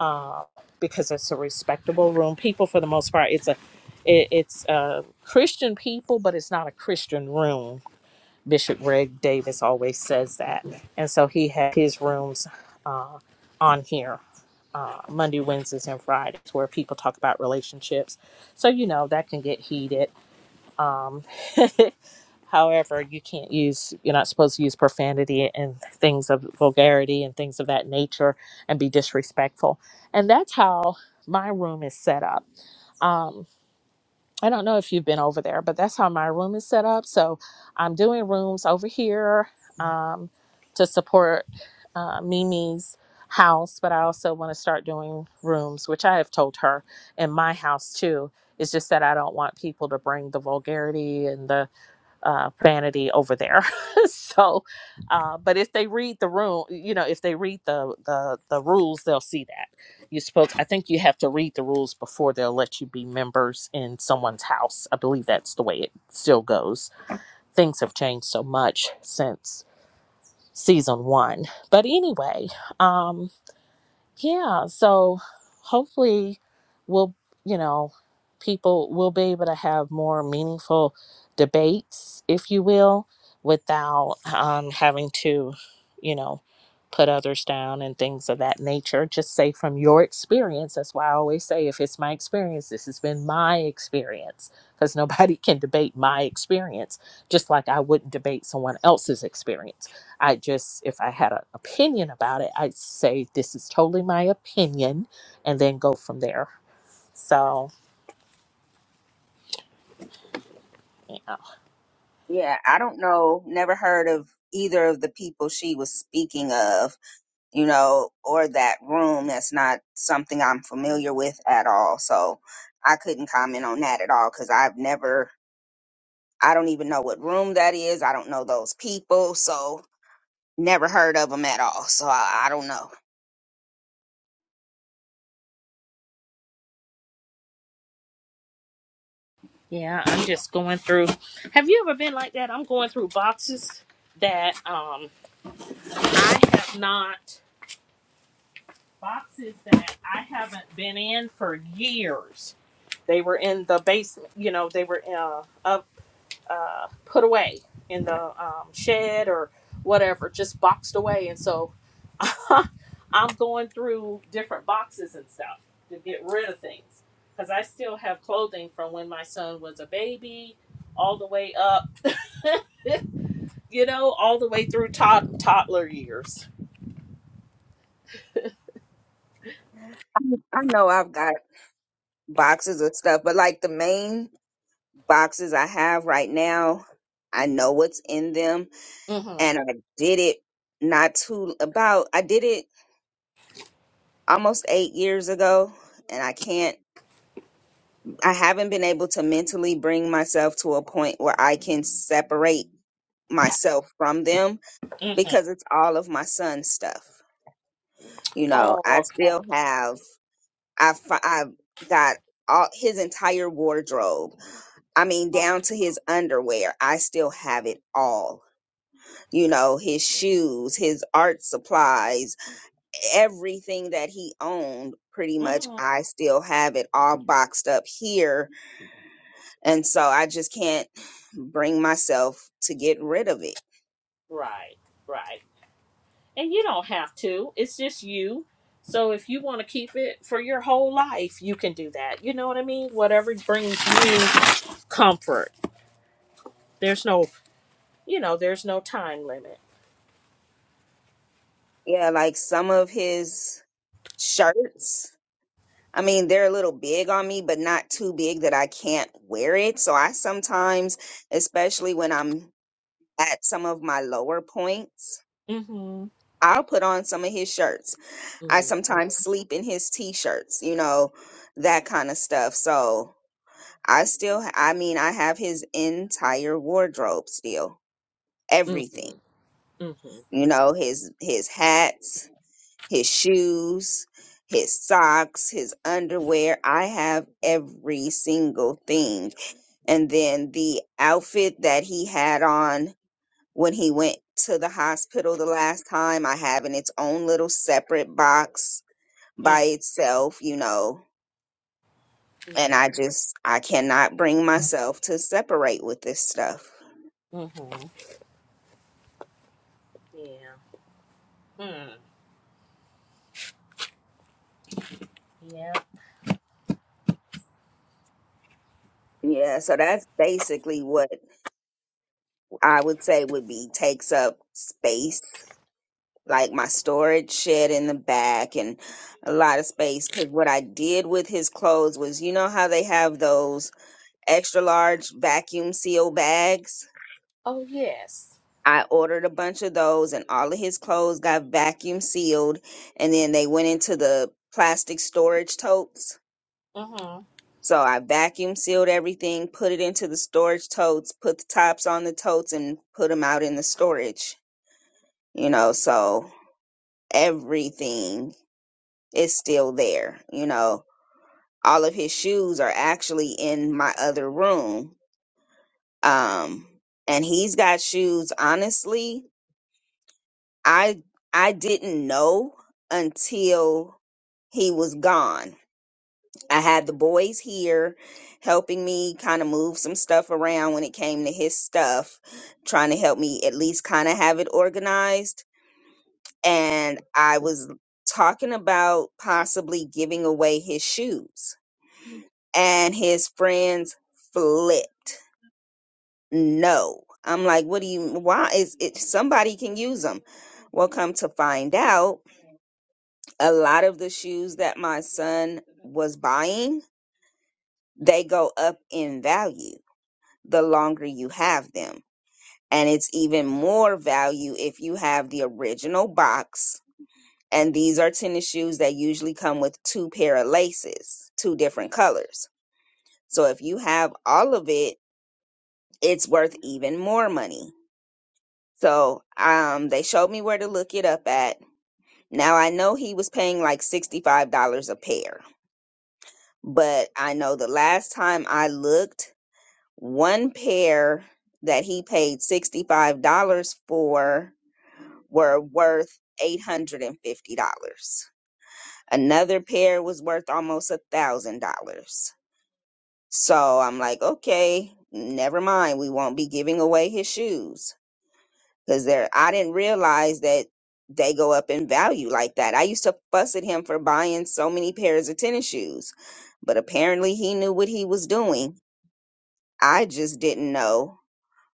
uh, because it's a respectable room, people for the most part, it's a, it, it's uh, Christian people, but it's not a Christian room Bishop Greg Davis always says that. And so he had his rooms uh, on here uh, Monday, Wednesdays, and Fridays where people talk about relationships. So, you know, that can get heated. Um, [LAUGHS] however, you can't use, you're not supposed to use profanity and things of vulgarity and things of that nature and be disrespectful. And that's how my room is set up. Um, I don't know if you've been over there, but that's how my room is set up. So I'm doing rooms over here um, to support uh, Mimi's house, but I also want to start doing rooms, which I have told her in my house too. It's just that I don't want people to bring the vulgarity and the uh, vanity over there. [LAUGHS] so, uh, but if they read the room, you know, if they read the the the rules, they'll see that you spoke. I think you have to read the rules before they'll let you be members in someone's house. I believe that's the way it still goes. Things have changed so much since season one. But anyway, um, yeah so hopefully we'll you know people will be able to have more meaningful debates if you will without um, having to you know put others down and things of that nature just say from your experience that's why i always say if it's my experience this has been my experience because nobody [LAUGHS] can debate my experience just like i wouldn't debate someone else's experience I just, if I had an opinion about it, I'd say this is totally my opinion and then go from there. So, you know, Yeah, I don't know. Never heard of either of the people she was speaking of. you know, or that room. That's not something I'm familiar with at all. So I couldn't comment on that at all because I've never, I don't even know what room that is. I don't know those people. So never heard of them at all. So I, I don't know. yeah, I'm just going through. Have you ever been like that? I'm going through boxes that um, I have not, boxes that I haven't been in for years. They were in the basement, you know, they were uh, of uh, put away in the um, shed or whatever, just boxed away. And so [LAUGHS] I'm going through different boxes and stuff to get rid of things because I still have clothing from when my son was a baby, all the way up, [LAUGHS] you know, all the way through tod- toddler years. I know I've got boxes of stuff, but like the main boxes I have right now, I know what's in them. Mm-hmm. And I did it not too about, I did it almost eight years ago. And I can't I haven't been able to mentally bring myself to a point where I can separate myself from them hmm because it's all of my son's stuff. You know, I Oh, still have I have I got all his entire wardrobe. I mean, okay. down to his underwear. I still have it all. You know, his shoes, his art supplies, everything that he owned pretty much hmm I still have it all boxed up here And so I just can't bring myself to get rid of it. Right, right. and you don't have to it's just you so if you want to keep it for your whole life you can do that you know what i mean whatever brings you comfort there's no you know there's no time limit Yeah, like some of his shirts, I mean, they're a little big on me, but not too big that I can't wear it. So I sometimes, especially when I'm at some of my lower points, mm-hmm I'll put on some of his shirts. I mm-hmm sometimes sleep in his t-shirts, you know, that kind of stuff. So I still, I mean, I have his entire wardrobe still, everything mm-hmm mm-hmm, you know his his hats his shoes his socks his underwear i have every single thing and then the outfit that he had on when he went to the hospital the last time i have in its own little separate box hmm by itself you know yeah and i just i cannot bring myself to separate with this stuff Mm-hmm. Yeah. Mm. Yeah. yeah so that's basically what i would say would be takes up space like my storage shed in the back and a lot of space because what I did with his clothes was you know how they have those extra large vacuum seal bags? Oh yes. I ordered a bunch of those and all of his clothes got vacuum sealed and then they went into the plastic storage totes. Mm-hmm. So I vacuum sealed everything, put it into the storage totes, put the tops on the totes and put them out in the storage, you know, so everything is still there, you know all of his shoes are actually in my other room. Um, and he's got shoes. Honestly, I I didn't know until he was gone. I had the boys here helping me kind of move some stuff around when it came to his stuff, trying to help me at least kind of have it organized. And I was talking about possibly giving away his shoes, and his friends flipped no. I'm like, what do you, why is it, somebody can use them. Well, come to find out, a lot of the shoes that my son was buying, they go up in value the longer you have them. And it's even more value if you have the original box. And these are tennis shoes that usually come with two pair of laces, two different colors. So if you have all of it, it's worth even more money So um, they showed me where to look it up at. Now I know he was paying like $65 a pair, but I know the last time I looked, one pair that he paid $65 for were worth $850. Another pair was worth almost $1,000. So I'm like, okay, never mind. We won't be giving away his shoes. because they're I didn't realize that they go up in value like that. I used to fuss at him for buying so many pairs of tennis shoes, but apparently he knew what he was doing. I just didn't know.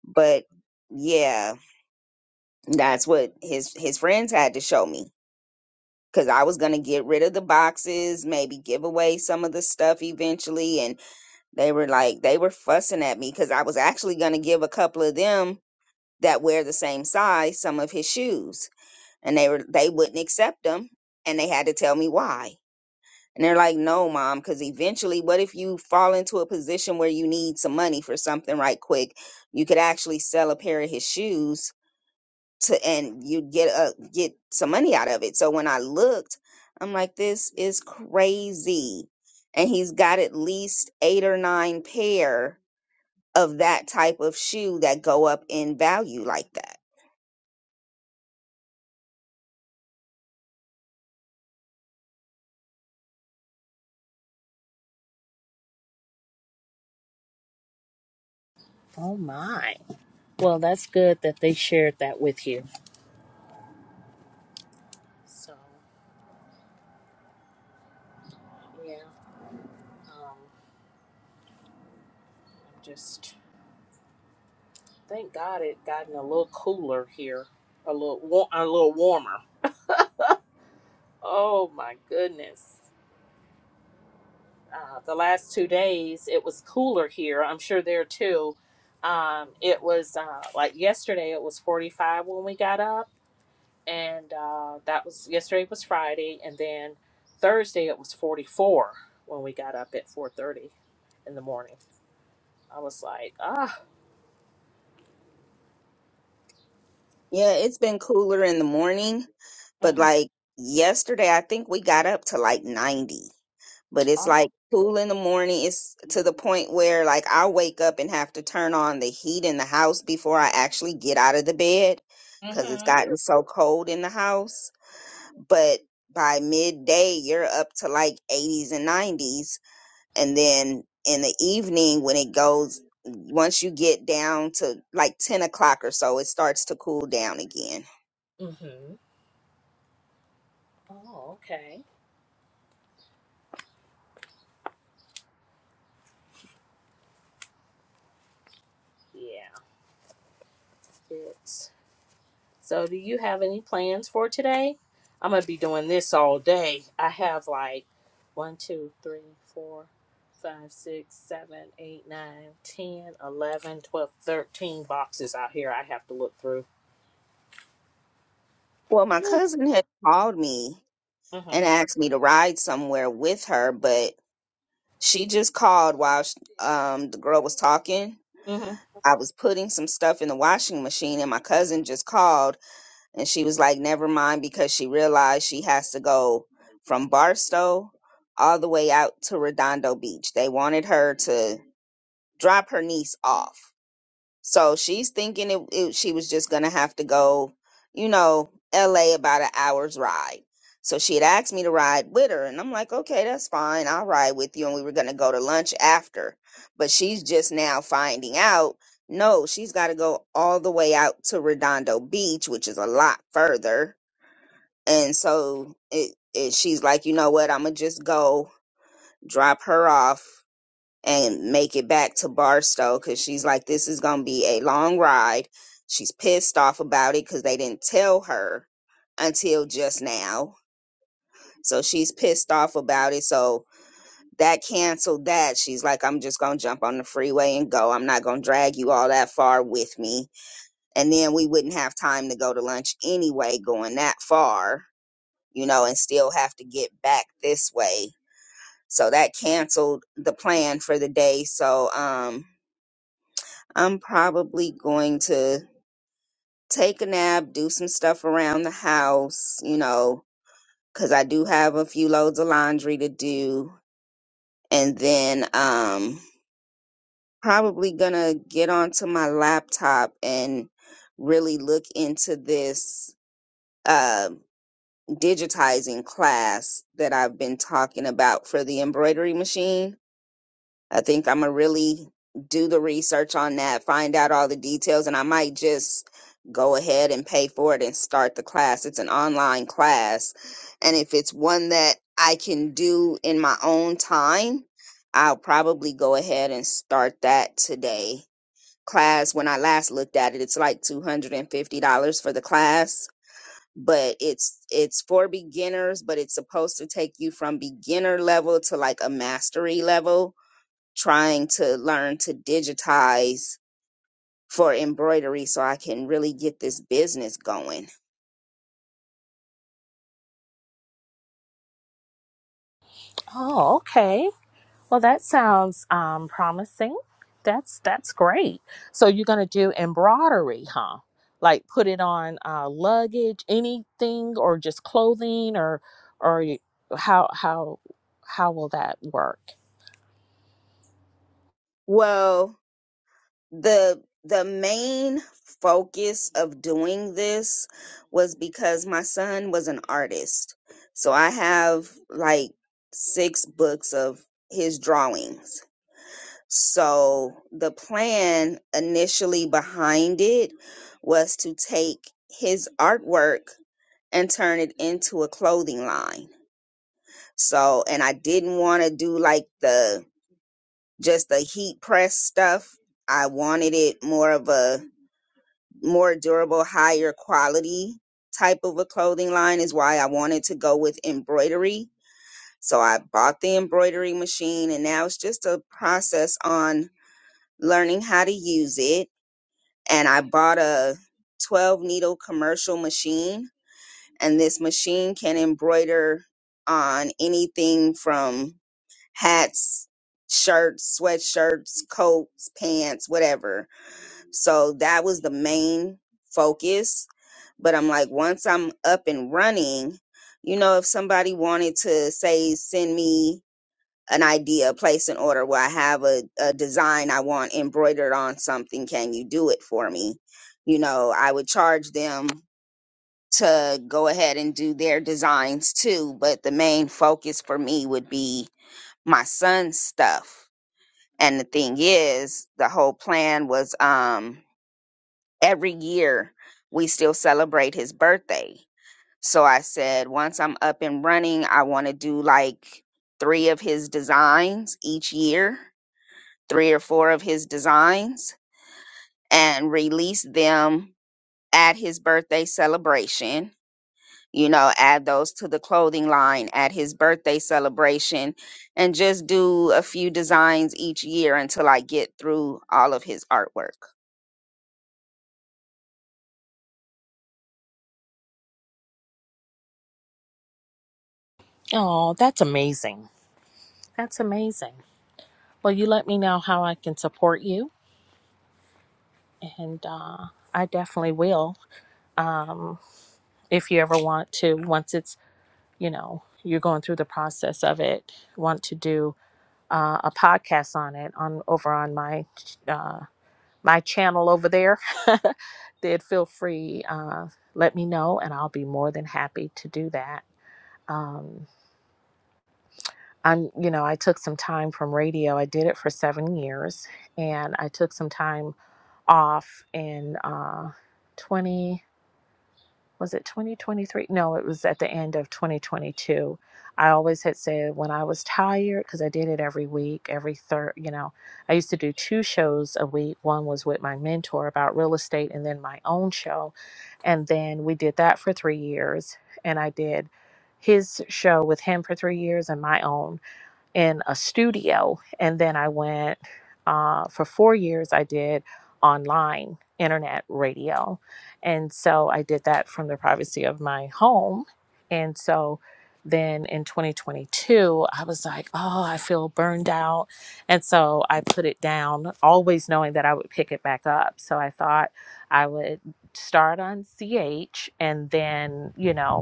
But yeah, that's what his his friends had to show me cuz I was going to get rid of the boxes, maybe give away some of the stuff eventually and they were like they were fussing at me cuz I was actually going to give a couple of them that wear the same size some of his shoes and they were they wouldn't accept them and they had to tell me why and they're like no mom because eventually what if you fall into a position where you need some money for something right quick you could actually sell a pair of his shoes to and you'd get a get some money out of it so when i looked i'm like this is crazy and he's got at least eight or nine pair of that type of shoe that go up in value like that. Oh my. Well, that's good that they shared that with you. So yeah. Um I'm just Thank God it gotten a little cooler here, a little wa- a little warmer. Oh my goodness! Uh, the last two days it was cooler here. I'm sure there too. Um, it was uh, like yesterday. It was 45 when we got up, and uh, that was yesterday was Friday, and then Thursday it was 44 when we got up at 4:30 in the morning. I was like, ah, Yeah, it's been cooler in the morning, but hmm like yesterday, I think we got up to like 90. But it's oh, like cool in the morning. It's to the point where like I wake up and have to turn on the heat in the house before I actually get out of the bed because it's mm-hmm, gotten so cold in the house. but by midday you're up to like 80s and 90s and then in the evening when it goes once you get down to like 10 o'clock or so it starts to cool down again mm-hmm. Oh, okay, yeah. It's so do you have any plans for today? I'm gonna be doing this all day. I have like one, two, three, four, five, six, seven, eight, nine, ten, eleven, twelve, thirteen boxes out here I have to look through. well my Ooh. cousin had called me Mhm. and asked me to ride somewhere with her but she just called while sh um, the girl was talking Mhm. i was putting some stuff in the washing machine and my cousin just called and she was like never mind because she realized she has to go from barstow all the way out to redondo beach they wanted her to drop her niece off so she's thinking it, it, she was just gonna have to go you know la about an hour's ride so she had asked me to ride with her and i'm like okay that's fine i'll ride with you and we were gonna go to lunch after but she's just now finding out no she's got to go all the way out to redondo beach which is a lot further and so it, it she's like you know what i'm gonna just go drop her off and make it back to barstow because she's like this is gonna be a long ride she's pissed off about it because they didn't tell her until just now so she's pissed off about it so that canceled that she's like i'm just gonna jump on the freeway and go i'm not gonna drag you all that far with me and then we wouldn't have time to go to lunch anyway going that far you know, and still have to get back this way. So that canceled the plan for the day. So um I'm probably going to take a nap, do some stuff around the house, you know, cuz I do have a few loads of laundry to do and then um probably going to get onto my laptop and really look into this uh digitizing class that I've been talking about for the embroidery machine I think I'm gonna really do the research on that, find out all the details, and I might just go ahead and pay for it and start the class. It's an online class, and if it's one that I can do in my own time, I'll probably go ahead and start that today. Class, when I last looked at it, it's like $250 for the class but it's it's for beginners but it's supposed to take you from beginner level to like a mastery level trying to learn to digitize for embroidery so I can really get this business going. Oh, okay. Well, that sounds um, promising. That's that's great. So you're gonna do embroidery, huh? Like put it on uh, luggage, anything, or just clothing, or or you- how how how will that work? Well, the the main focus of doing this was because my son was an artist. So I have like six books of his drawings. So the plan initially behind it was to take his artwork and turn it into a clothing line. So, and I didn't want to do like the just the heat press stuff. I wanted it more of a more durable, higher quality type of a clothing line is why I wanted to go with embroidery. So I bought the embroidery machine and now it's just a process on learning how to use it. And I bought a 12 needle commercial machine and this machine can embroider on anything from hats, shirts, sweatshirts, coats, pants, whatever. So that was the main focus. But I'm like, once I'm up and running, you know, if somebody wanted to say, send me an idea, place an order where I have a, a design I want embroidered on something, can you do it for me? You know, I would charge them to go ahead and do their designs too. But the main focus for me would be my son's stuff and the thing is, the whole plan was um every year we still celebrate his birthday. So I said, once I'm up and running, I want to do like three of his designs each year, three or four of his designs, and release them at his birthday celebration. You know, add those to the clothing line at his birthday celebration and just do a few designs each year until I get through all of his artwork. Oh, that's amazing. That's amazing. Well, you let me know how I can support you, and uh, I definitely will. Um, if you ever want to, once it's, you know, you're going through the process of it, want to do uh, a podcast on it on over on my uh, my channel over there, [LAUGHS] then feel free. Uh, let me know, and I'll be more than happy to do that. Um, I'm, you know, I took some time from radio. I did it for seven years, and I took some time off in uh, 20. Was it 2023? No, it was at the end of 2022. I always had said when I was tired, because I did it every week, every third, you know, I used to do two shows a week. One was with my mentor about real estate, and then my own show. And then we did that for three years, and I did his show with him for three years and my own in a studio and then i went uh, for four years i did online internet radio and so i did that from the privacy of my home and so then in 2022 i was like oh i feel burned out and so i put it down always knowing that i would pick it back up so i thought i would start on ch and then you know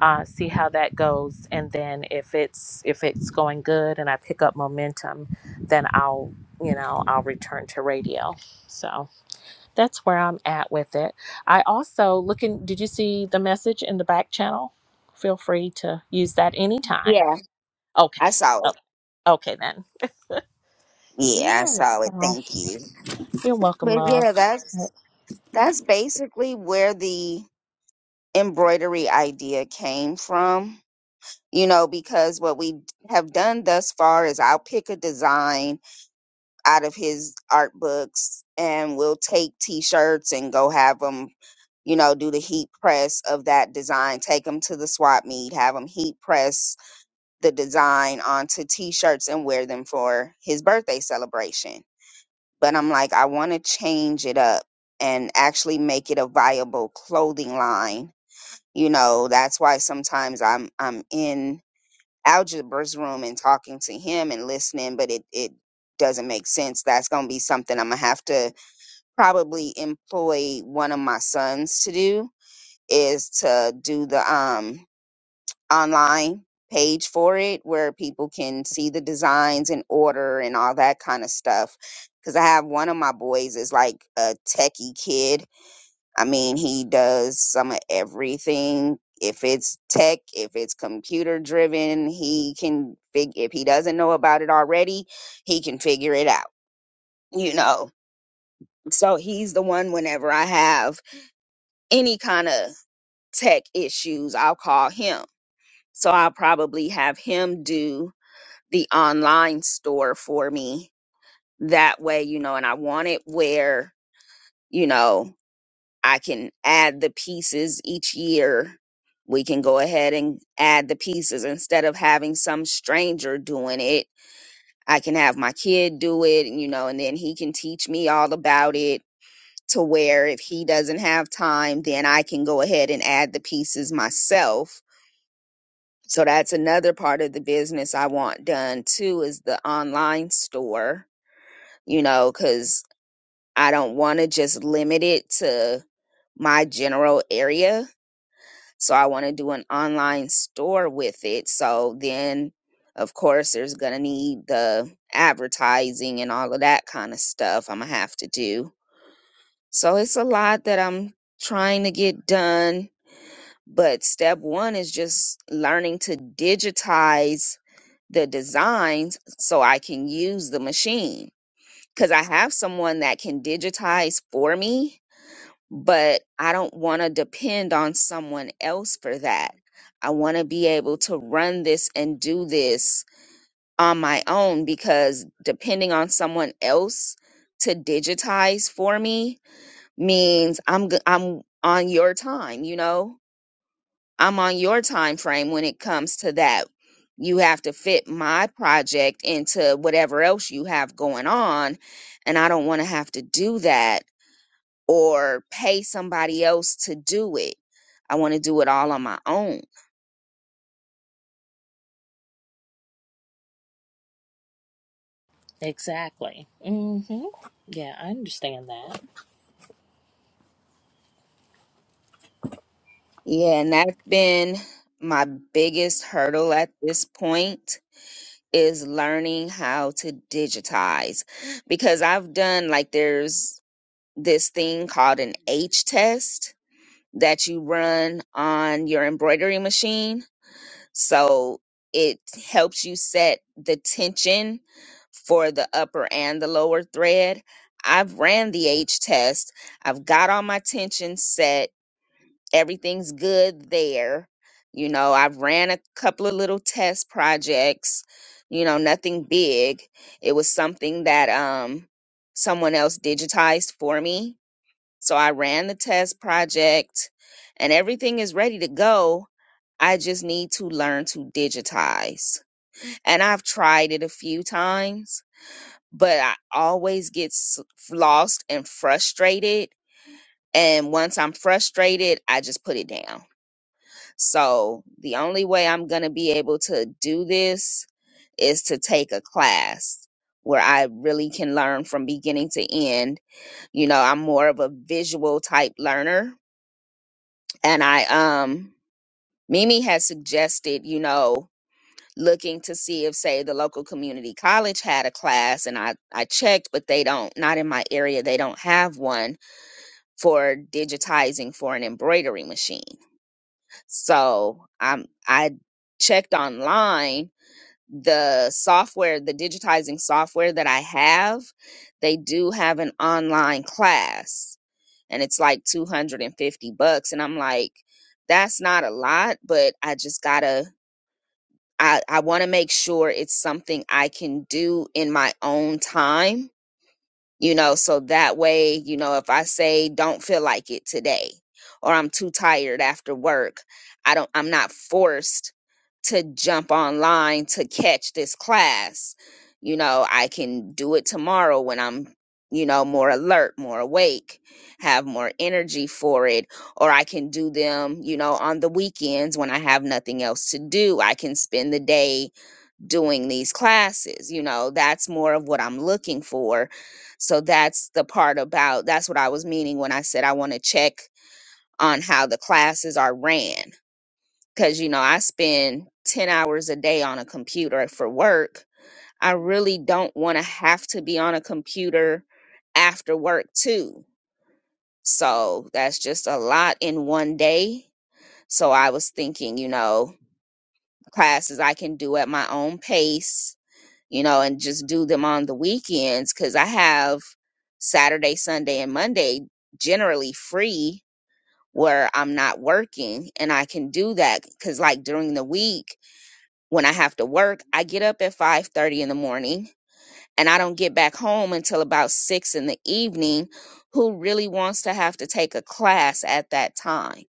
uh, see how that goes and then if it's if it's going good and i pick up momentum then i'll you know i'll return to radio so that's where i'm at with it i also looking did you see the message in the back channel feel free to use that anytime Yeah, okay I saw oh, it. okay then Yeah, I yes saw it. so Thank you. you're welcome But love yeah, that's that's basically where the embroidery idea came from. You know, because what we have done thus far is I'll pick a design out of his art books and we'll take t-shirts and go have them, you know, do the heat press of that design, take them to the swap meet, have them heat press the design onto t-shirts and wear them for his birthday celebration but I'm like, I want to change it up and actually make it a viable clothing line. You know, that's why sometimes I'm I'm in algebra's room and talking to him and listening, but it it doesn't make sense. That's gonna be something I'm gonna have to probably employ one of my sons to do is to do the um online page for it where people can see the designs and order and all that kind of stuff. Because I have one of my boys is like a techie kid. I mean, he does some of everything. If it's tech, if it's computer driven, he can fig. If he doesn't know about it already, he can figure it out. You know. So he's the one. Whenever I have any kind of tech issues, I'll call him. So I'll probably have him do the online store for me that way you know and i want it where you know i can add the pieces each year we can go ahead and add the pieces instead of having some stranger doing it i can have my kid do it and you know and then he can teach me all about it to where if he doesn't have time then i can go ahead and add the pieces myself so that's another part of the business i want done too is the online store you know, because I don't want to just limit it to my general area. So I want to do an online store with it. So then, of course, there's going to need the advertising and all of that kind of stuff I'm going to have to do. So it's a lot that I'm trying to get done. But step one is just learning to digitize the designs so I can use the machine because I have someone that can digitize for me, but I don't want to depend on someone else for that. I want to be able to run this and do this on my own because depending on someone else to digitize for me means I'm g- I'm on your time, you know? I'm on your time frame when it comes to that. You have to fit my project into whatever else you have going on, and I don't want to have to do that or pay somebody else to do it. I want to do it all on my own. exactly hmm yeah i understand that Yeah, and that's been my biggest hurdle at this point is learning how to digitize because I've done like there's this thing called an H test that you run on your embroidery machine. So it helps you set the tension for the upper and the lower thread. I've ran the H test. I've got all my tension set. Everything's good there. You know, I've ran a couple of little test projects, you know, nothing big. It was something that um someone else digitized for me so I ran the test project and everything is ready to go. I just need to learn to digitize. And I've tried it a few times, but I always get s- lost and frustrated. And once I'm frustrated, I just put it down. So the only way I'm going to be able to do this is to take a class where I really can learn from beginning to end. You know, I'm more of a visual type learner and I um Mimi had suggested, you know, looking to see if say the local community college had a class and I I checked but they don't not in my area they don't have one for digitizing for an embroidery machine. So, um I checked online the software, the digitizing software that I have, they do have an online class and it's like 250 bucks and i'm like that's not a lot but i just gotta i i want to make sure it's something i can do in my own time you know so that way you know if i say don't feel like it today or i'm too tired after work i don't i'm not forced to jump online to catch this class you know i can do it tomorrow when i'm you know more alert more awake have more energy for it or i can do them you know on the weekends when i have nothing else to do i can spend the day doing these classes you know that's more of what i'm looking for so that's the part about that's what i was meaning when i said i want to check on how the classes are ran because you know i spend 10 hours a day on a computer for work i really don't want to have to be on a computer after work too so that's just a lot in one day so i was thinking you know classes i can do at my own pace you know, and just do them on the weekends because I have Saturday, Sunday, and Monday generally free where I'm not working and I can do that because like during the week when I have to work, I get up at 5:30 in the morning and I don't get back home until about 6 in the evening. Who really wants to have to take a class at that time?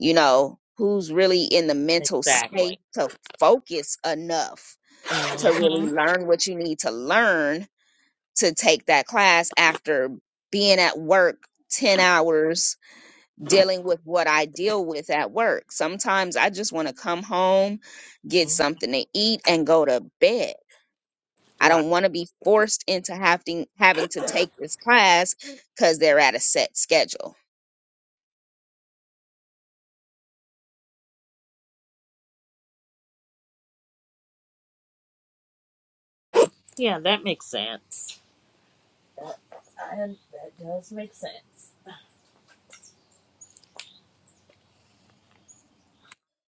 You know, who's really in the mental space exactly to focus enough to really learn what you need to learn to take that class after being at work 10 hours dealing with what I deal with at work. Sometimes I just want to come home, get hmm something to eat and go to bed. I don't want to be forced into having having to take this class cuz they're at a set schedule. Yeah, that makes sense. And that does make sense.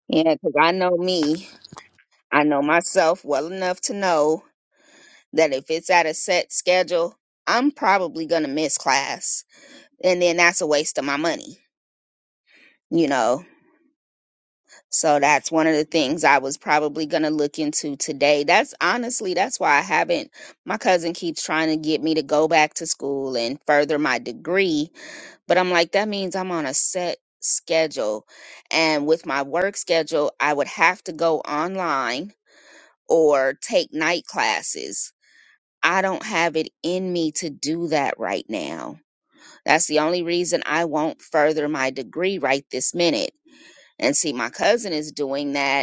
Yeah, cuz I know me. I know myself well enough to know that if it's at a set schedule, I'm probably going to miss class and then that's a waste of my money, you know So that's one of the things I was probably going to look into today. That's honestly, that's why I haven't. My cousin keeps trying to get me to go back to school and further my degree, but I'm like, that means I'm on a set schedule. And with my work schedule, I would have to go online or take night classes. I don't have it in me to do that right now. That's the only reason I won't further my degree right this minute. And see, my cousin is doing that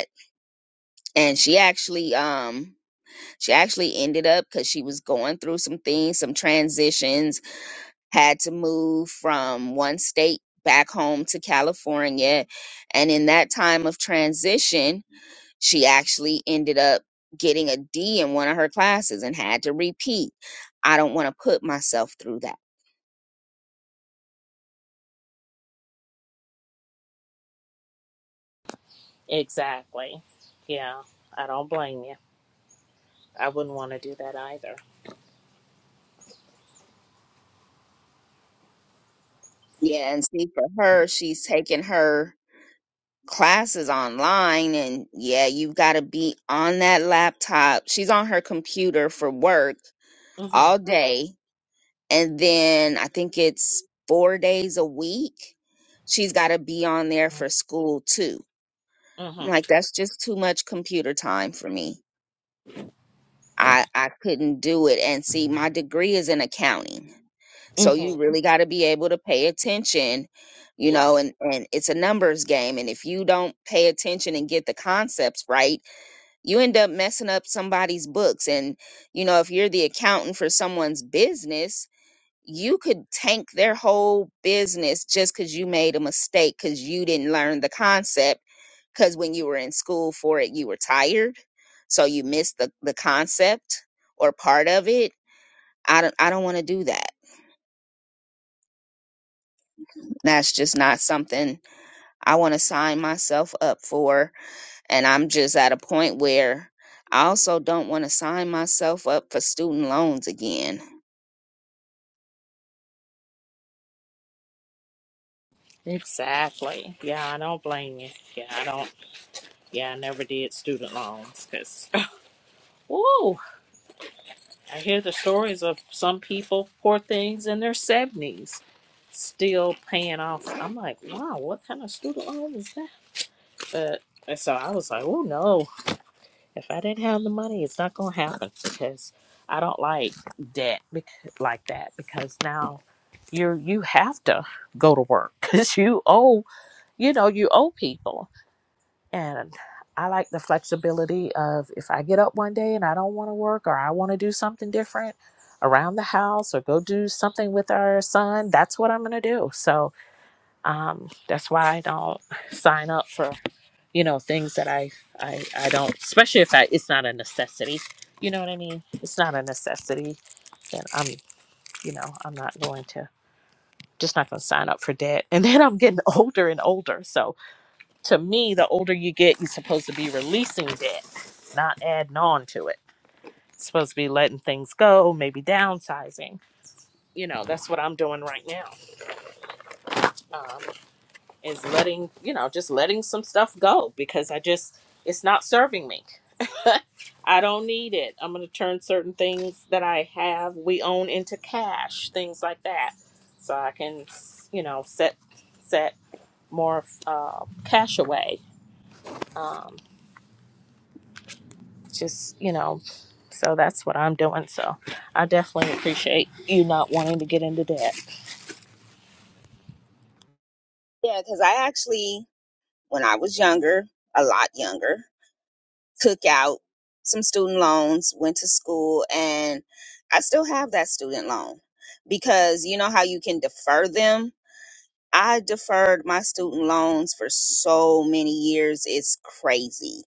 and she actually um she actually ended up because she was going through some things some transitions had to move from one state back home to california and in that time of transition she actually ended up getting a D in one of her classes and had to repeat. I don't want to put myself through that. Exactly. Yeah, I don't blame you. I wouldn't want to do that either. Yeah, and see, for her, she's taking her classes online, and yeah, you've got to be on that laptop. She's on her computer for work all Mm-hmm. day. and then I think it's four days a week. She's got to be on there for school too. I'm like, Mm-hmm. that's just too much computer time for me. I, I couldn't do it. And see, my degree is in accounting. So you Mm-hmm. really got to be able to pay attention, you know, Right. and, and it's a numbers game. And if you don't pay attention and get the concepts right, you end up messing up somebody's books. And, you know, if you're the accountant for someone's business, you could tank their whole business just because you made a mistake because you didn't learn the concept because when you were in school for it you were tired so you missed the, the concept or part of it i don't i don't want to do that that's just not something i want to sign myself up for and i'm just at a point where i also don't want to sign myself up for student loans again Exactly. Yeah, I don't blame you. Yeah, I don't. Yeah, I never did student loans because, [LAUGHS] woo, I hear the stories of some people, poor things in their 70s, still paying off. I'm like, wow, what kind of student loan is that? But and so I was like, oh no. If I didn't have the money, it's not going to happen because I don't like debt bec- like that because now you're you have to go to work [LAUGHS] because you owe you know you owe people and I like the flexibility of if I get up one day and I don't want to work or I want to do something different around the house or go do something with our son, that's what I'm going to do. So um, that's why I don't sign up for you know things that i i i don't especially if i it's not a necessity you know what i mean it's not a necessity then i'm you know i'm not going to just not going to sign up for debt [LAUGHS] and then i'm getting older and older so to me the older you get you're supposed to be releasing debt not adding on to it supposed to be letting things go maybe downsizing you know that's what i'm doing right now um, is letting you know just letting some stuff go because i just it's not serving me I don't need it. I'm going to turn certain things that I have, we own into cash, things like that. So I can, you know, set set more uh, cash away. Um, just, you know, so that's what I'm doing. So I definitely appreciate you not wanting to get into debt. yeah because i actually when i was younger a lot younger took out some student loans, went to school, and I still have that student loan because you know how you can defer them. I deferred my student loans for so many years. It's crazy.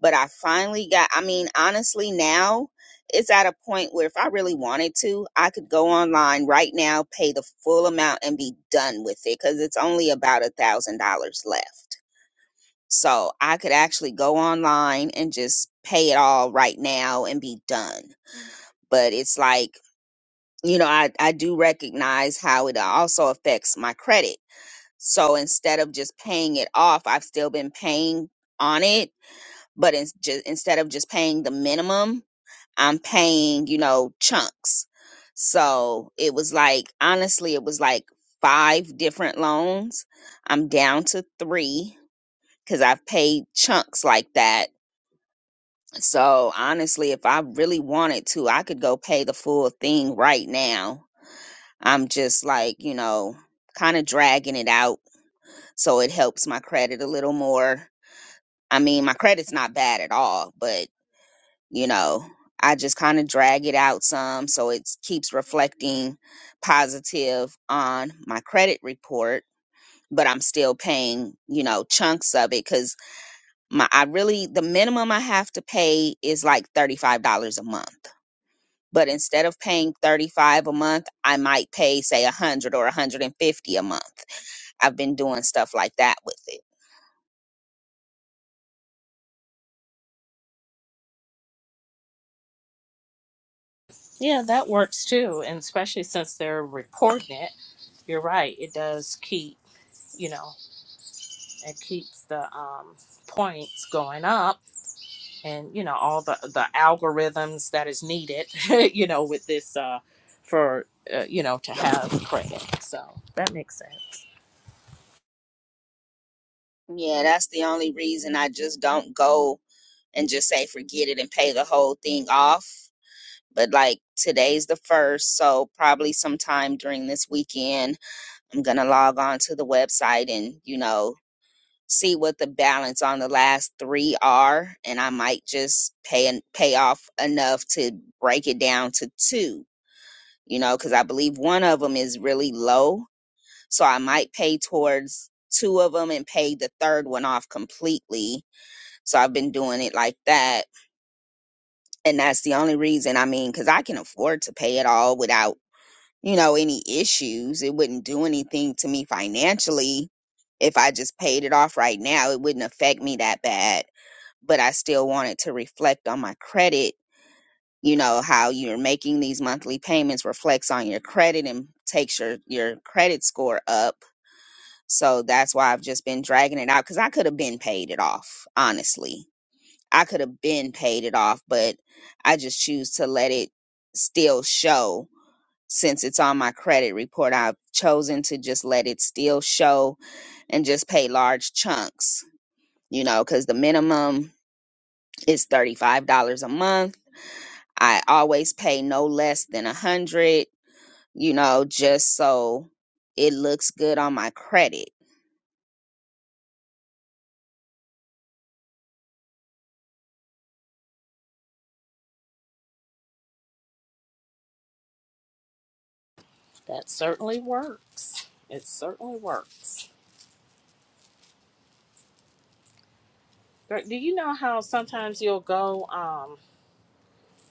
But I finally got, I mean, honestly, now it's at a point where if I really wanted to, I could go online right now, pay the full amount, and be done with it because it's only about a $1,000 left so I could actually go online and just pay it all right now and be done. But it's like, you know, I, I do recognize how it also affects my credit. So instead of just paying it off, I've still been paying on it. But it's just, instead of just paying the minimum, I'm paying, you know, chunks. So it was like, honestly, it was like five different loans. I'm down to three because I've paid chunks like that So honestly, if I really wanted to, I could go pay the full thing right now. I'm just like, you know, kind of dragging it out so it helps my credit a little more. I mean, my credit's not bad at all, but you know, I just kind of drag it out some so it keeps reflecting positive on my credit report, but I'm still paying, you know, chunks of it cuz my I really the minimum I have to pay is like $35 a month but instead of paying 35 a month i might pay say 100 or 150 a month i've been doing stuff like that with it Yeah, that works too. And especially since they're reporting it, you're right. It does keep, you know, it keeps the um, points going up and you know all the the algorithms that is needed [LAUGHS] you know with this uh for uh, you know to have credit so that makes sense yeah that's the only reason i just don't go and just say forget it and pay the whole thing off but like today's the first so probably sometime during this weekend i'm gonna log on to the website and you know see what the balance on the last three are and i might just pay and pay off enough to break it down to two you know because i believe one of them is really low so i might pay towards two of them and pay the third one off completely so i've been doing it like that and that's the only reason i mean because i can afford to pay it all without you know, any issues. It wouldn't do anything to me financially if I just paid it off right now. It wouldn't affect me that bad, but I still wanted to reflect on my credit. You know, how you're making these monthly payments reflects on your credit and takes your, your credit score up. So that's why I've just been dragging it out because I could have been paid it off, honestly. I could have been paid it off, but I just choose to let it still show since it's on my credit report, I've chosen to just let it still show and just pay large chunks, you know, because the minimum is $35 a month. I always pay no less than a hundred, you know, just so it looks good on my credit. that certainly works it certainly works do you know how sometimes you'll go um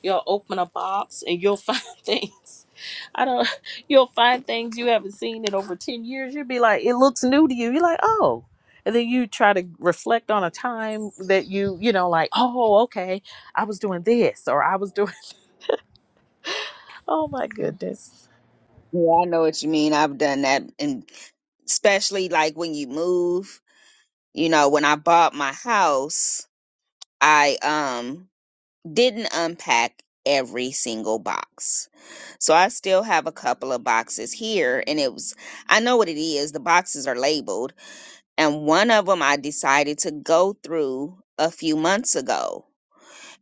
You'll open a box and you'll [LAUGHS] find things. I don't. You'll find things you haven't seen in over ten years. You'll be like, it looks new to you. You're like, oh. And then you try to reflect on a time that you, you know, like, oh, okay, I was doing this or I was doing. [LAUGHS] Oh my goodness. Yeah, I know what you mean. I've done that and especially like when you move, you know, when I bought my house, I um didn't unpack every single box. So I still have a couple of boxes here and it was I know what it is. The boxes are labeled and one of them I decided to go through a few months ago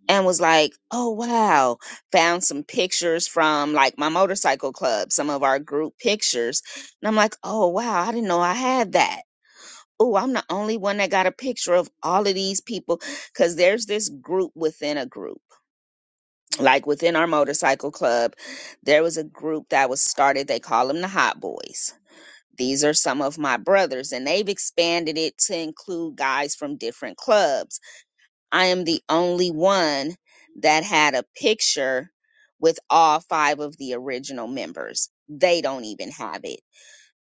and was like, "Oh wow, found some pictures from like my motorcycle club, some of our group pictures." And I'm like, "Oh wow, I didn't know I had that." Oh, I'm the only one that got a picture of all of these people cuz there's this group within a group like within our motorcycle club, there was a group that was started. They call them the Hot Boys. These are some of my brothers, and they've expanded it to include guys from different clubs. I am the only one that had a picture with all five of the original members. They don't even have it.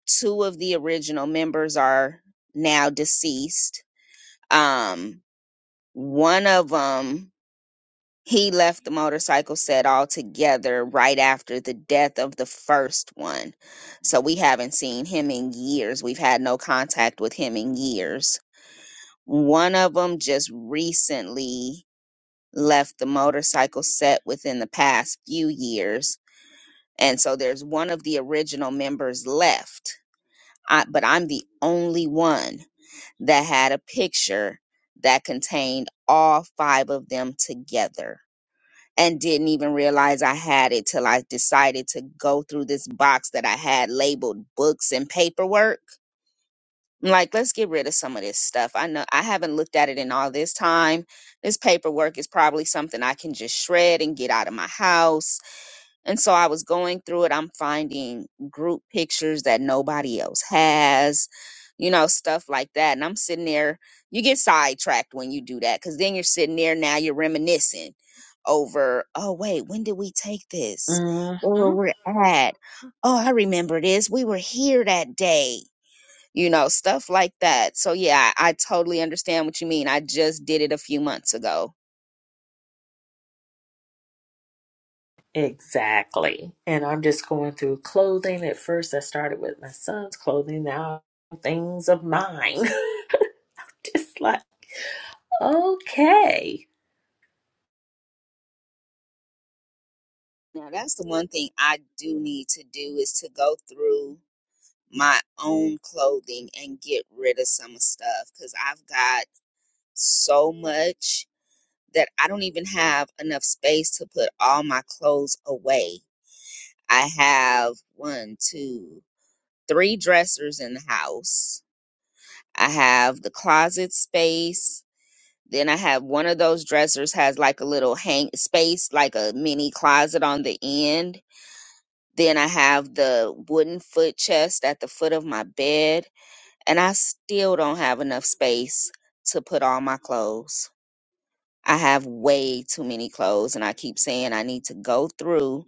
Two of the original members are now deceased. Um, one of them he left the motorcycle set altogether right after the death of the first one. So we haven't seen him in years. We've had no contact with him in years. One of them just recently left the motorcycle set within the past few years. And so there's one of the original members left, I, but I'm the only one that had a picture that contained all five of them together and didn't even realize I had it till I decided to go through this box that I had labeled books and paperwork. I'm like, let's get rid of some of this stuff. I know I haven't looked at it in all this time. This paperwork is probably something I can just shred and get out of my house and so I was going through it. I'm finding group pictures that nobody else has, you know, stuff like that. And I'm sitting there, you get sidetracked when you do that because then you're sitting there now, you're reminiscing over, oh, wait, when did we take this? hmm Where were we at? Oh, I remember this. We were here that day, you know, stuff like that. So, yeah, I, I totally understand what you mean. I just did it a few months ago. Exactly. And I'm just going through clothing. At first, I started with my son's clothing. Now, things of mine. [LAUGHS] just like, okay. Now, that's the one thing I do need to do is to go through my own clothing and get rid of some stuff because I've got so much that I don't even have enough space to put all my clothes away. I have one, two, three dressers in the house. I have the closet space. Then I have one of those dressers has like a little hang space, like a mini closet on the end. Then I have the wooden foot chest at the foot of my bed. and I still don't have enough space to put all my clothes. I have way too many clothes, and I keep saying I need to go through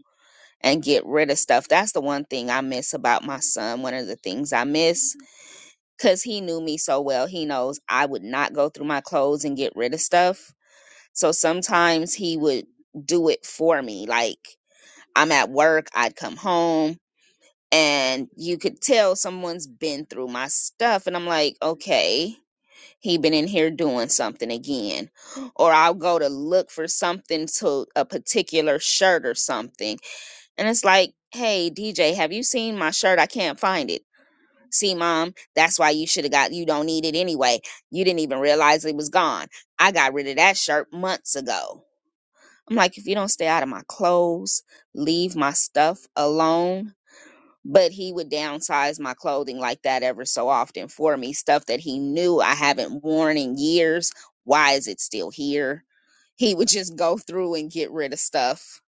and get rid of stuff. That's the one thing I miss about my son. One of the things I miss because he knew me so well, he knows I would not go through my clothes and get rid of stuff. So sometimes he would do it for me. Like I'm at work, I'd come home, and you could tell someone's been through my stuff, and I'm like, okay he been in here doing something again or i'll go to look for something to a particular shirt or something and it's like hey dj have you seen my shirt i can't find it see mom that's why you should have got you don't need it anyway you didn't even realize it was gone i got rid of that shirt months ago i'm like if you don't stay out of my clothes leave my stuff alone but he would downsize my clothing like that ever so often for me stuff that he knew I haven't worn in years. Why is it still here? He would just go through and get rid of stuff.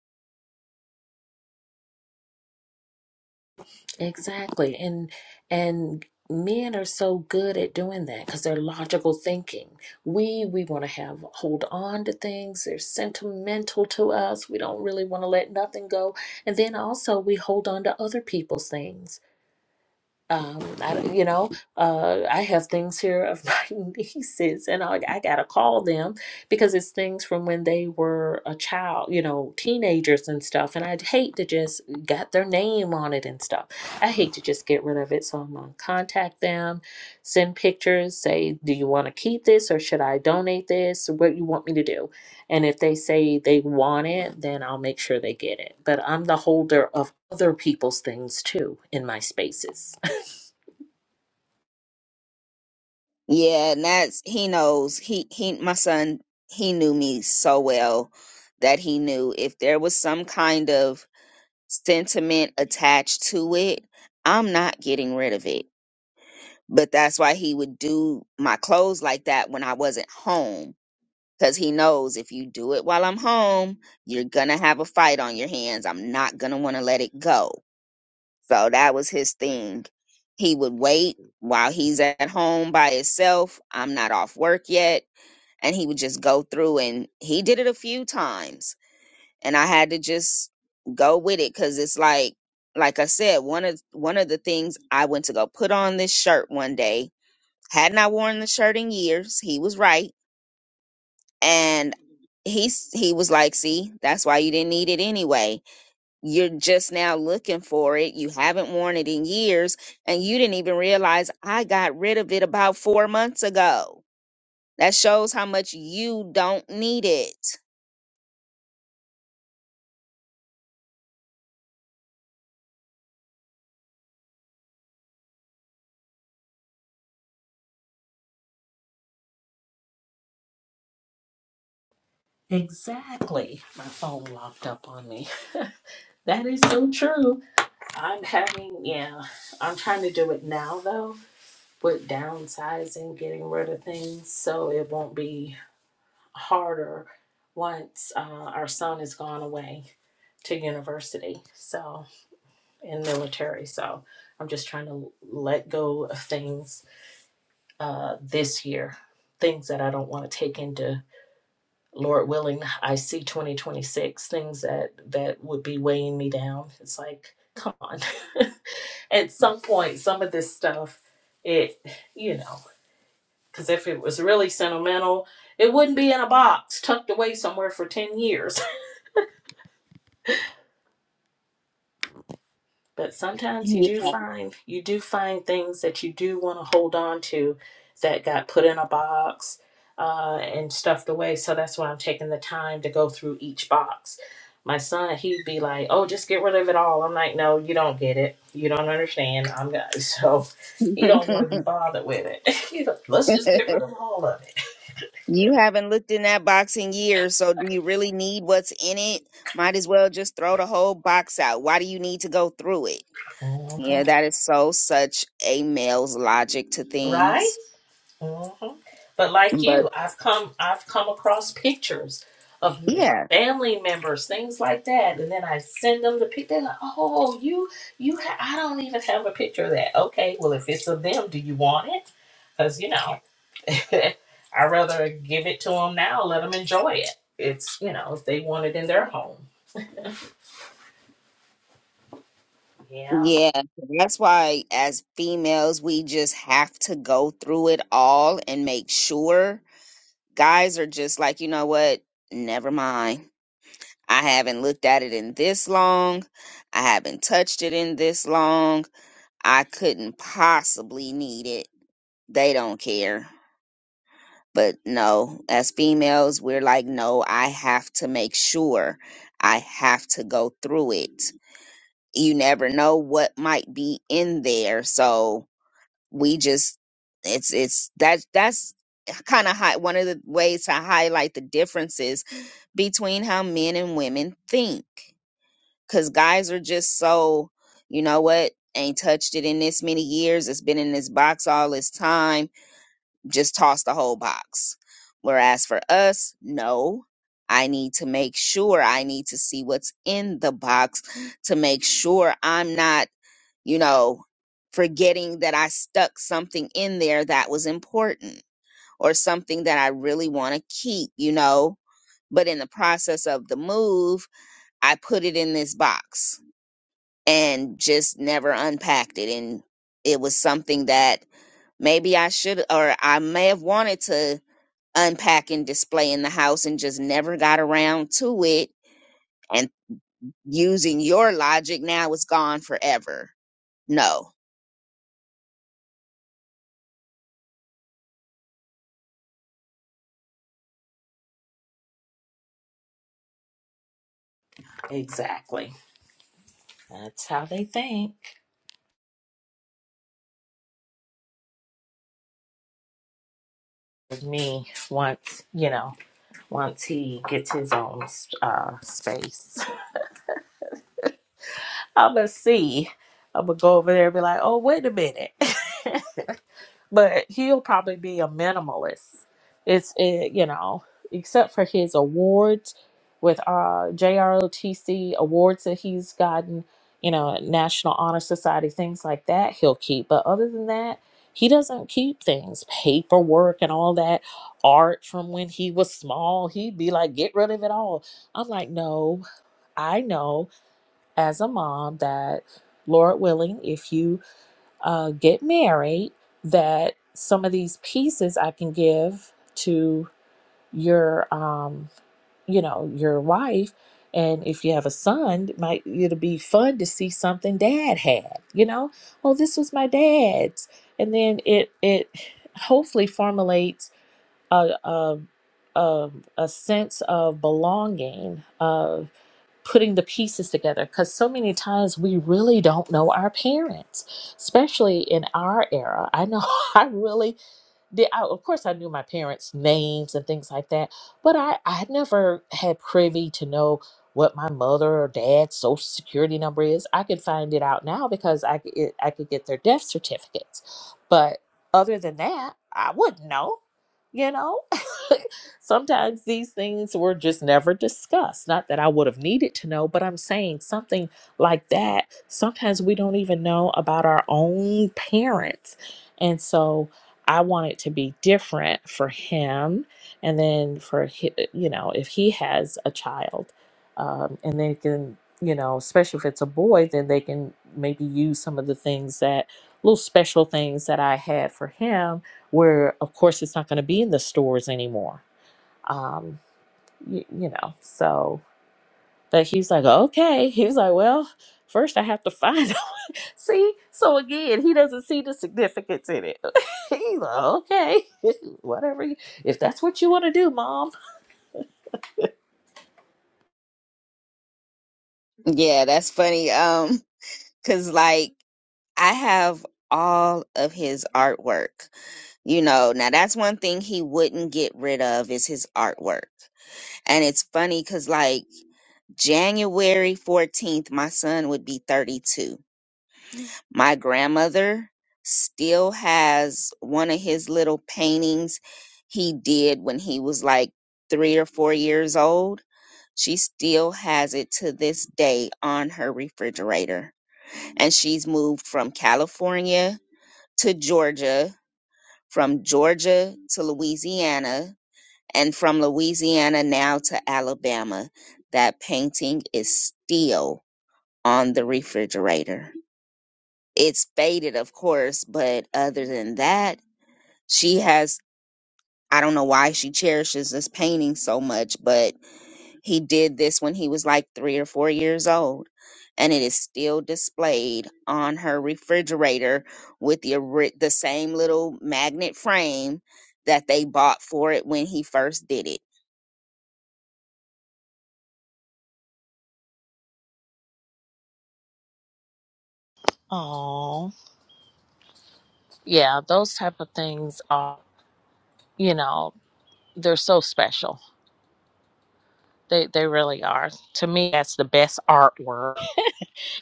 Exactly. And and men are so good at doing that because they're logical thinking. We we want to have hold on to things. They're sentimental to us. We don't really want to let nothing go. And then also we hold on to other people's things um, I, you know, uh, I have things here of [LAUGHS] my nieces, and I, I gotta call them because it's things from when they were a child, you know, teenagers and stuff. And I'd hate to just got their name on it and stuff. I hate to just get rid of it, so I'm gonna contact them, send pictures, say, do you want to keep this or should I donate this? What you want me to do? And if they say they want it, then I'll make sure they get it. But I'm the holder of other people's things too in my spaces. Yeah, and that's he knows. He he my son, [LAUGHS] he knew me so well that he knew if there was some kind of sentiment attached to it, I'm not getting rid of it. But that's why he would do my clothes like that when I wasn't home because he knows if you do it while I'm home, you're gonna have a fight on your hands. I'm not gonna want to let it go. So that was his thing. He would wait while he's at home by himself. I'm not off work yet, and he would just go through and he did it a few times, and I had to just go with it because it's like, like I said, one of one of the things I went to go put on this shirt one day. Hadn't I worn the shirt in years? He was right and he he was like see that's why you didn't need it anyway you're just now looking for it you haven't worn it in years and you didn't even realize i got rid of it about four months ago that shows how much you don't need it exactly. My phone locked up on me. [LAUGHS] that is so true. I'm having, yeah, I'm trying to do it now though, with downsizing, getting rid of things so it won't be harder once uh, our son has gone away to university so in military so i'm just trying to let go of things uh, this year things that i don't want to take into lord willing i see 2026 things that that would be weighing me down it's like come on [LAUGHS] at some point some of this stuff it you know because if it was really sentimental it wouldn't be in a box tucked away somewhere for 10 years but sometimes you Yeah. do find you do find things that you do want to hold on to that got put in a box uh, and stuffed away so that's why i'm taking the time to go through each box my son he'd be like oh just get rid of it all i'm like no you don't get it you don't understand i'm not [LAUGHS] so he don't want to [LAUGHS] be bothered with it [LAUGHS] He's like, let's just get rid of all of it you haven't looked in that box in years so do you really need what's in it might as well just throw the whole box out why do you need to go through it yeah Mhm. that is so such a male's logic to right things hmm But like But you, I've come I've come across pictures of yeah, family members, things like that, and then I send them the picture. They're like, "Oh, you you ha- I don't even have a picture of that." Okay, well, if it's of them, do you want it? Because you know, [LAUGHS] I rather give it to them now. Let them enjoy it. It's you know, if they want it in their home. Yeah, Yeah, that's why as females, we just have to go through it all and make sure. Guys are just like, you know what? Never mind. I haven't looked at it in this long. I haven't touched it in this long. I couldn't possibly need it. They don't care. But no, as females, we're like, no, I have to make sure. I have to go through it. you never know what might be in there so we just it's it's that that's kind of high one of the ways to highlight the differences between how men and women think because guys are just so you know what ain't touched it in this many years it's been in this box all this time just toss the whole box whereas for us no i need to make sure i need to see what's in the box to make sure i'm not you know, forgetting that I stuck something in there that was important or something that I really want to keep, you know. But in the process of the move, I put it in this box and just never unpacked it. And it was something that maybe I should, or I may have wanted to unpack and display in the house and just never got around to it. And using your logic, now it's gone forever. No. exactly. That's how they think. Me once, you know. once he gets his own uh, space. [LAUGHS] I'm gonna see. I'm gonna go over there and be like, oh, wait a minute. [LAUGHS] but he'll probably be a minimalist. It's it, you know, except for his awards with uh JROTC awards that he's gotten, you know, National Honor Society things like that he'll keep. But other than that, he doesn't keep things, paperwork and all that art from when he was small. He'd be like, "Get rid of it all." I'm like, "No, I know as a mom that Lord willing, if you uh, get married that some of these pieces I can give to your um you know your wife and if you have a son it might it'll be fun to see something dad had you know oh this was my dad's and then it it hopefully formulates a, a, a, a sense of belonging, of putting the pieces together. Because so many times we really don't know our parents, especially in our era. I know [LAUGHS] I really did I, of course I knew my parents' names and things like that, but I I never had privy to know what my mother or dad's social security number is. I could find it out now because I could- it, I could get their death certificates, but other than that, I wouldn't know. You know, [LAUGHS] sometimes these things were just never discussed. Not that I would have needed to know, but I'm saying something like that. Sometimes we don't even know about our own parents. And so I want it to be different for him, and then for hi- uh, you know if he has a child, um, and they can you know especially if it's a boy, then they can maybe use some of the things that little special things that I had for him, where of course it's not going to be in the stores anymore. Um, y you know, so but he's like, okay. He was like, well, first I have to find [LAUGHS] out. see? So again, he doesn't see the significance in it. [LAUGHS] he's like, okay, [LAUGHS] whatever. you- If that's what you want to do, mom. Yeah, that's funny. Um Cause like I have all of his artwork, you know. Now that's one thing he wouldn't get rid of is his artwork. And it's funny cause like January 14th, my son would be 32. My grandmother still has one of his little paintings he did when he was like three or four years old. She still has it to this day on her refrigerator. And she's moved from California to Georgia, from Georgia to Louisiana, and from Louisiana now to Alabama. That painting is still on the refrigerator. It's faded, of course, but other than that, she has I don't know why she cherishes this painting so much, but he did this when he was like three or four years old, and it is still displayed on her refrigerator with the ori- the same little magnet frame that they bought for it when he first did it. Oh, yeah. Those type of things are, you know, they're so special. They, they really are. To me, that's the best artwork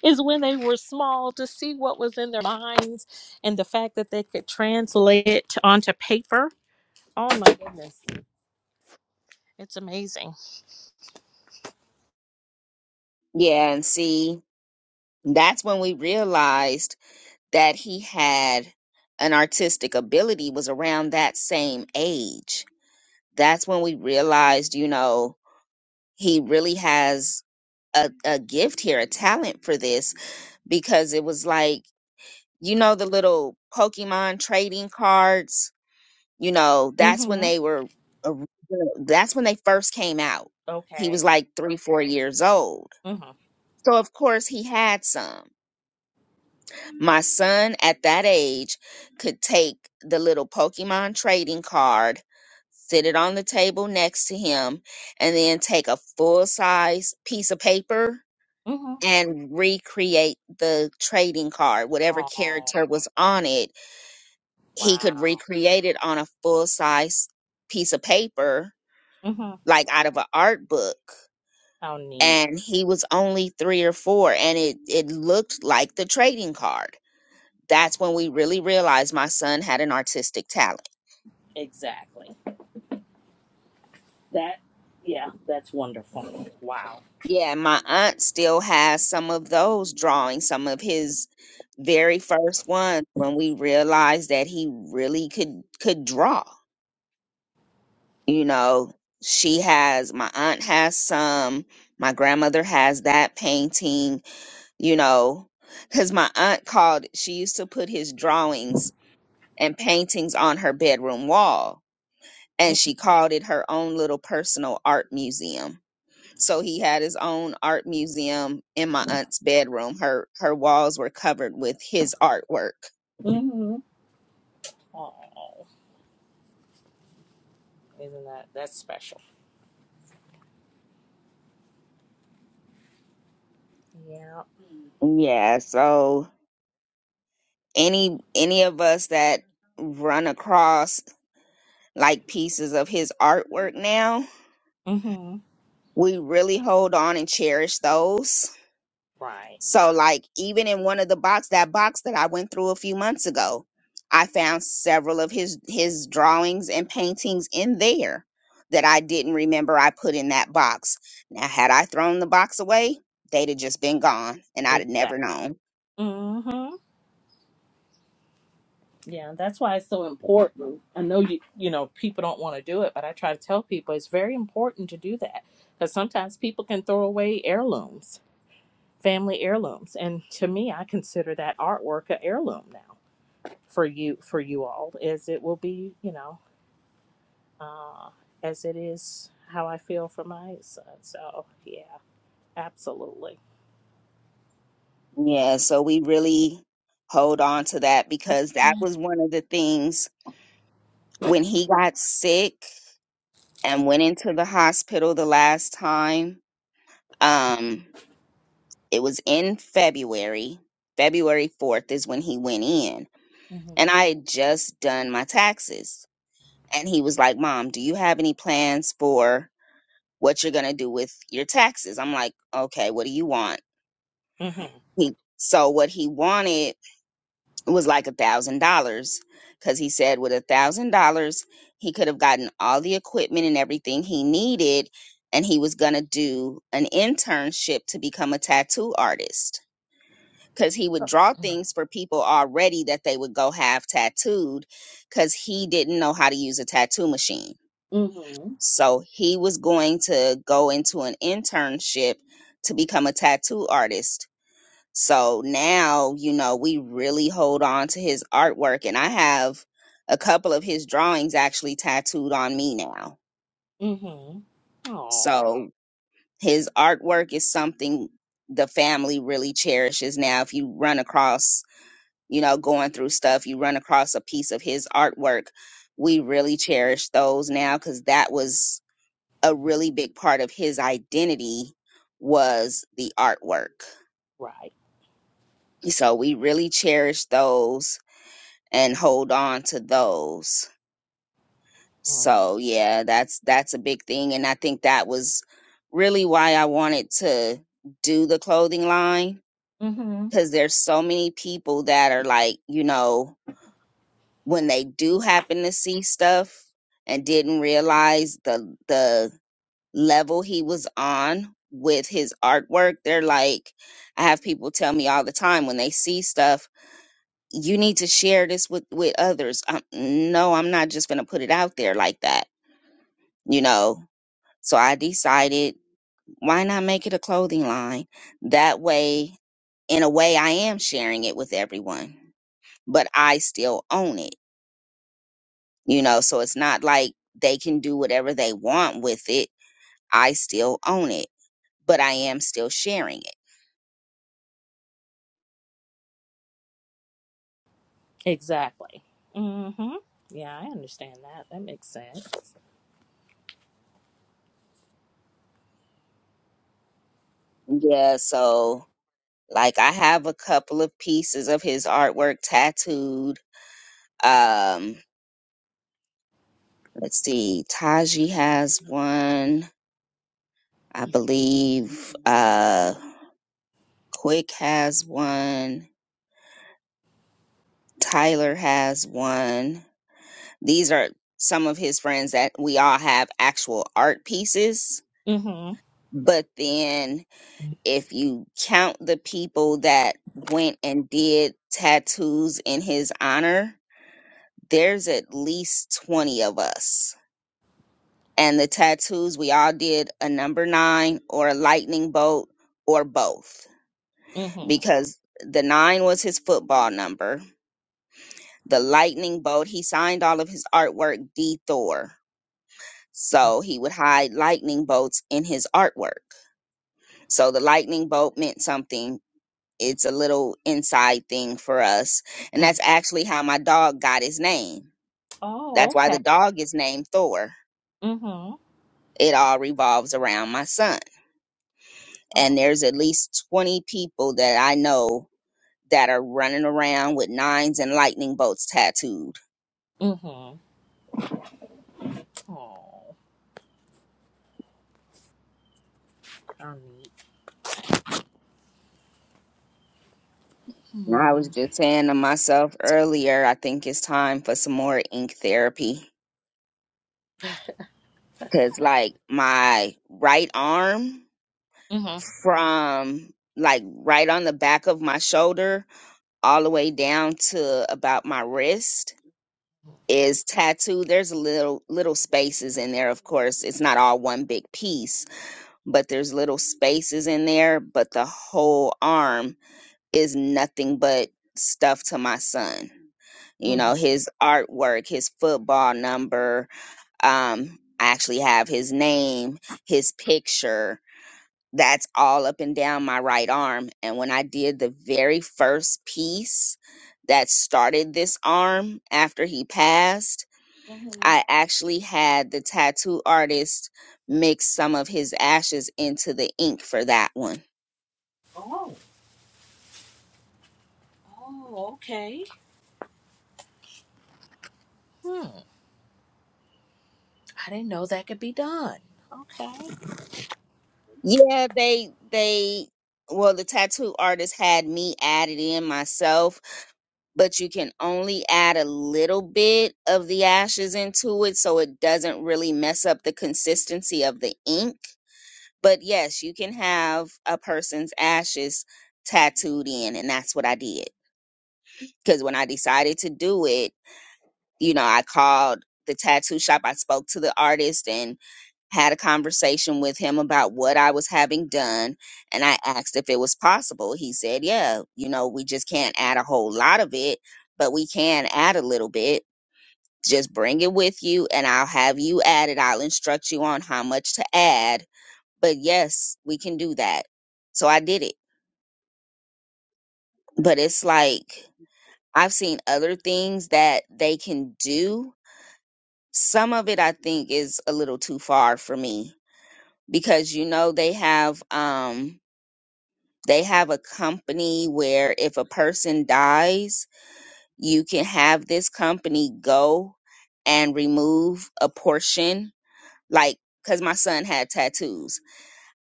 is when they were small to see what was in their minds and the fact that they could translate it onto paper. Oh my goodness. It's amazing. Yeah, and see, that's when we realized that he had an artistic ability was around that same age. that's when we realized, you know, he really has a, a gift here, a talent for this, because it was like, you know, the little Pokemon trading cards, you know, that's when Mm-hmm. they were, original- that's when they first came out. He Okay. was like three, four years old. Mm-hmm. So, of course, he had some. My son at that age could take the little Pokemon trading card, sit it on the table next to him, and then take a full size piece of paper Mm-hmm. and recreate the trading card. Whatever Oh, character was on it, he could wow. recreate it on a full size piece of paper, Mm-hmm. like out of an art book. How neat. And he was only three or four, and it, it looked like the trading card Oh, that's when we really realized my son had an artistic talent. exactly. That, yeah, that's wonderful. Wow. Yeah, my aunt still has some of those drawings, some of his very first ones when we realized that he really could could draw. You know, she has my aunt has some, my grandmother has that painting, you know, cuz my aunt called she used to put his drawings and paintings on her bedroom wall and she called it her own little personal art museum So he had his own art museum in my aunt's bedroom. Her her walls were covered with his artwork. Mm-hmm. Oh, isn't that, that's special. Yeah. Yeah, so any any of us that run across like pieces of his artwork now, Mm-hmm. we really hold on and cherish those Right. So, like, even in one of the box, that box that I went through a few months ago, I found several of his his drawings and paintings in there that I didn't remember I put in that box. Now, had I thrown the box away, they'd have just been gone, and I'd have Exactly. never known. Mm-hmm. Yeah, that's why it's so important. I know you, you know, people don't want to do it, but I try to tell people it's very important to do that because sometimes people can throw away heirlooms family heirlooms and to me i consider that artwork an heirloom now for you for you all as it will be you know uh, as it is how i feel for my son so yeah absolutely Yeah, so we really hold on to that because that was one of the things when he got sick and went into the hospital the last time. Um, It was in February. February 4th is when he went in. And mm-hmm I had just done my taxes. And he was like, Mom, do you have any plans for what you're going to do with your taxes? I'm like, okay, what do you want? He, so what he wanted was like a thousand dollars because he said with a thousand dollars, he could have gotten all the equipment and everything he needed. And he was going to do an internship to become a tattoo artist because he would draw mm-hmm things for people already that they would go have tattooed because he didn't know how to use a tattoo machine. mm-hmm So he was going to go into an internship to become a tattoo artist. So now, you know, we really hold on to his artwork, and I have a couple of his drawings actually tattooed on me now. mm-hmm oh So his artwork is something the family really cherishes now. If you run across you know, going through stuff, you run across a piece of his artwork. We really cherish those now because that was a really big part of his identity was the artwork. right So we really cherish those and hold on to those. mm-hmm So yeah, that's that's a big thing and I think that was really why I wanted to do the clothing line Mm-hmm. because there's so many people that are like, you know, when they do happen to see stuff and didn't realize the the level he was on with his artwork they're like i have people tell me all the time when they see stuff you need to share this with with others i no i'm not just gonna put it out there like that you know so i decided why not make it a clothing line that way in a way i am sharing it with everyone but i still own it you know so it's not like they can do whatever they want with it i still own it but i am still sharing exactly mm-hmm yeah i understand that that makes sense it yeah so like i have a couple of pieces of his artwork tattooed um let's see taji has one i believe uh quick has one tyler has one these are some of his friends that we all have actual art pieces mm-hmm but then if you count the people that went and did tattoos in his honor, there's at least 20 of us. And the tattoos, we all did a number nine or a lightning bolt or both mm-hmm because the nine was his football number. The lightning bolt, he signed all of his artwork D Thor. So he would hide lightning bolts in his artwork. So the lightning bolt meant something it's a little inside thing for us. And Mm-hmm. that's actually how my dog got his name. That's oh why the okay dog is named Thor. mm-hmm It all revolves around my son. oh And there's at least 20 people that I know that are running around with nines and lightning bolts tattooed. mm-hmm Oh, how neat. And I Hmm. was just saying to myself earlier, I think it's time for some more ink therapy. Cause like my right arm Mm-hmm. from like right on the back of my shoulder all the way down to about my wrist is tattooed. There's little little spaces in there, of course. It's not all one big piece, but there's little spaces in there, but the whole arm is nothing but stuff to my son. You know, Mm-hmm. his artwork, his football number, um I actually have his name, his picture, that's all up and down my right arm. And when I did the very first piece that started this arm after he passed, Mm-hmm. I actually had the tattoo artist mix some of his ashes into the ink for that one. Oh. Oh, okay. Hmm. I didn't know that could be done. Okay. Yeah, they they well the tattoo artist had me add it in myself, but you can only add a little bit of the ashes into it so it doesn't really mess up the consistency of the ink But yes, you can have a person's ashes tattooed in, and that's what I did. Because when I decided to do it, you know, I called the tattoo shop, I spoke to the artist and had a conversation with him about what I was having done. And I asked if it was possible. He said, Yeah, you know, we just can't add a whole lot of it, but we can add a little bit. Just bring it with you, and I'll have you add it. I'll instruct you on how much to add but yes, we can do that. So I did it. But it's like I've seen other things that they can do. Some of it I think is a little too far for me because you know they have um they have a company where if a person dies, you can have this company go and remove a portion like cuz my son had tattoos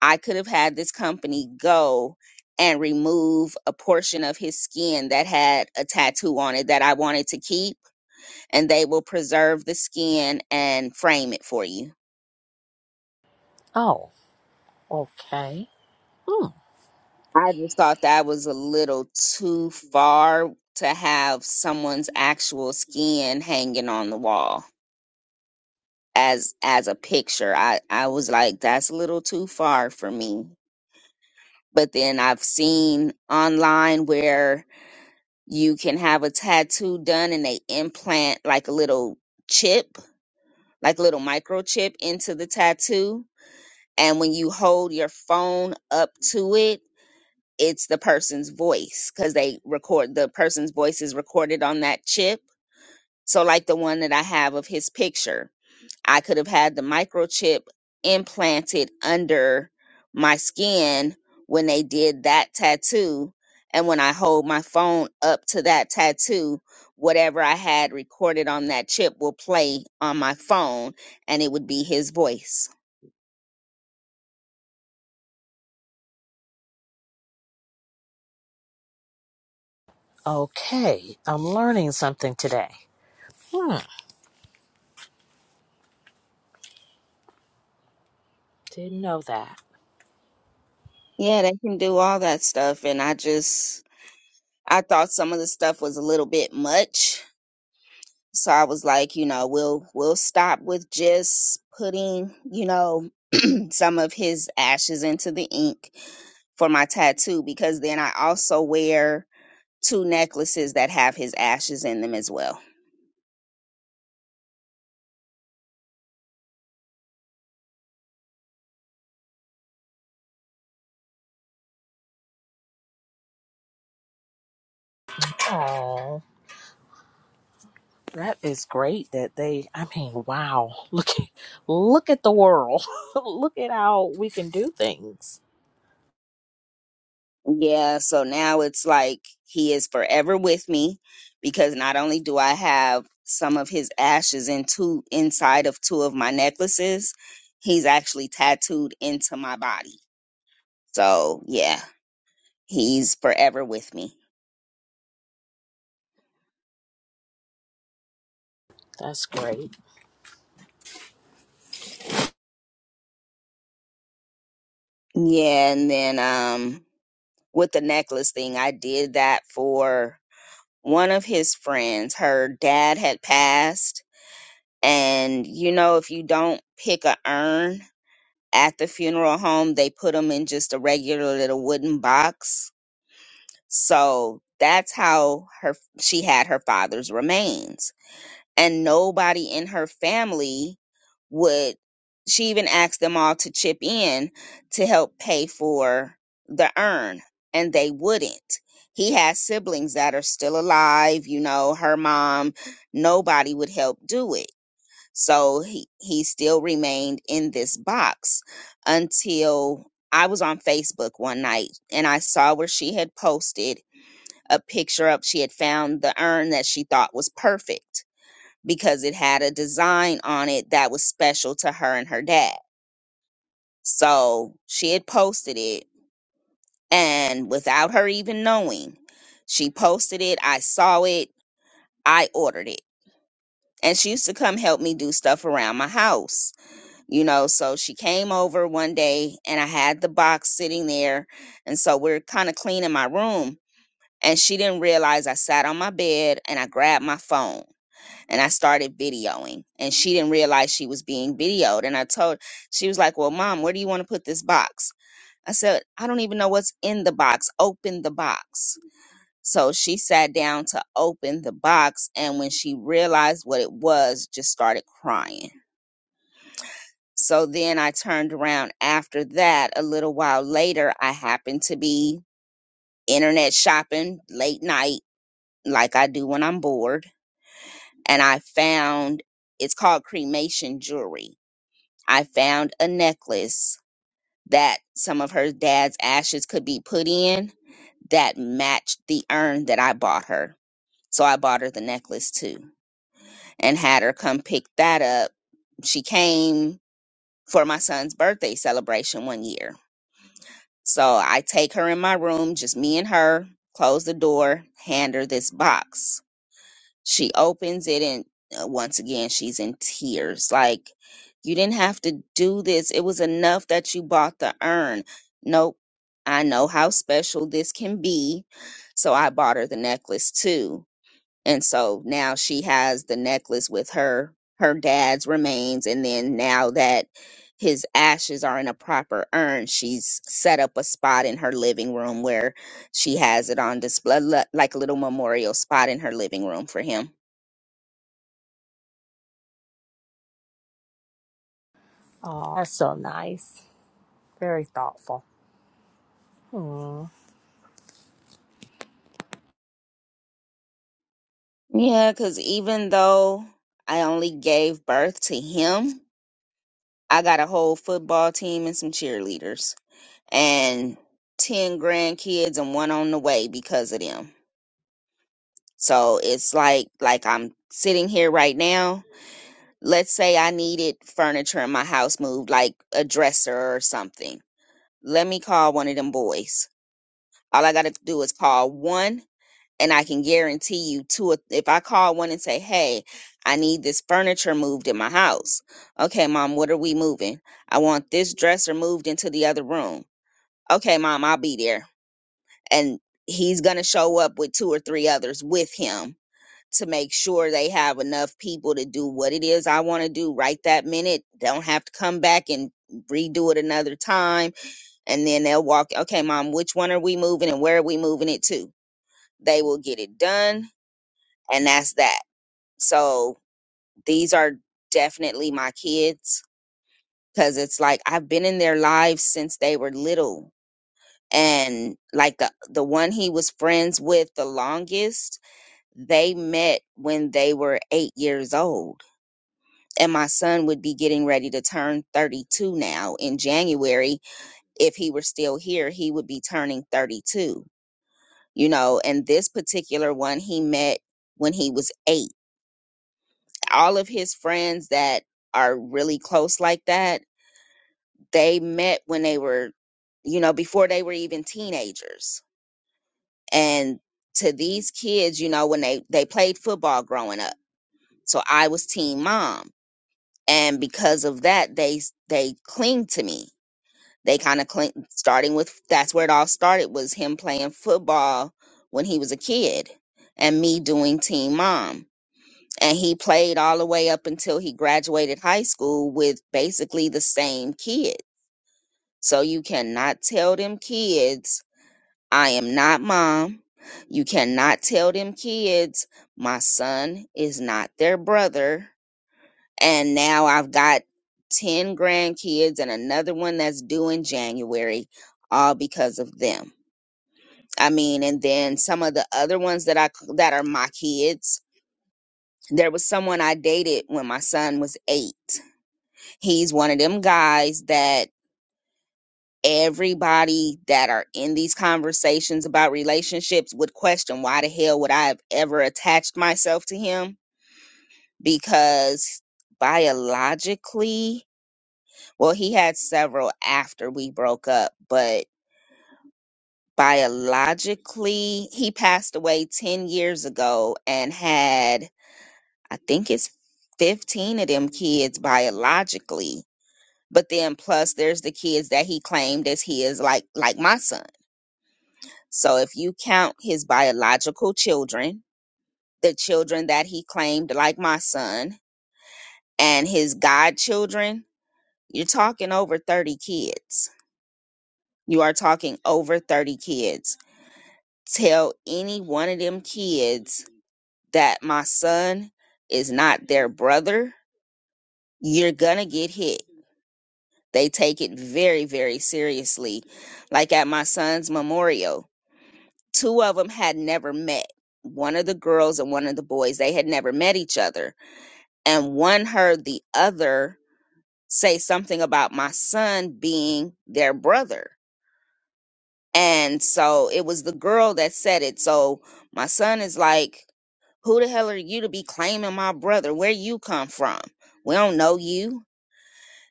I could have had this company go and remove a portion of his skin that had a tattoo on it that I wanted to keep, and they will preserve the skin and frame it for you. Oh, okay. Hmm. I just thought that was a little too far to have someone's actual skin hanging on the wall as as a picture. I I was like that's a little too far for me. But then I've seen online where You can have a tattoo done and they implant like a little chip, like a little microchip into the tattoo. And when you hold your phone up to it, it's the person's voice because they record the person's voice is recorded on that chip. So, like the one that I have of his picture, I could have had the microchip implanted under my skin when they did that tattoo. And when I hold my phone up to that tattoo, whatever I had recorded on that chip will play on my phone and it would be his voice. Okay. I'm learning something today. Hmm. Didn't know that. Yeah, they can do all that stuff. And I just, I thought some of the stuff was a little bit much. So I was like, you know, we'll, we'll stop with just putting, you know, some of his ashes into the ink for my tattoo because then I also wear two necklaces that have his ashes in them as well. Oh. That is great that they I mean, wow. [LAUGHS] Look at look at the world. [LAUGHS] look at how we can do things. Yeah, so now it's like he is forever with me because not only do I have some of his ashes in two inside of two of my necklaces, he's actually tattooed into my body. So yeah, he's forever with me. That's great. Yeah, and then um with the necklace thing, I did that for one of his friends. Her dad had passed, and you know, if you don't pick a urn At the funeral home, they put him in just a regular little wooden box. So that's how her she had her father's remains. And nobody in her family would she even asked them all to chip in to help pay for the urn and they wouldn't he has siblings that are still alive you know her mom nobody would help do it so he, he still remained in this box until I was on Facebook one night and I saw where she had posted a picture of she had found the urn that she thought was perfect because it had a design on it that was special to her and her dad. So she had posted it and without her even knowing, she posted it, I saw it, I ordered it. And she used to come help me do stuff around my house you know so she came over one day and i had the box sitting there and so we're kind of cleaning my room and she didn't realize i sat on my bed and i grabbed my phone and i started videoing and she didn't realize she was being videoed and i told she was like well mom where do you want to put this box i said i don't even know what's in the box open the box so she sat down to open the box and when she realized what it was just started crying so then I turned around after that. A little while later, I happened to be internet shopping late night, like I do when I'm bored. And I found it's called cremation jewelry. I found a necklace that some of her dad's ashes could be put in that matched the urn that I bought her. So I bought her the necklace too and had her come pick that up. She came for my son's birthday celebration one year So I take her in my room, just me and her, close the door, hand her this box. She opens it, and uh, once again, she's in tears. Like, you didn't have to do this. It was enough that you bought the urn. Nope. I know how special this can be. So I bought her the necklace too and so now she has the necklace with her her dad's remains and then now that his ashes are in a proper urn she's set up a spot in her living room where she has it on display li- like a little memorial spot in her living room for him Oh, that's so nice. Very thoughtful. Hmm. yeah because even though i only gave birth to him i got a whole football team and some cheerleaders and 10 grandkids and one on the way because of them So it's like like I'm sitting here right now. Let's say I needed furniture in my house moved, like a dresser or something. Let me call one of them boys. All I gotta do is call one, and I can guarantee you two. or- If I call one and say, "Hey, I need this furniture moved in my house," okay, mom, what are we moving? I want this dresser moved into the other room. Okay, mom, I'll be there, and he's gonna show up with two or three others with him to make sure they have enough people to do what it is I want to do right that minute. Don't have to come back and redo it another time. And then they'll walk, okay, mom, which one are we moving and where are we moving it to? They will get it done. And that's that. So these are definitely my kids because it's like I've been in their lives since they were little. And like the, the one he was friends with the longest, they met when they were eight years old and my son would be getting ready to turn 32 now in January. If he were still here, he would be turning 32, you know. And this particular one he met when he was eight. All of his friends that are really close like that, they met when they were, you know, before they were even teenagers. And to these kids, you know, when they, they played football growing up. So I was team mom. And because of that, they, they cling to me They kind of clean, starting with that's where it all started was him playing football when he was a kid and me doing Teen Mom. And he played all the way up until he graduated high school with basically the same kid. So you cannot tell them kids, I am not mom. You cannot tell them kids, my son is not their brother and now I've got 10 grandkids and another one that's due in January all because of them. I mean, and then some of the other ones that I that are my kids. There was someone I dated when my son was 8. He's one of them guys that everybody that are in these conversations about relationships would question why the hell would I have ever attached myself to him because biologically Well, he had several after we broke up, but biologically, he passed away 10 years ago and had, I think it's 15 of them kids biologically. But then plus there's the kids that he claimed as his, like like my son. So if you count his biological children, the children that he claimed like my son, and his godchildren, you're talking over 30 kids. You are talking over 30 kids tell any one of them kids that my son is not their brother, you're gonna get hit. They take it very, very seriously. Like at my son's memorial, two of them had never met. One of the girls and one of the boys, they had never met each other. And one heard the other say something about my son being their brother. And so it was the girl that said it. So my son is like, Who the hell are you to be claiming my brother? Where you come from? We don't know you.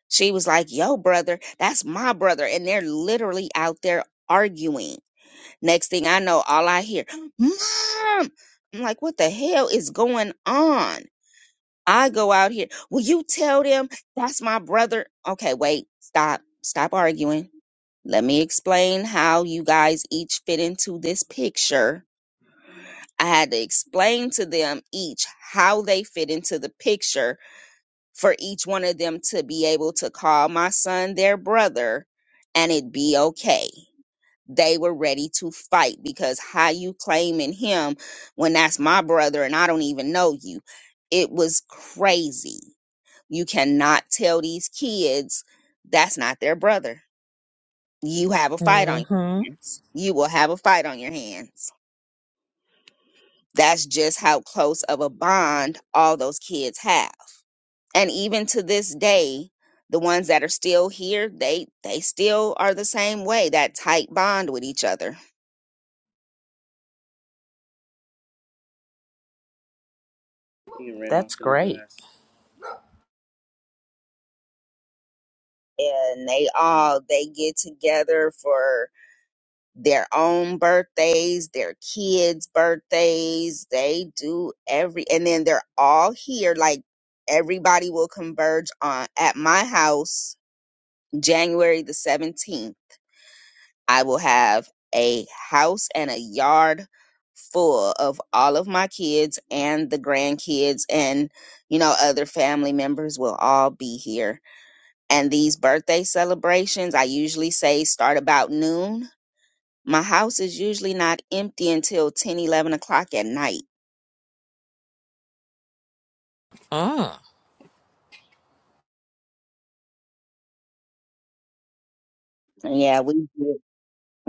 She was like, Yo, brother, that's my brother. And they're literally out there arguing. Next thing I know, all I hear, Mom! I'm like, What the hell is going on? I go out here. Will you tell them that's my brother? Okay, wait, stop, stop arguing. Let me explain how you guys each fit into this picture I had to explain to them each how they fit into the picture for each one of them to be able to call my son their brother and it be okay. They were ready to fight because how you claiming him when that's my brother and I don't even know you. It was crazy. You cannot tell these kids that's not their brother. You have a fight on Mm-hmm. your hands. You will have a fight on your hands That's just how close of a bond all those kids have. And even to this day, the ones that are still here, they they still are the same way, that tight bond with each other. You ran That's great. grass. And they all they get together for their own birthdays, their kids' birthdays. They do every and then they're all here like everybody will converge on at my house January the 17th I will have a house and a yard full of all of my kids and the grandkids and you know other family members will all be here. And these birthday celebrations, I usually say start about noon. My house is usually not empty until 10, 11 o'clock at night. Mm. Yeah, we do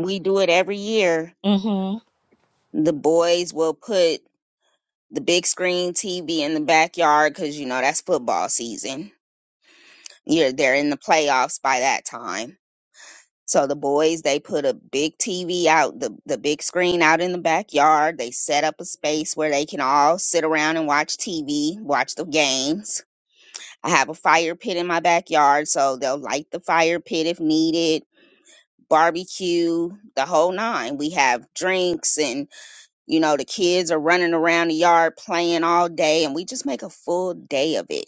we do it every year. Mm-hmm. The boys will put the big screen TV in the backyard because you know that's football season yeah, they're in the playoffs by that time. So the boys, they put a big TV out, the, the big screen out in the backyard. They set up a space where they can all sit around and watch TV, watch the games. I have a fire pit in my backyard, so they'll light the fire pit if needed, barbecue, the whole nine. We have drinks and, you know, the kids are running around the yard playing all day and we just make a full day of it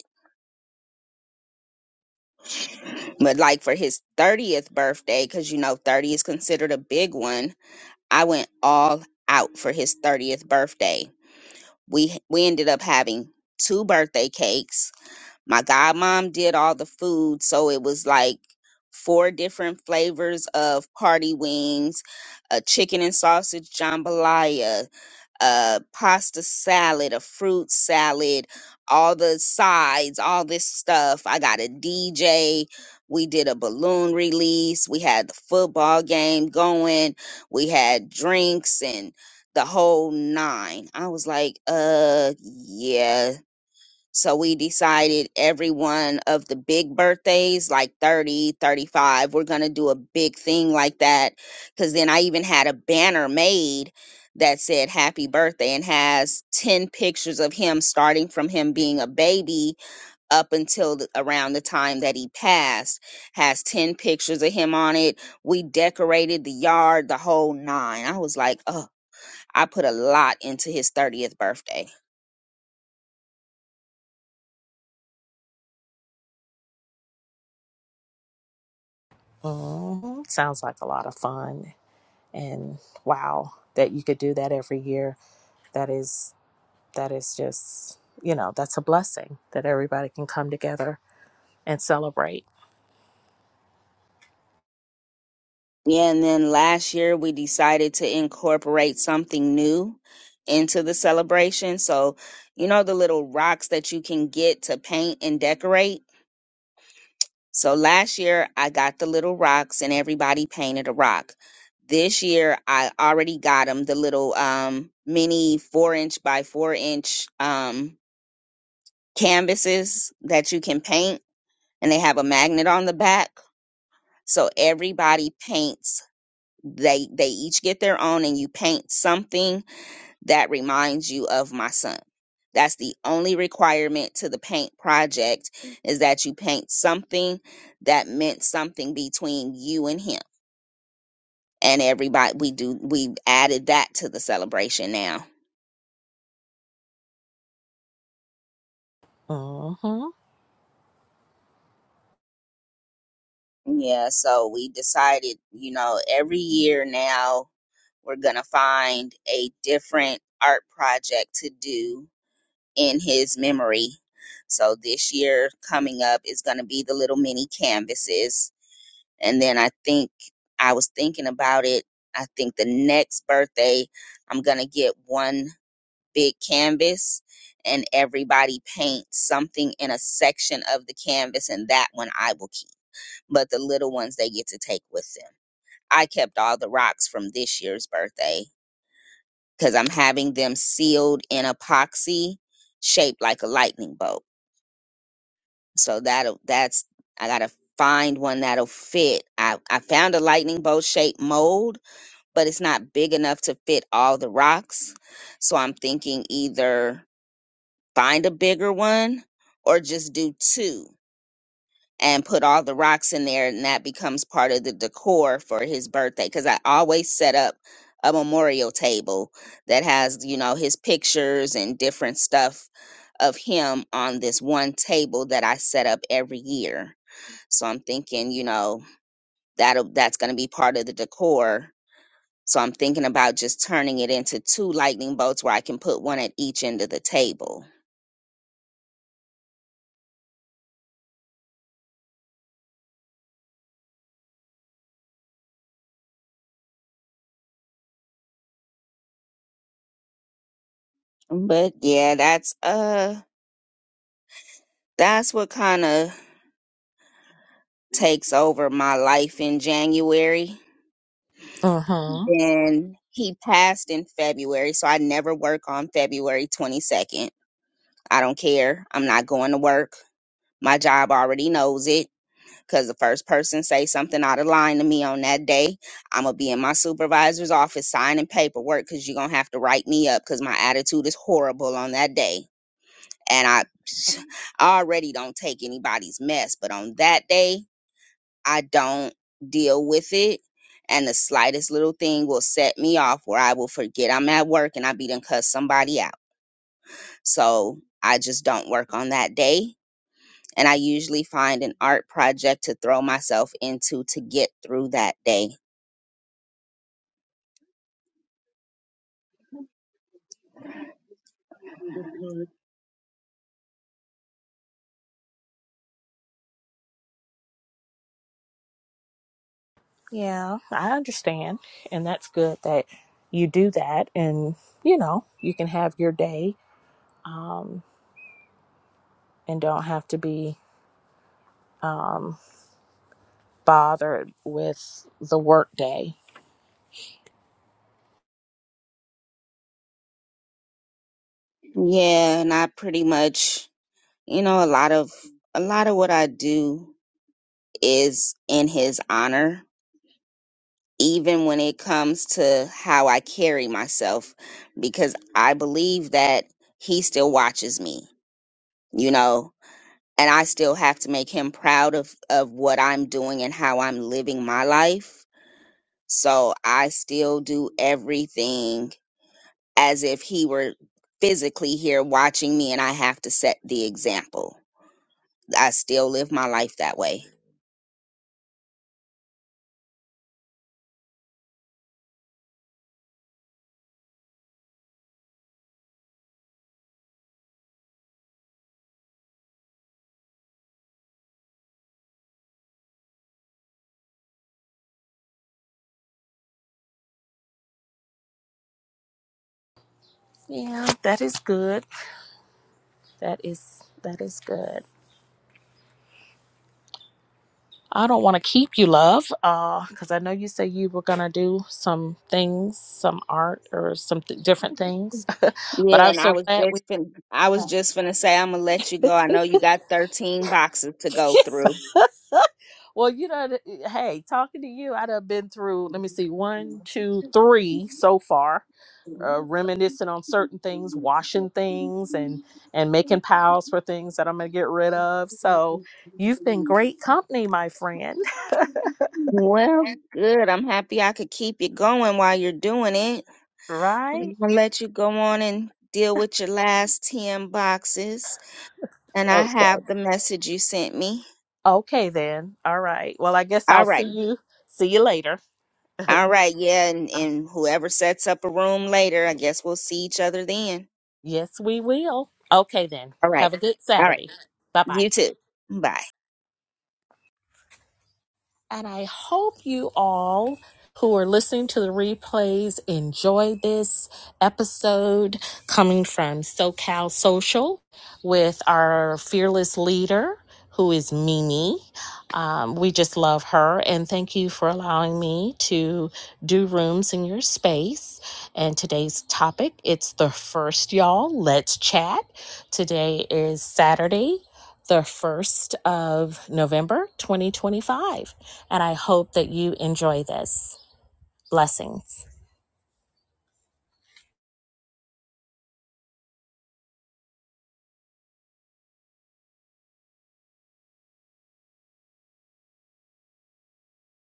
But like for his 30th birthday, because you know 30 is considered a big one, I went all out for his 30th birthday. We we ended up having two birthday cakes. My godmom did all the food, so it was like four different flavors of party wings, a chicken and sausage jambalaya, a pasta salad, a fruit salad, all the sides, all this stuff. I got a DJ. We did a balloon release. We had the football game going. We had drinks and the whole nine. I was like, uh, yeah. So we decided every one of the big birthdays, like 3035 we're going to do a big thing like that. Because then I even had a banner made that said happy birthday and has 10 pictures of him starting from him being a baby up until the, around the time that he passed has 10 pictures of him on it we decorated the yard the whole nine i was like oh i put a lot into his 30th birthday Mm-hmm. Sounds like a lot of fun. And wow, that you could do that every year. That is that is just you know, that's a blessing that everybody can come together and celebrate. Yeah, and then last year we decided to incorporate something new into the celebration. So, you know, the little rocks that you can get to paint and decorate. So last year I got the little rocks and everybody painted a rock. This year I already got them the little um mini four inch by four inch um canvases that you can paint and they have a magnet on the back. So everybody paints they they each get their own and you paint something that reminds you of my son that's the only requirement to the paint project is that you paint something that meant something between you and him and everybody we do we added that to the celebration now Mm-hmm. yeah so we decided you know every year now we're gonna find a different art project to do in his memory. So this year coming up is going to be the little mini canvases. And then I think I was thinking about it. I think the next birthday, I'm going to get one big canvas and everybody paints something in a section of the canvas. And that one I will keep. But the little ones they get to take with them. I kept all the rocks from this year's birthday because I'm having them sealed in epoxy shaped like a lightning bolt So that'll that's I gotta find one that'll fit. I I found a lightning bolt shaped mold, but it's not big enough to fit all the rocks. So I'm thinking either find a bigger one or just do two and put all the rocks in there and that becomes part of the decor for his birthday cuz I always set up a memorial table that has, you know, his pictures and different stuff of him on this one table that I set up every year so I'm thinking, you know, that'll that's going to be part of the decor. So I'm thinking about just turning it into two lightning bolts where I can put one at each end of the table. But yeah, that's uh that's what kind of takes over my life in January. Mm-hmm. Then he passed in February, so I never work on February 22nd. I don't care. I'm not going to work. My job already knows it because the first person say something out of line to me on that day i'm gonna be in my supervisor's office signing paperwork because you're gonna have to write me up because my attitude is horrible on that day and i [SNIFFS] I already don't take anybody's mess but on that day i don't deal with it and the slightest little thing will set me off where i will forget i'm at work and i be done cuss somebody out so i just don't work on that day and I usually find an art project to throw myself into to get through that day. Yeah, I understand. And that's good that you do that and you know, you can have your day, um, and don't have to be um bothered with the workday. Yeah, and I pretty much, you know, a lot of a lot of what I do is in his honor, even when it comes to how I carry myself because I believe that he still watches me, you know, and I still have to make him proud of of what I'm doing and how I'm living my life. So I still do everything as if he were physically here watching me and I have to set the example. I still live my life that way. Yeah, that is good. That is that is good. I don't want to keep you, love, because I know you said you were gonna do some things, some art or some th- different things. [LAUGHS] but Yeah, I'm and I so was glad we. just fin- I was just gonna say I'm gonna let you go. I know you got 13 boxes to go through. [LAUGHS] well, you know, th- hey, talking to you, I'd have been through. Let me see, one, two, three so far uh, reminiscing on certain things, washing things, and and making piles for things that I'm gonna get rid of. So you've been great company, my friend. [LAUGHS] Well, good. I'm happy I could keep you going while you're doing it. I'm Right? gonna let you go on and deal with your last 10 boxes. And I Okay. have the message you sent me. Okay then. All right. Well, I guess I'll All see right. you. See you later. [LAUGHS] Uh, All right. Yeah. And, and whoever sets up a room later, I guess we'll see each other then. yes, we will. Okay then. All right. Have a good All right. Saturday. Bye bye. You too. Bye. And I hope you all who are listening to the replays enjoy this episode coming from SoCal Social with our fearless leader, who is Mimi. Um, we just love her. And thank you for allowing me to do rooms in your space. And today's topic, it's the first, y'all. Let's chat. Today is Saturday, the 1st of November 2025. And I hope that you enjoy this. Blessings.